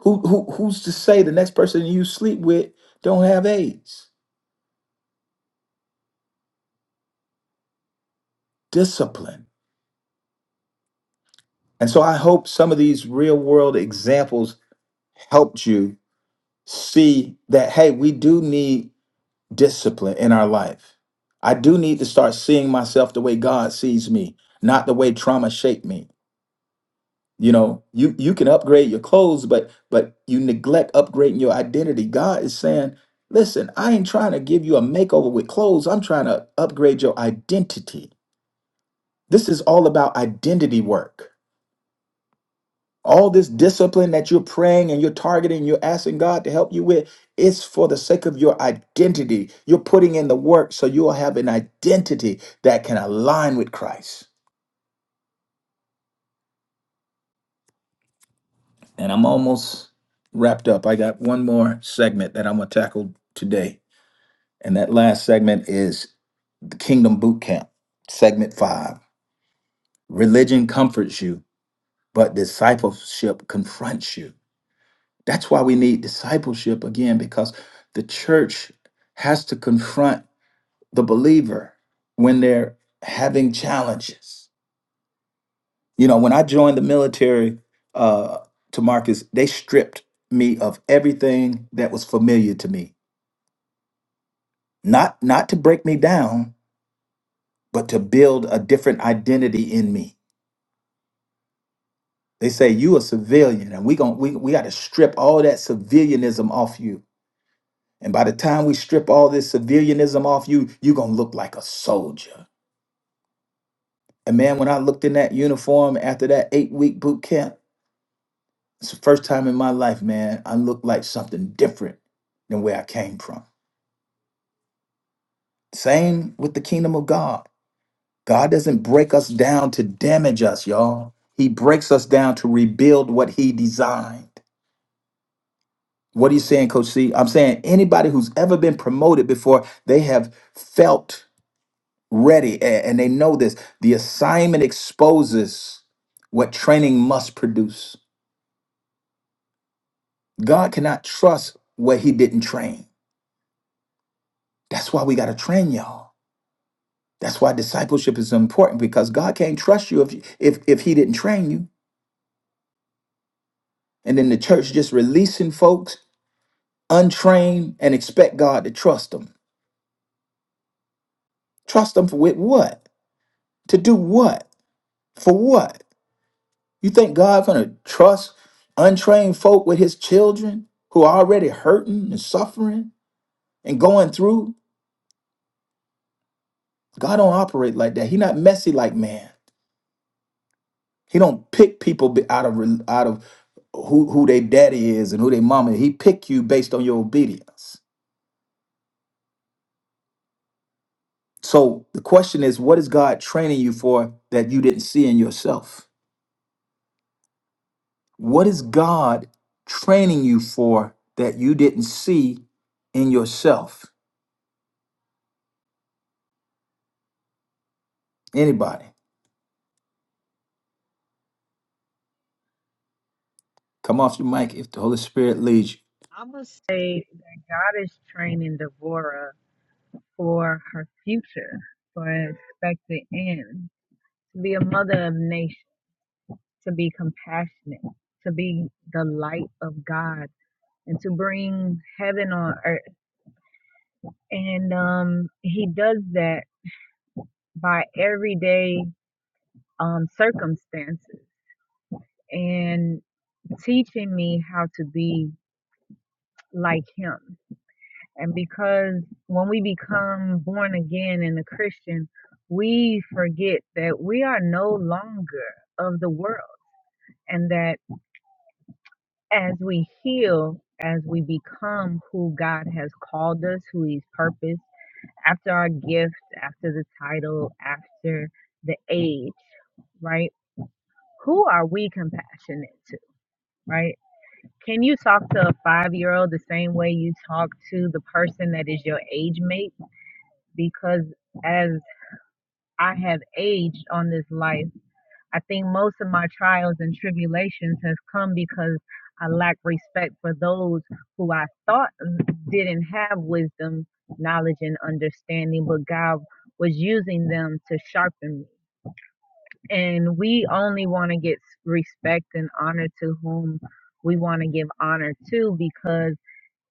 A: Who, who who's to say the next person you sleep with don't have AIDS? Discipline. And so I hope some of these real world examples helped you see that hey, we do need discipline in our life. I do need to start seeing myself the way God sees me, not the way trauma shaped me. You know, you you can upgrade your clothes, but but you neglect upgrading your identity. God is saying, listen, I ain't trying to give you a makeover with clothes. I'm trying to upgrade your identity. This is all about identity work. All this discipline that you're praying and you're targeting, you're asking God to help you with, it's for the sake of your identity. You're putting in the work so you'll have an identity that can align with Christ. And I'm almost wrapped up. I got one more segment that I'm going to tackle today. And that last segment is the Kingdom Boot Camp, segment five. Religion comforts you, but discipleship confronts you. That's why we need discipleship again, because the church has to confront the believer when they're having challenges. You know, when I joined the military, uh, to Marcus, they stripped me of everything that was familiar to me. Not not to break me down, but to build a different identity in me. They say you a civilian, and we gon' we we got to strip all that civilianism off you And by the time we strip all this civilianism off you, you're going to look like a soldier. And man, when I looked in that uniform after that eight week boot camp, it's the first time in my life, man, I looked like something different than where I came from. Same with the kingdom of God. God doesn't break us down to damage us, y'all. He breaks us down to rebuild what he designed. What are you saying, Coach C? I'm saying anybody who's ever been promoted before, they have felt ready a- and they know this. The assignment exposes what training must produce. God cannot trust what he didn't train. That's why we got to train y'all. That's why discipleship is important because God can't trust you if, if if he didn't train you. And then the church just releasing folks untrained and expect God to trust them. Trust them for with what? To do what? For what? You think God gonna trust untrained folk with his children who are already hurting and suffering and going through? God don't operate like that. He not messy like man. He don't pick people be- out of re- out of who who their daddy is and who their mama. is. He pick you based on your obedience. So the question is, what is God training you for that you didn't see in yourself? What is God training you for that you didn't see in yourself? Anybody? Come off your mic if the Holy Spirit leads you.
K: I would say God is training Devorah for her future, for an expected end, to be a mother of nations, to be compassionate, to be the light of God, and to bring heaven on earth. And um, He does that by everyday um, circumstances and teaching me how to be like Him And because when we become born again and a Christian, we forget that we are no longer of the world and that as we heal, as we become who God has called us, who He's purposed, after our gift, after the title, after the age, right? Who are we compassionate to, right? Can you talk to a five year old the same way you talk to the person that is your age mate? Because as I have aged on this life. I think most of my trials and tribulations has come because I lack respect for those who I thought didn't have wisdom, knowledge, and understanding, but God was using them to sharpen me. And we only want to get respect and honor to whom we want to give honor to because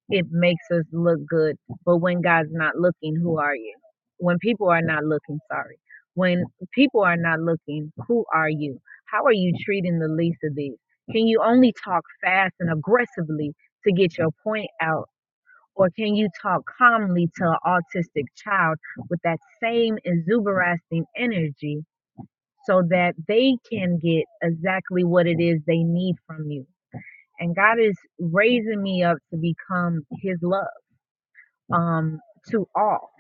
K: it makes us look good. But when God's not looking, who are you? When people are not looking, sorry. When people are not looking, who are you? How are you treating the least of these? Can you only talk fast and aggressively to get your point out? Or can you talk calmly to an autistic child with that same exuberating energy so that they can get exactly what it is they need from you? And God is raising me up to become His love um, to all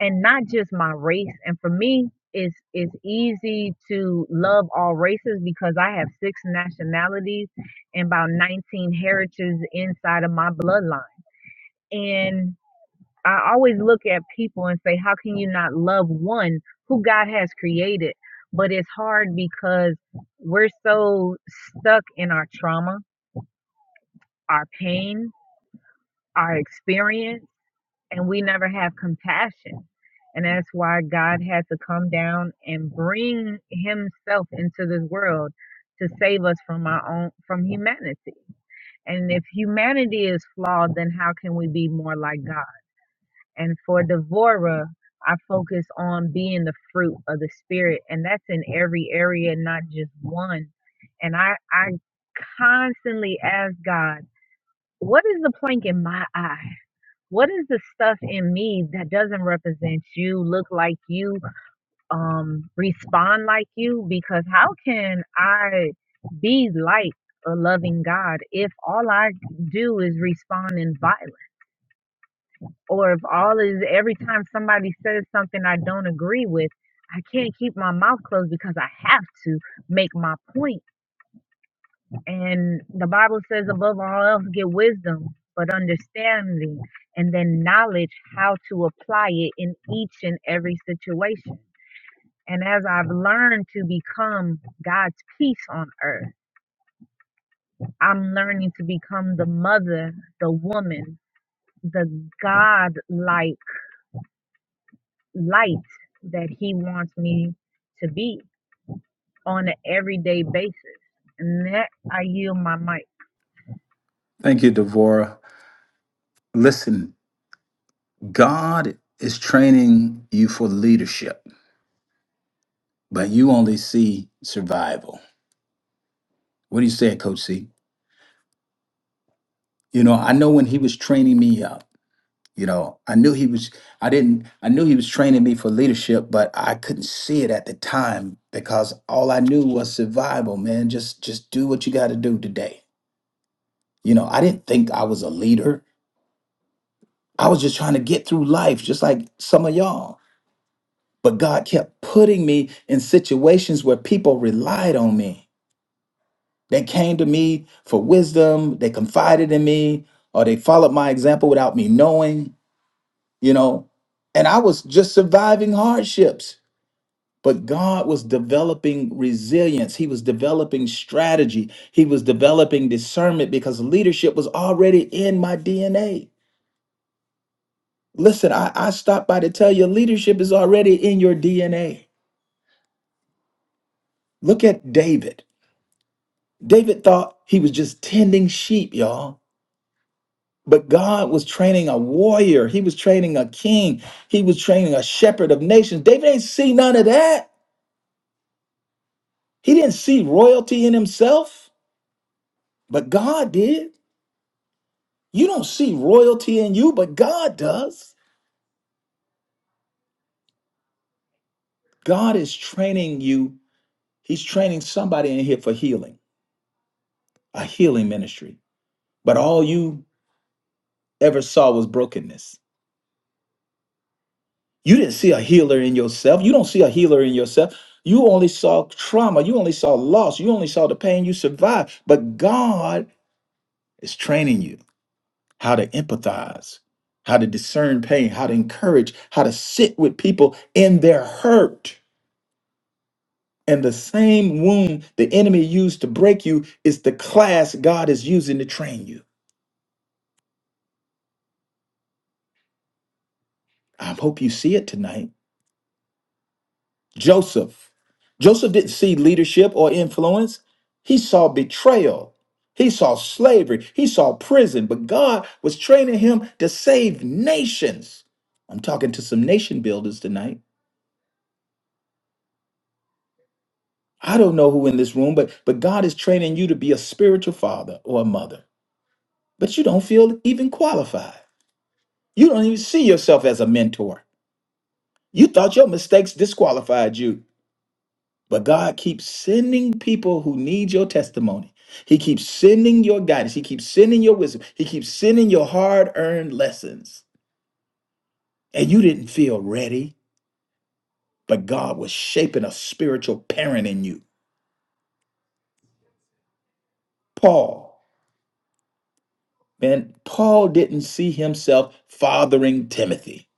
K: and not just my race. And for me, it's it's easy to love all races because I have six nationalities and about 19 heritages inside of my bloodline. And I always look at people and say, how can you not love one who God has created? But it's hard because we're so stuck in our trauma, our pain, our experience and we never have compassion. And that's why God had to come down and bring himself into this world to save us from our own from humanity. And if humanity is flawed, then how can we be more like God? And for Devorah, I focus on being the fruit of the spirit, and that's in every area, not just one. And I I constantly ask God, what is the plank in my eye? what is the stuff in me that doesn't represent you look like you um respond like you because how can i be like a loving god if all i do is respond in violence or if all is every time somebody says something i don't agree with i can't keep my mouth closed because i have to make my point And the Bible says, above all else, get wisdom, but understanding, and then knowledge how to apply it in each and every situation. And as I've learned to become God's peace on earth, I'm learning to become the mother, the woman, the God like light that He wants me to be on an everyday basis. And that I yield my mic.
A: Thank you, Devorah. Listen, God is training you for leadership, but you only see survival. What do you say, Coach C? You know, I know when he was training me up, you know, I knew he was, I didn't, I knew he was training me for leadership, but I couldn't see it at the time because all I knew was survival, man. Just, just do what you got to do today. You know, I didn't think I was a leader. I was just trying to get through life, just like some of y'all But God kept putting me in situations where people relied on me. They came to me for wisdom, they confided in me, or they followed my example without me knowing, you know. And I was just surviving hardships. But God was developing resilience. He was developing strategy. He was developing discernment because leadership was already in my DNA. Listen, I, I stopped by to tell you leadership is already in your DNA. Look at David. David thought he was just tending sheep, y'all. But God was training a warrior. He was training a king. He was training a shepherd of nations. David ain't see none of that. He didn't see royalty in himself, but God did. You don't see royalty in you, but God does. God is training you. He's training somebody in here for healing, a healing ministry. But all you ever saw was brokenness. You didn't see a healer in yourself. You don't see a healer in yourself. You only saw trauma. You only saw loss. You only saw the pain you survived. But God is training you how to empathize, how to discern pain, how to encourage, how to sit with people in their hurt. And the same wound the enemy used to break you is the class God is using to train you. I hope you see it tonight. Joseph. Joseph didn't see leadership or influence. He saw betrayal. He saw slavery. He saw prison. But God was training him to save nations. I'm talking to some nation builders tonight. I don't know who in this room, but but God is training you to be a spiritual father or a mother. But you don't feel even qualified. You don't even see yourself as a mentor. You thought your mistakes disqualified you. But God keeps sending people who need your testimony. He keeps sending your guidance. He keeps sending your wisdom. He keeps sending your hard earned lessons. And you didn't feel ready, but God was shaping a spiritual parent in you. Paul, man, Paul didn't see himself fathering Timothy,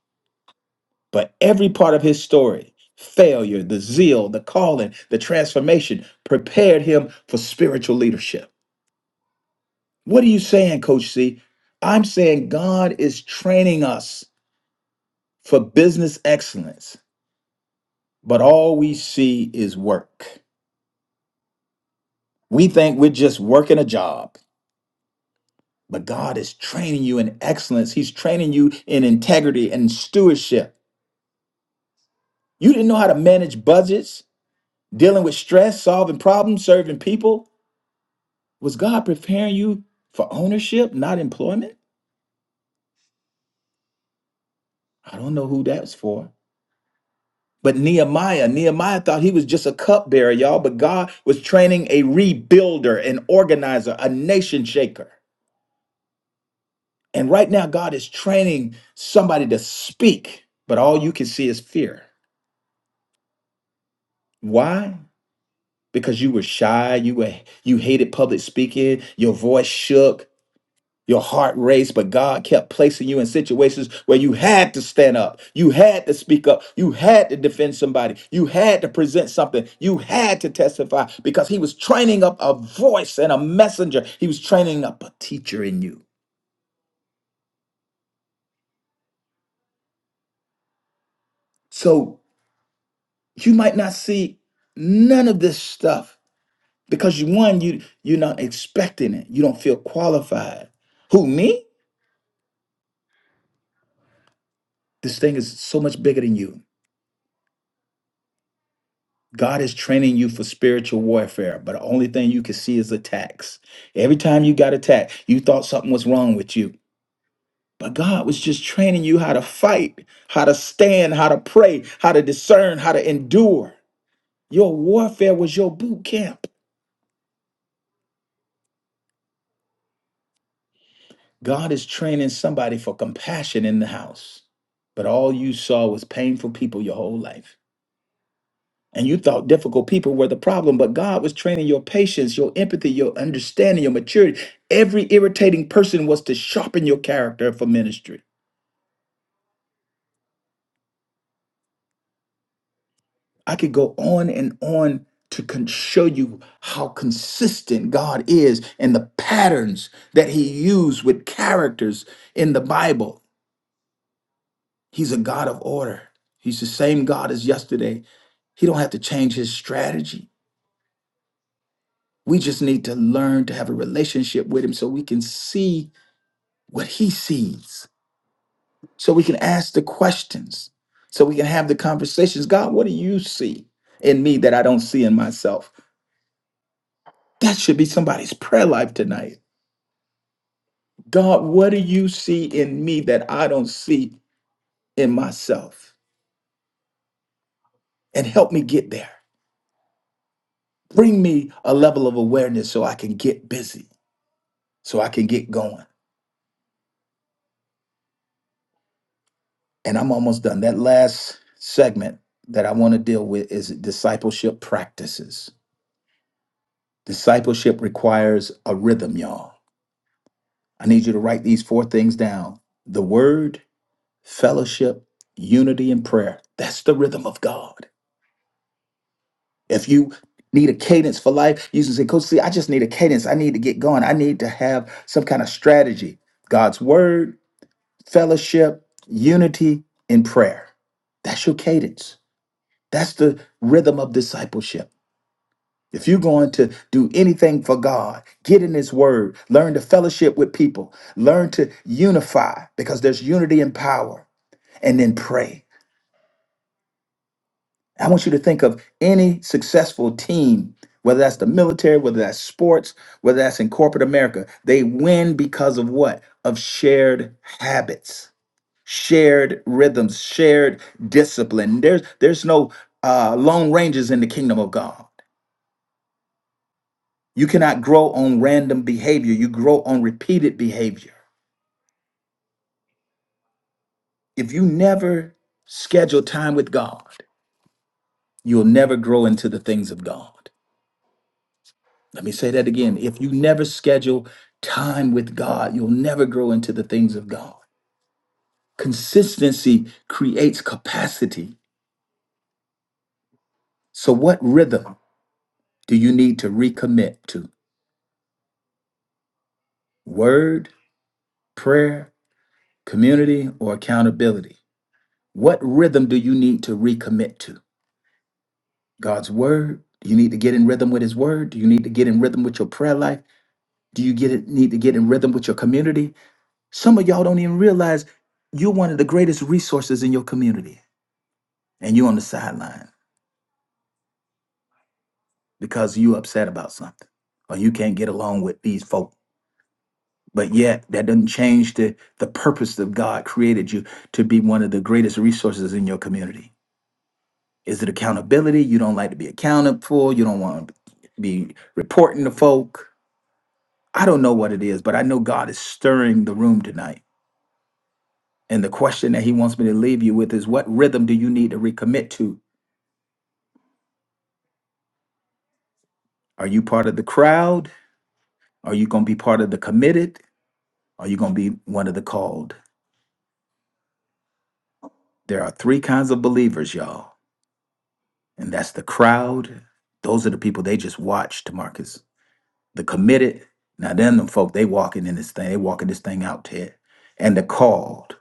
A: but every part of his story failure, the zeal, the calling, the transformation prepared him for spiritual leadership. What are you saying, Coach C? I'm saying God is training us for business excellence, but all we see is work. We think we're just working a job, but God is training you in excellence. He's training you in integrity and stewardship. You didn't know how to manage budgets, dealing with stress, solving problems, serving people. Was God preparing you for ownership, not employment? I don't know who that's for. But Nehemiah, Nehemiah thought he was just a cupbearer, y'all, but God was training a rebuilder, an organizer, a nation shaker. And right now, God is training somebody to speak, but all you can see is fear. Why? Because you were shy, you were you hated public speaking, your voice shook, Your heart raced, but God kept placing you in situations where you had to stand up. You had to speak up. You had to defend somebody. You had to present something. You had to testify because He was training up a voice and a messenger. He was training up a teacher in you. So you might not see none of this stuff because you one, you you're not expecting it. You don't feel qualified. Who me? This thing is so much bigger than you. God is training you for spiritual warfare, but the only thing you can see is attacks. Every time you got attacked, you thought something was wrong with you. But God was just training you how to fight, how to stand, how to pray, how to discern, how to endure. Your warfare was your boot camp. God is training somebody for compassion in the house, but all you saw was painful people your whole life. And you thought difficult people were the problem, but God was training your patience, your empathy, your understanding, your maturity. Every irritating person was to sharpen your character for ministry. I could go on and on to con- show you how consistent God is and the patterns that He used with characters in the Bible. He's a God of order. He's the same God as yesterday. He don't have to change His strategy. We just need to learn to have a relationship with Him so we can see what he sees so we can ask the questions so we can have the conversations god what do you see in me that i don't see in myself that should be somebody's prayer life tonight god what do you see in me that i don't see in myself and help me get there bring me a level of awareness so i can get busy so i can get going and i'm almost done that last segment that i want to deal with is discipleship practices discipleship requires a rhythm y'all I need you to write these four things down the word, fellowship, unity, and prayer. That's the rhythm of God. If you need a cadence for life, you can say, Coach, see, I just need a cadence. I need to get going. I need to have some kind of strategy. God's word, fellowship, unity, and prayer. That's your cadence. That's the rhythm of discipleship. If you're going to do anything for God, get in His Word, learn to fellowship with people, learn to unify because there's unity and power, and then pray. I want you to think of any successful team, whether that's the military, whether that's sports, whether that's in corporate America, they win because of what? Of shared habits, shared rhythms, shared discipline. There's, there's no uh, lone rangers in the kingdom of God. You cannot grow on random behavior. You grow on repeated behavior. If you never schedule time with God, you'll never grow into the things of God. Let me say that again. If you never schedule time with God, you'll never grow into the things of God. Consistency creates capacity. So, what rhythm do you need to recommit to? Word, prayer, community, or accountability? What rhythm do you need to recommit to? God's word? Do you need to get in rhythm with his word? Do you need to get in rhythm with your prayer life? Do you get it, need to get in rhythm with your community? Some of y'all don't even realize you're one of the greatest resources in your community and you're on the sideline because you upset about something or you can't get along with these folk. But yet that doesn't change the, the purpose that God created you to be one of the greatest resources in your community. Is it accountability? You don't like to be accounted for. You don't want to be reporting to folk I don't know what it is, but I know God is stirring the room tonight. And the question that He wants me to leave you with is what rhythm do you need to recommit to? Are you part of the crowd? Are you going to be part of the committed? Are you going to be one of the called? There are three kinds of believers, y'all. And that's the crowd. Those are the people they just watched, Marcus. The committed. Now, then, them folk, they walking in this thing. They walking this thing out, Ted. And the called.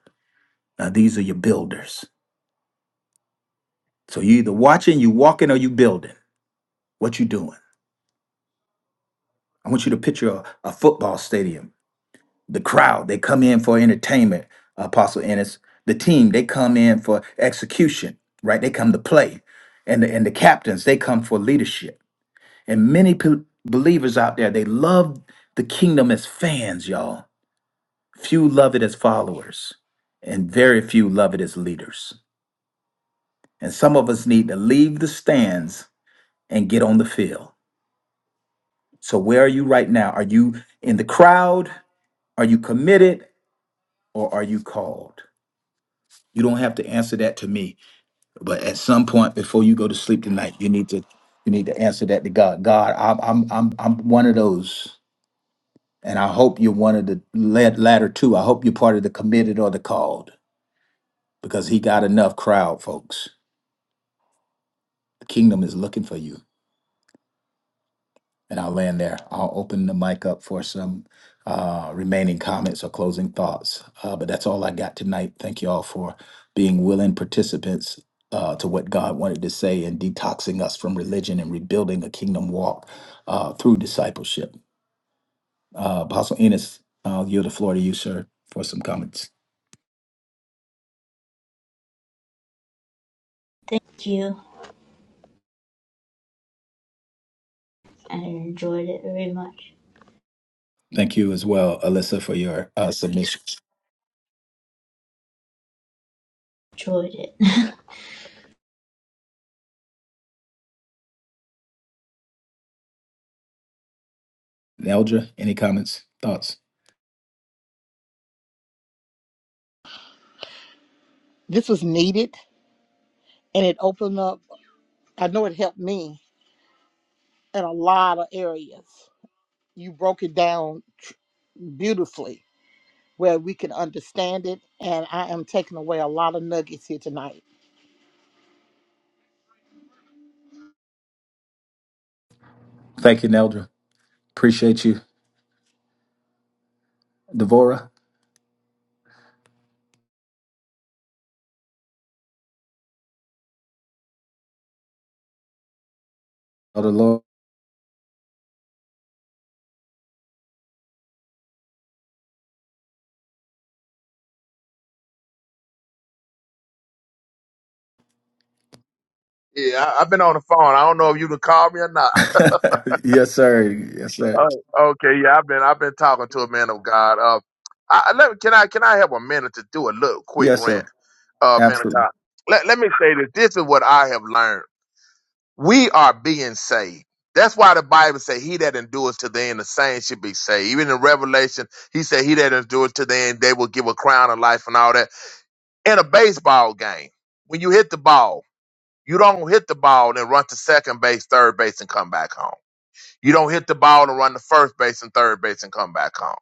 A: Now, these are your builders. So you either watching, you walking, or you building. What you doing? I want you to picture a, a football stadium. The crowd, they come in for entertainment, Apostle Ennis. The team, they come in for execution, right? They come to play. And the, and the captains, they come for leadership. And many pe- believers out there, they love the kingdom as fans, y'all. Few love it as followers, and very few love it as leaders. And some of us need to leave the stands and get on the field. So, where are you right now? Are you in the crowd? Are you committed? or are you called? You don't have to answer that to me, but at some point before you go to sleep tonight, you need to you need to answer that to God. God, I'm I'm I'm I'm one of those, and I hope you're one of the la- latter two. I hope you're part of the committed or the called, because He got enough crowd, folks. The kingdom is looking for you. And I'll land there. I'll open the mic up for some uh, remaining comments or closing thoughts. Uh, but that's all I got tonight. Thank you all for being willing participants uh, to what God wanted to say and detoxing us from religion and rebuilding a kingdom walk uh, through discipleship. Uh, Apostle Enos, I'll yield the floor to you, sir, for some comments.
B: Thank you. I enjoyed it very much.
A: Thank you as well, Alyssa, for your uh, submission.
B: Enjoyed it.
A: Neldra, any comments, thoughts?
E: This was needed and it opened up, I know it helped me in a lot of areas. You broke it down beautifully where we can understand it. And I am taking away a lot of nuggets here tonight.
A: Thank you, Neldra. Appreciate you. Devora, Elder Lord.
L: Yeah, I, I've been on the phone. I don't know if you can call me or not.
A: yes, sir. Yes, sir.
L: Oh, okay, yeah, I've been I've been talking to a man of God. Uh, I, I let, can I can I have a minute to do a little quick
A: Yes,
L: rant,
A: sir.
L: uh, man of
A: Absolutely.
L: God? Let Let me say this. This is what I have learned. We are being saved. That's why the Bible say, "He that endures to the end, the saints should be saved." Even in Revelation, he said, "He that endures to the end, they will give a crown of life and all that." In a baseball game, when you hit the ball, you don't hit the ball and run to second base, third base, and come back home You don't hit the ball and run to first base and third base and come back home.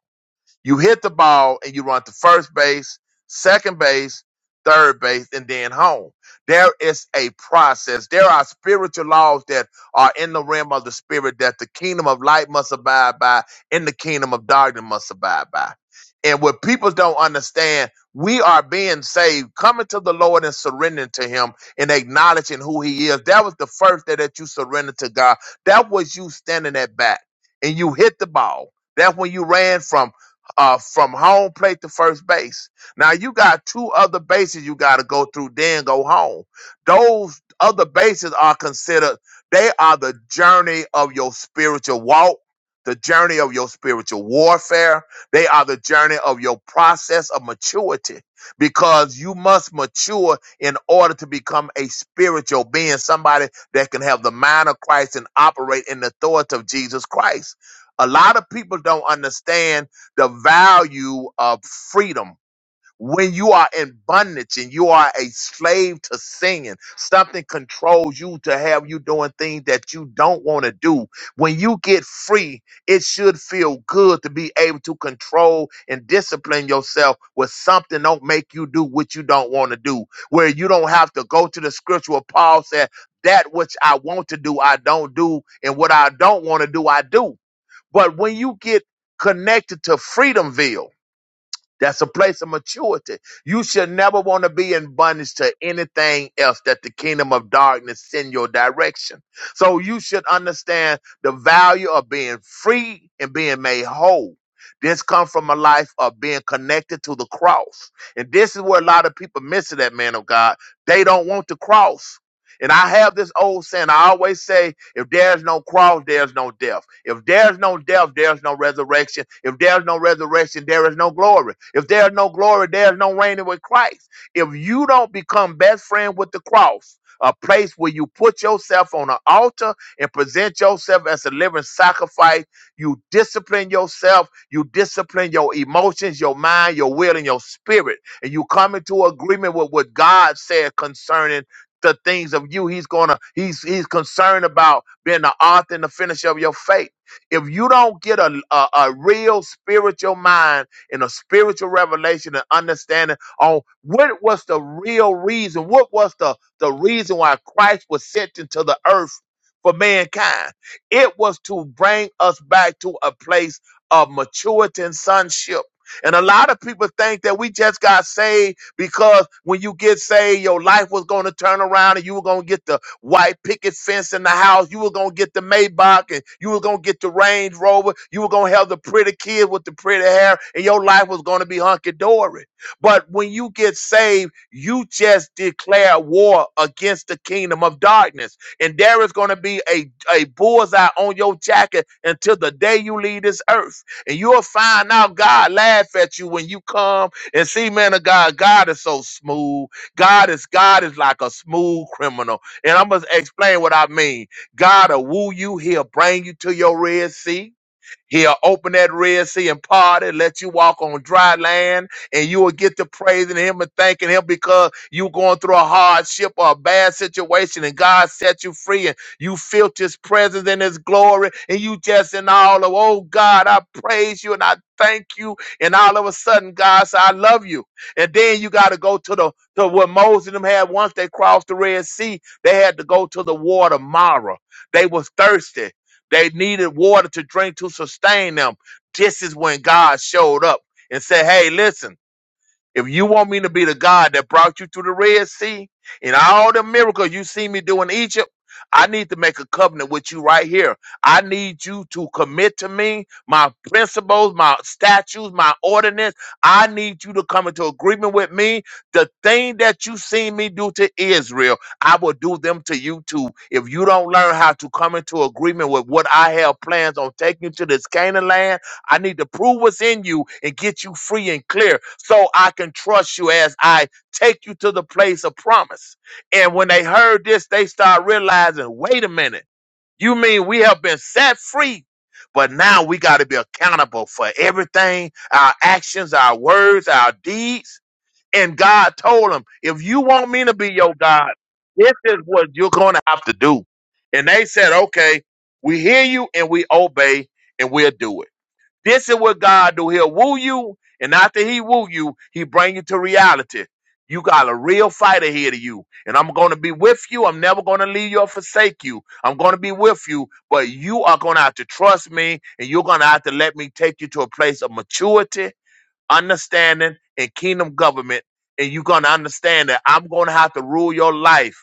L: You hit the ball and you run to first base, second base, third base, and then home. There is a process. There are spiritual laws that are in the realm of the spirit that the kingdom of light must abide by and the kingdom of darkness must abide by. And what people don't understand, we are being saved, coming to the Lord and surrendering to Him and acknowledging who He is. That was the first day that you surrendered to God. That was you standing at bat and you hit the ball. That's when you ran from uh, from home plate to first base. Now you got two other bases you got to go through, then go home. Those other bases are considered they are the journey of your spiritual walk, the journey of your spiritual warfare. They are the journey of your process of maturity because you must mature in order to become a spiritual being, somebody that can have the mind of Christ and operate in the authority of Jesus Christ. A lot of people don't understand the value of freedom. When you are in bondage and you are a slave to singing, something controls you to have you doing things that you don't want to do. When you get free, it should feel good to be able to control and discipline yourself with something don't make you do what you don't want to do. Where you don't have to go to the scripture where Paul said, that which I want to do, I don't do, and what I don't want to do, I do but when you get connected to Freedomville, that's a place of maturity. You should never want to be in bondage to anything else that the kingdom of darkness send your direction. So you should understand the value of being free and being made whole. This comes from a life of being connected to the cross. And this is where a lot of people miss it, that man of God. They don't want the cross. And I have this old saying, I always say, if there's no cross, there's no death. If there's no death, there's no resurrection. If there's no resurrection, there is no glory. If there's no glory, there's no reigning with Christ. If you don't become best friend with the cross, a place where you put yourself on an altar and present yourself as a living sacrifice, you discipline yourself, you discipline your emotions, your mind, your will, and your spirit, and you come into agreement with what God said concerning the things of you. He's gonna he's he's concerned about being the author and the finisher of your faith. If you don't get a a, a real spiritual mind and a spiritual revelation and understanding on what was the real reason, what was the the reason why Christ was sent into the earth for mankind, it was to bring us back to a place of maturity and sonship. And a lot of people think that we just got saved because when you get saved, your life was going to turn around and you were going to get the white picket fence in the house. You were going to get the Maybach and you were going to get the Range Rover. You were going to have the pretty kid with the pretty hair and your life was going to be hunky dory. But when you get saved, you just declare war against the kingdom of darkness. And there is going to be a, a bullseye on your jacket until the day you leave this earth. And you'll find out God laugh at you when you come and see, man of God, God is so smooth. God is God is like a smooth criminal. And I'm gonna explain what I mean. God will woo you, he'll bring you to your Red Sea. He'll open that Red Sea and part it, let you walk on dry land, and you will get to praising Him and thanking Him because you going through a hardship or a bad situation, and God set you free, and you felt His presence and His glory, and you just in all of, oh God, I praise you and I thank you, and all of a sudden, God said, I love you, and then you got to go to the to what Moses and them had once they crossed the Red Sea, they had to go to the water Mara. They was thirsty they needed water to drink to sustain them. This is when God showed up and said, Hey, listen. If you want me to be the God that brought you through the Red Sea and all the miracles you see me do in Egypt, I need to make a covenant with you right here. I need you to commit to me my principles, my statutes, my ordinance. I need you to come into agreement with me. The thing that you seen me do to Israel, I will do them to you too. If you don't learn how to come into agreement with what I have plans on taking you to this Canaan land, I need to prove what's in you and get you free and clear so I can trust you as I take you to the place of promise. And when they heard this, they start realizing, wait a minute, you mean we have been set free, but now we got to be accountable for everything our actions, our words, our deeds. And God told them, if you want me to be your God, this is what you're going to have to do. And they said, okay, we hear you and we obey and we'll do it. This is what God do. He'll woo you, and after he woo you, he bring you to reality. You got a real fight ahead of you, and I'm going to be with you. I'm never going to leave you or forsake you. I'm going to be with you, but you are going to have to trust me, and you're going to have to let me take you to a place of maturity understanding and kingdom government, and you're gonna understand that I'm gonna have to rule your life,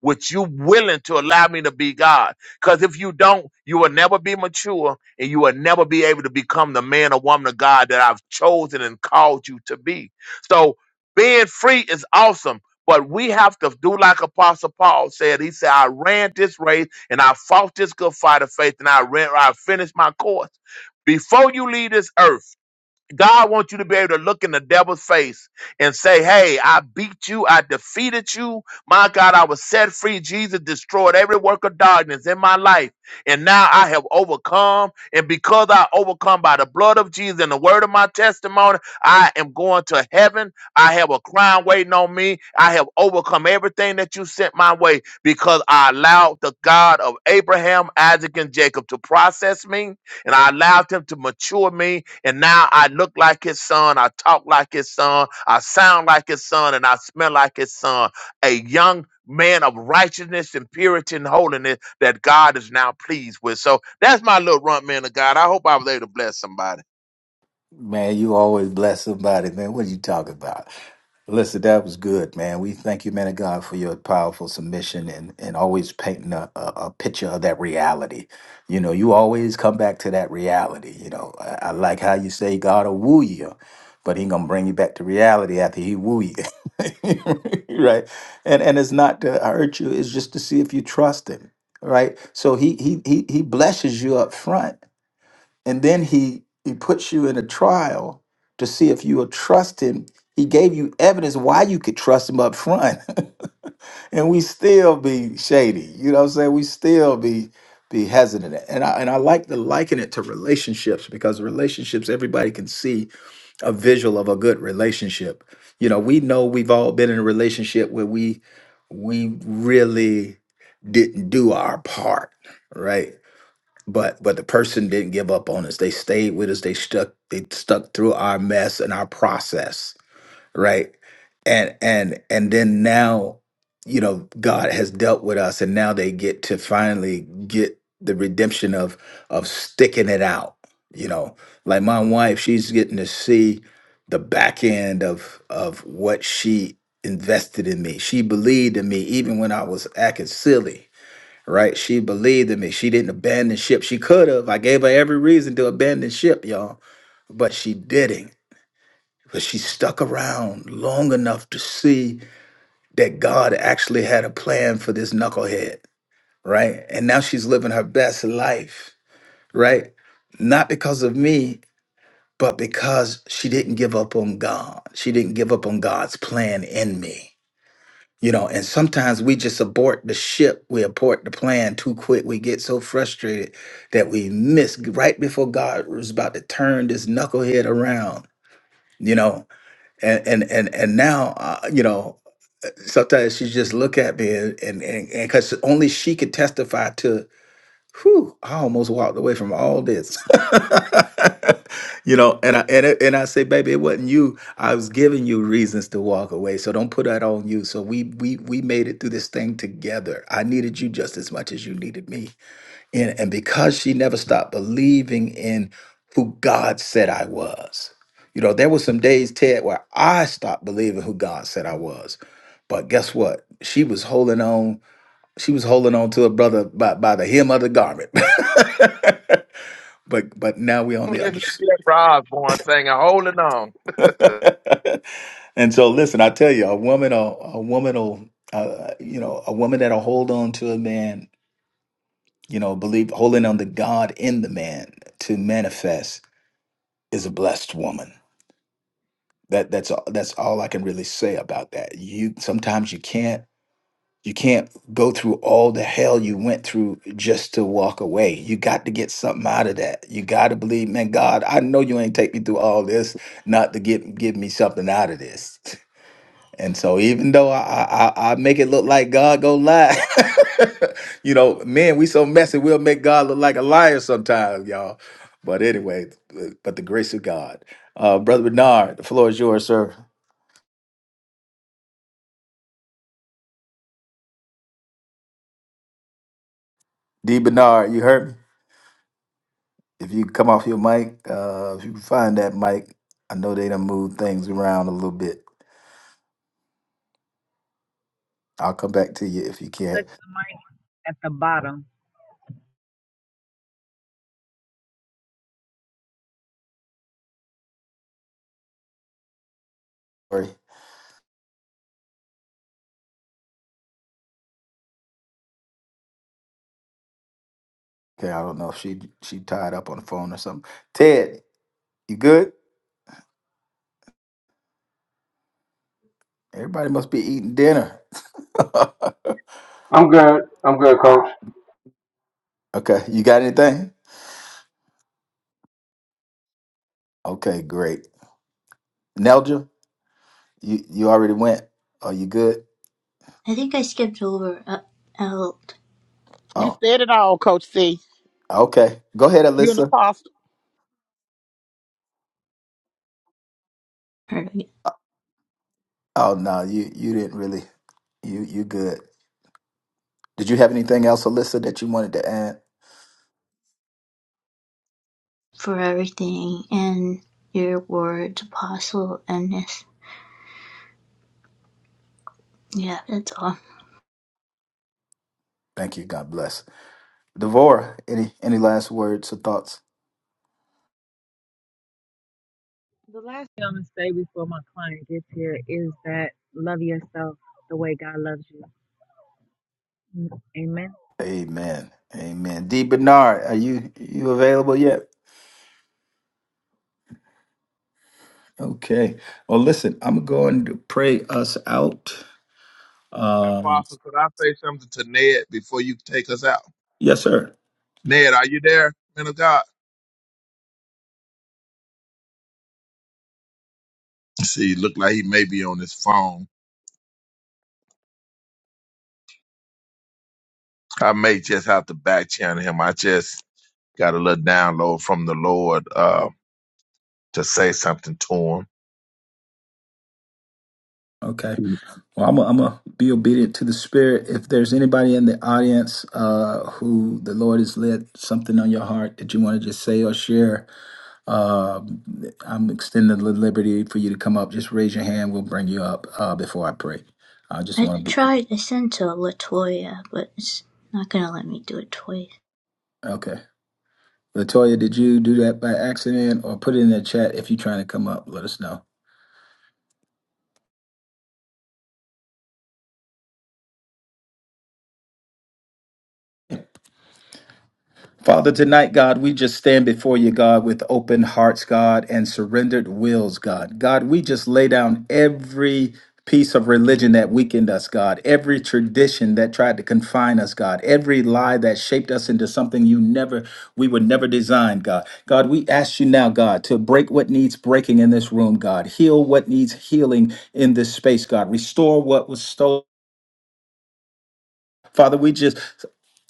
L: which you willing to allow me to be God. Because if you don't, you will never be mature and you will never be able to become the man or woman of God that I've chosen and called you to be. So being free is awesome. But we have to do like Apostle Paul said. He said, I ran this race and I fought this good fight of faith and I ran, I finished my course. Before you leave this earth, God wants you to be able to look in the devil's face and say, Hey, I beat you. I defeated you. My God, I was set free. Jesus destroyed every work of darkness in my life. And now I have overcome. And because I overcome by the blood of Jesus and the word of my testimony, I am going to heaven. I have a crown waiting on me. I have overcome everything that you sent my way because I allowed the God of Abraham, Isaac, and Jacob to process me. And I allowed him to mature me and now I look like his son, I talk like his son, I sound like his son, and I smell like his son. A young man of righteousness and purity and holiness that God is now pleased with. So that's my little runt man of God. I hope I was able to bless somebody.
A: Man, you always bless somebody, man. What are you talking about? Listen, that was good, man. We thank you, man of God, for your powerful submission and, and always painting a, a, a picture of that reality. You know, you always come back to that reality. You know, I, I like how you say God will woo you, but he gonna bring you back to reality after he woo you, right? And and it's not to hurt you; it's just to see if you trust him, right? So he he he he blesses you up front and then he he puts you in a trial to see if you will trust him he gave you evidence why you could trust him up front and we still be shady you know what i'm saying we still be be hesitant and i and i like to liken it to relationships because relationships everybody can see a visual of a good relationship you know we know we've all been in a relationship where we we really didn't do our part right but but the person didn't give up on us they stayed with us they stuck they stuck through our mess and our process right and and and then now you know god has dealt with us and now they get to finally get the redemption of of sticking it out you know like my wife she's getting to see the back end of of what she invested in me she believed in me even when i was acting silly right? She believed in me. She didn't abandon ship. She could have. I gave her every reason to abandon ship, y'all, but she didn't. But she stuck around long enough to see that God actually had a plan for this knucklehead, right? And now she's living her best life, right? Not because of me, but because she didn't give up on God. She didn't give up on God's plan in me You know, and sometimes we just abort the ship, we abort the plan too quick. We get so frustrated that we miss right before God was about to turn this knucklehead around. You know, and and and and now, uh, you know, sometimes she just look at me and and because only she could testify to Whew, I almost walked away from all this. you know, and I and, it, and I say, baby, it wasn't you. I was giving you reasons to walk away. So don't put that on you. So we we we made it through this thing together. I needed you just as much as you needed me. And and because she never stopped believing in who God said I was. You know, there were some days, Ted, where I stopped believing who God said I was. But guess what? She was holding on she was holding on to her brother by, by the hem of the garment. but but now we're on
L: I'm
A: the other
L: listening to
A: side.
L: Jeff Osborne saying, holding on.
A: and so listen, I tell you, a woman a, a woman will uh, you know, a woman that'll hold on to a man, you know, believe holding on to God in the man to manifest is a blessed woman. That that's all that's all I can really say about that. You sometimes you can't You can't go through all the hell you went through just to walk away. You got to get something out of that. You got to believe, man, God, I know you ain't take me through all this not to get give me something out of this. And so even though I I, I I make it look like God go lie, you know, man, we so messy, we'll make God look like a liar sometimes, y'all. But anyway, but the grace of God. Uh, Brother Bernard, the floor is yours, sir. D. Bernard, you heard me? If you come off your mic, uh, if you can find that mic, I know they done moved things around a little bit. I'll come back to you if you can't.
K: Touch the mic at the bottom.
A: Sorry. Okay, I don't know if she she tied up on the phone or something. Ted, you good? Everybody must be eating dinner.
I: I'm good. I'm good, coach.
A: okay, you got anything? Okay, great. Nelja, you you already went. Are you good?
B: I think I skipped over uh, out
E: You
A: Oh,
E: said it all, Coach C.
A: okay. Go ahead,
E: You're an
A: Alyssa.
E: apostle.
A: Oh no, you you didn't really. You you good. Did you have anything else, Alyssa, that you wanted to add?
B: for everything and your words, Apostle and this. Yeah, that's all.
A: Thank you. God bless. Devora, any any last words or thoughts?
K: The last thing I'm gonna say before my client gets here is that love yourself the way God loves you. Mm, Amen.
A: Amen. Amen. D Bernard, are you you available yet? Okay. Well, listen, I'm going to pray us out. Um,
L: Apostle, could I say something to Ned before you take us out?
A: yes, sir.
L: Ned, are you there, man of God? See, look like he may be on his phone. I may just have to back channel him. I just Got a little download from the Lord uh, to say something to him.
A: Okay. Well, I'm going to be obedient to the Spirit. If there's anybody in the audience uh, who the Lord has led something on your heart that you want to just say or share, uh, I'm extending the liberty for you to come up. Just raise your hand. We'll bring you up uh, before I pray. I just
B: I
A: want to be
B: tried. I sent to Latoya, but it's not gonna let me do it twice.
A: okay. Latoya, did you do that by accident or put it in the chat if you're trying to come up? Let us know. Father, tonight, God, we just stand before you, God, with open hearts, God, and surrendered wills, God. God, we just lay down every piece of religion that weakened us, God, every tradition that tried to confine us, God, every lie that shaped us into something you never, we would never design, God. God, we ask you now, God, to break what needs breaking in this room, God, heal what needs healing in this space, God, restore what was stolen Father, we just,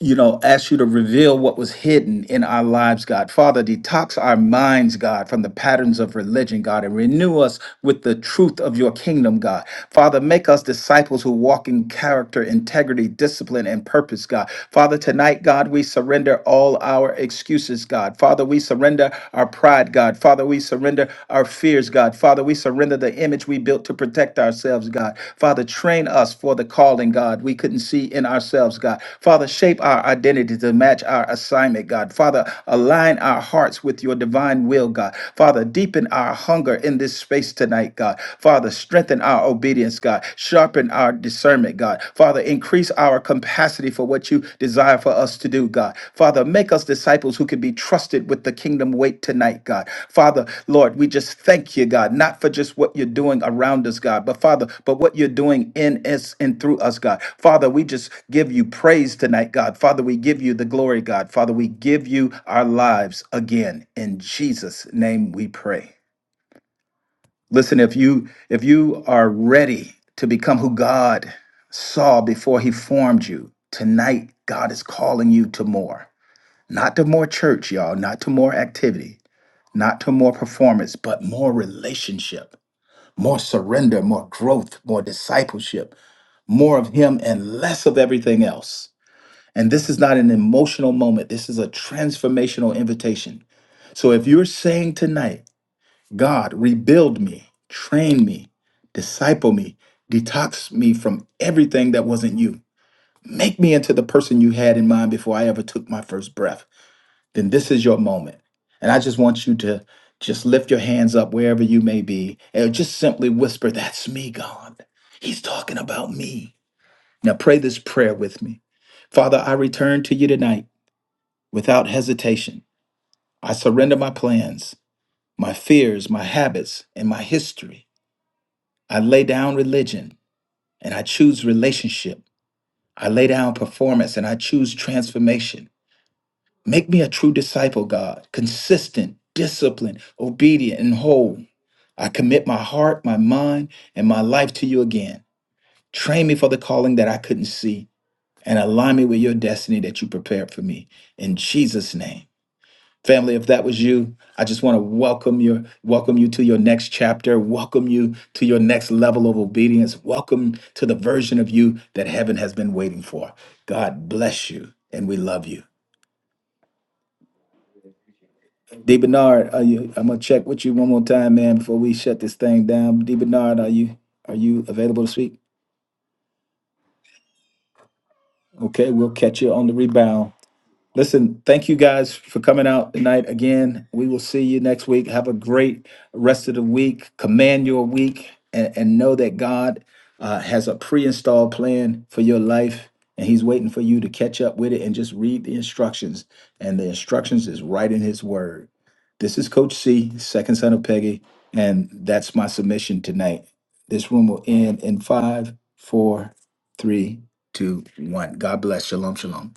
A: you know, ask you to reveal what was hidden in our lives, God. Father, detox our minds, God, from the patterns of religion, God, and renew us with the truth of your kingdom, God. Father, make us disciples who walk in character, integrity, discipline, and purpose, God. Father, tonight, God, we surrender all our excuses, God. Father, we surrender our pride, God. Father, we surrender our fears, God image, God. Father, we surrender the image we built to protect ourselves, God. Father, train us for the calling, God, we couldn't see in ourselves, God. Father, shape our identity to match our assignment, God. Father, align our hearts with your divine will, God. Father, deepen our hunger in this space tonight, God. Father, strengthen our obedience, God. Sharpen our discernment, God. Father, increase our capacity worthy for what you desire for us to do, God. Father, make us disciples who can be trusted with the kingdom weight tonight, God. Father, Lord, we just thank you, God, not for just what you're doing around us, God, but Father, but what you're doing in us and through us, God. Father, we just give you praise tonight, God. Father, we give you the glory, God. Father, we give you our lives again. In Jesus' name we pray. Listen, if you if you are ready to become who God saw before he formed you, tonight God is calling you to more. Not to more church, y'all, not to more activity, not to more performance, but more relationship, more surrender, more growth, more discipleship, more of him and less of everything else. And this is not an emotional moment. This is a transformational invitation. So if you're saying tonight, God, rebuild me, train me, disciple me, detox me from everything that wasn't you. Make me into the person you had in mind before I ever took my first breath. Then this is your moment. And I just want you to just lift your hands up wherever you may be and just simply whisper, That's me, God. He's talking about me. Now pray this prayer with me. Father, I return to you tonight without hesitation. I surrender my plans, my fears, my habits, and my history. I lay down religion and I choose relationship. I lay down performance and I choose transformation. Make me a true disciple, God, consistent, disciplined, obedient, and whole. I commit my heart, my mind, and my life to you again. Train me for the calling that I couldn't see and align me with your destiny that you prepared for me. In Jesus' name. Family, if that was you, I just want to welcome your welcome you to your next chapter, welcome you to your next level of obedience, welcome to the version of you that heaven has been waiting for. God bless you, and we love you. D Bernard, are you I'm gonna check with you one more time, man, before we shut this thing down. D Bernard, are you are you available to speak? Okay, we'll catch you on the rebound. Listen, thank you guys for coming out tonight again. We will see you next week. Have a great rest of the week. Command your week and, and know that God uh, has a pre installed plan for your life and He's waiting for you to catch up with it and just read the instructions. And the instructions is right in His Word. This is Coach C, second son of Peggy, and that's my submission tonight. This room will end in five, four, three, two, one. God bless. Shalom, shalom.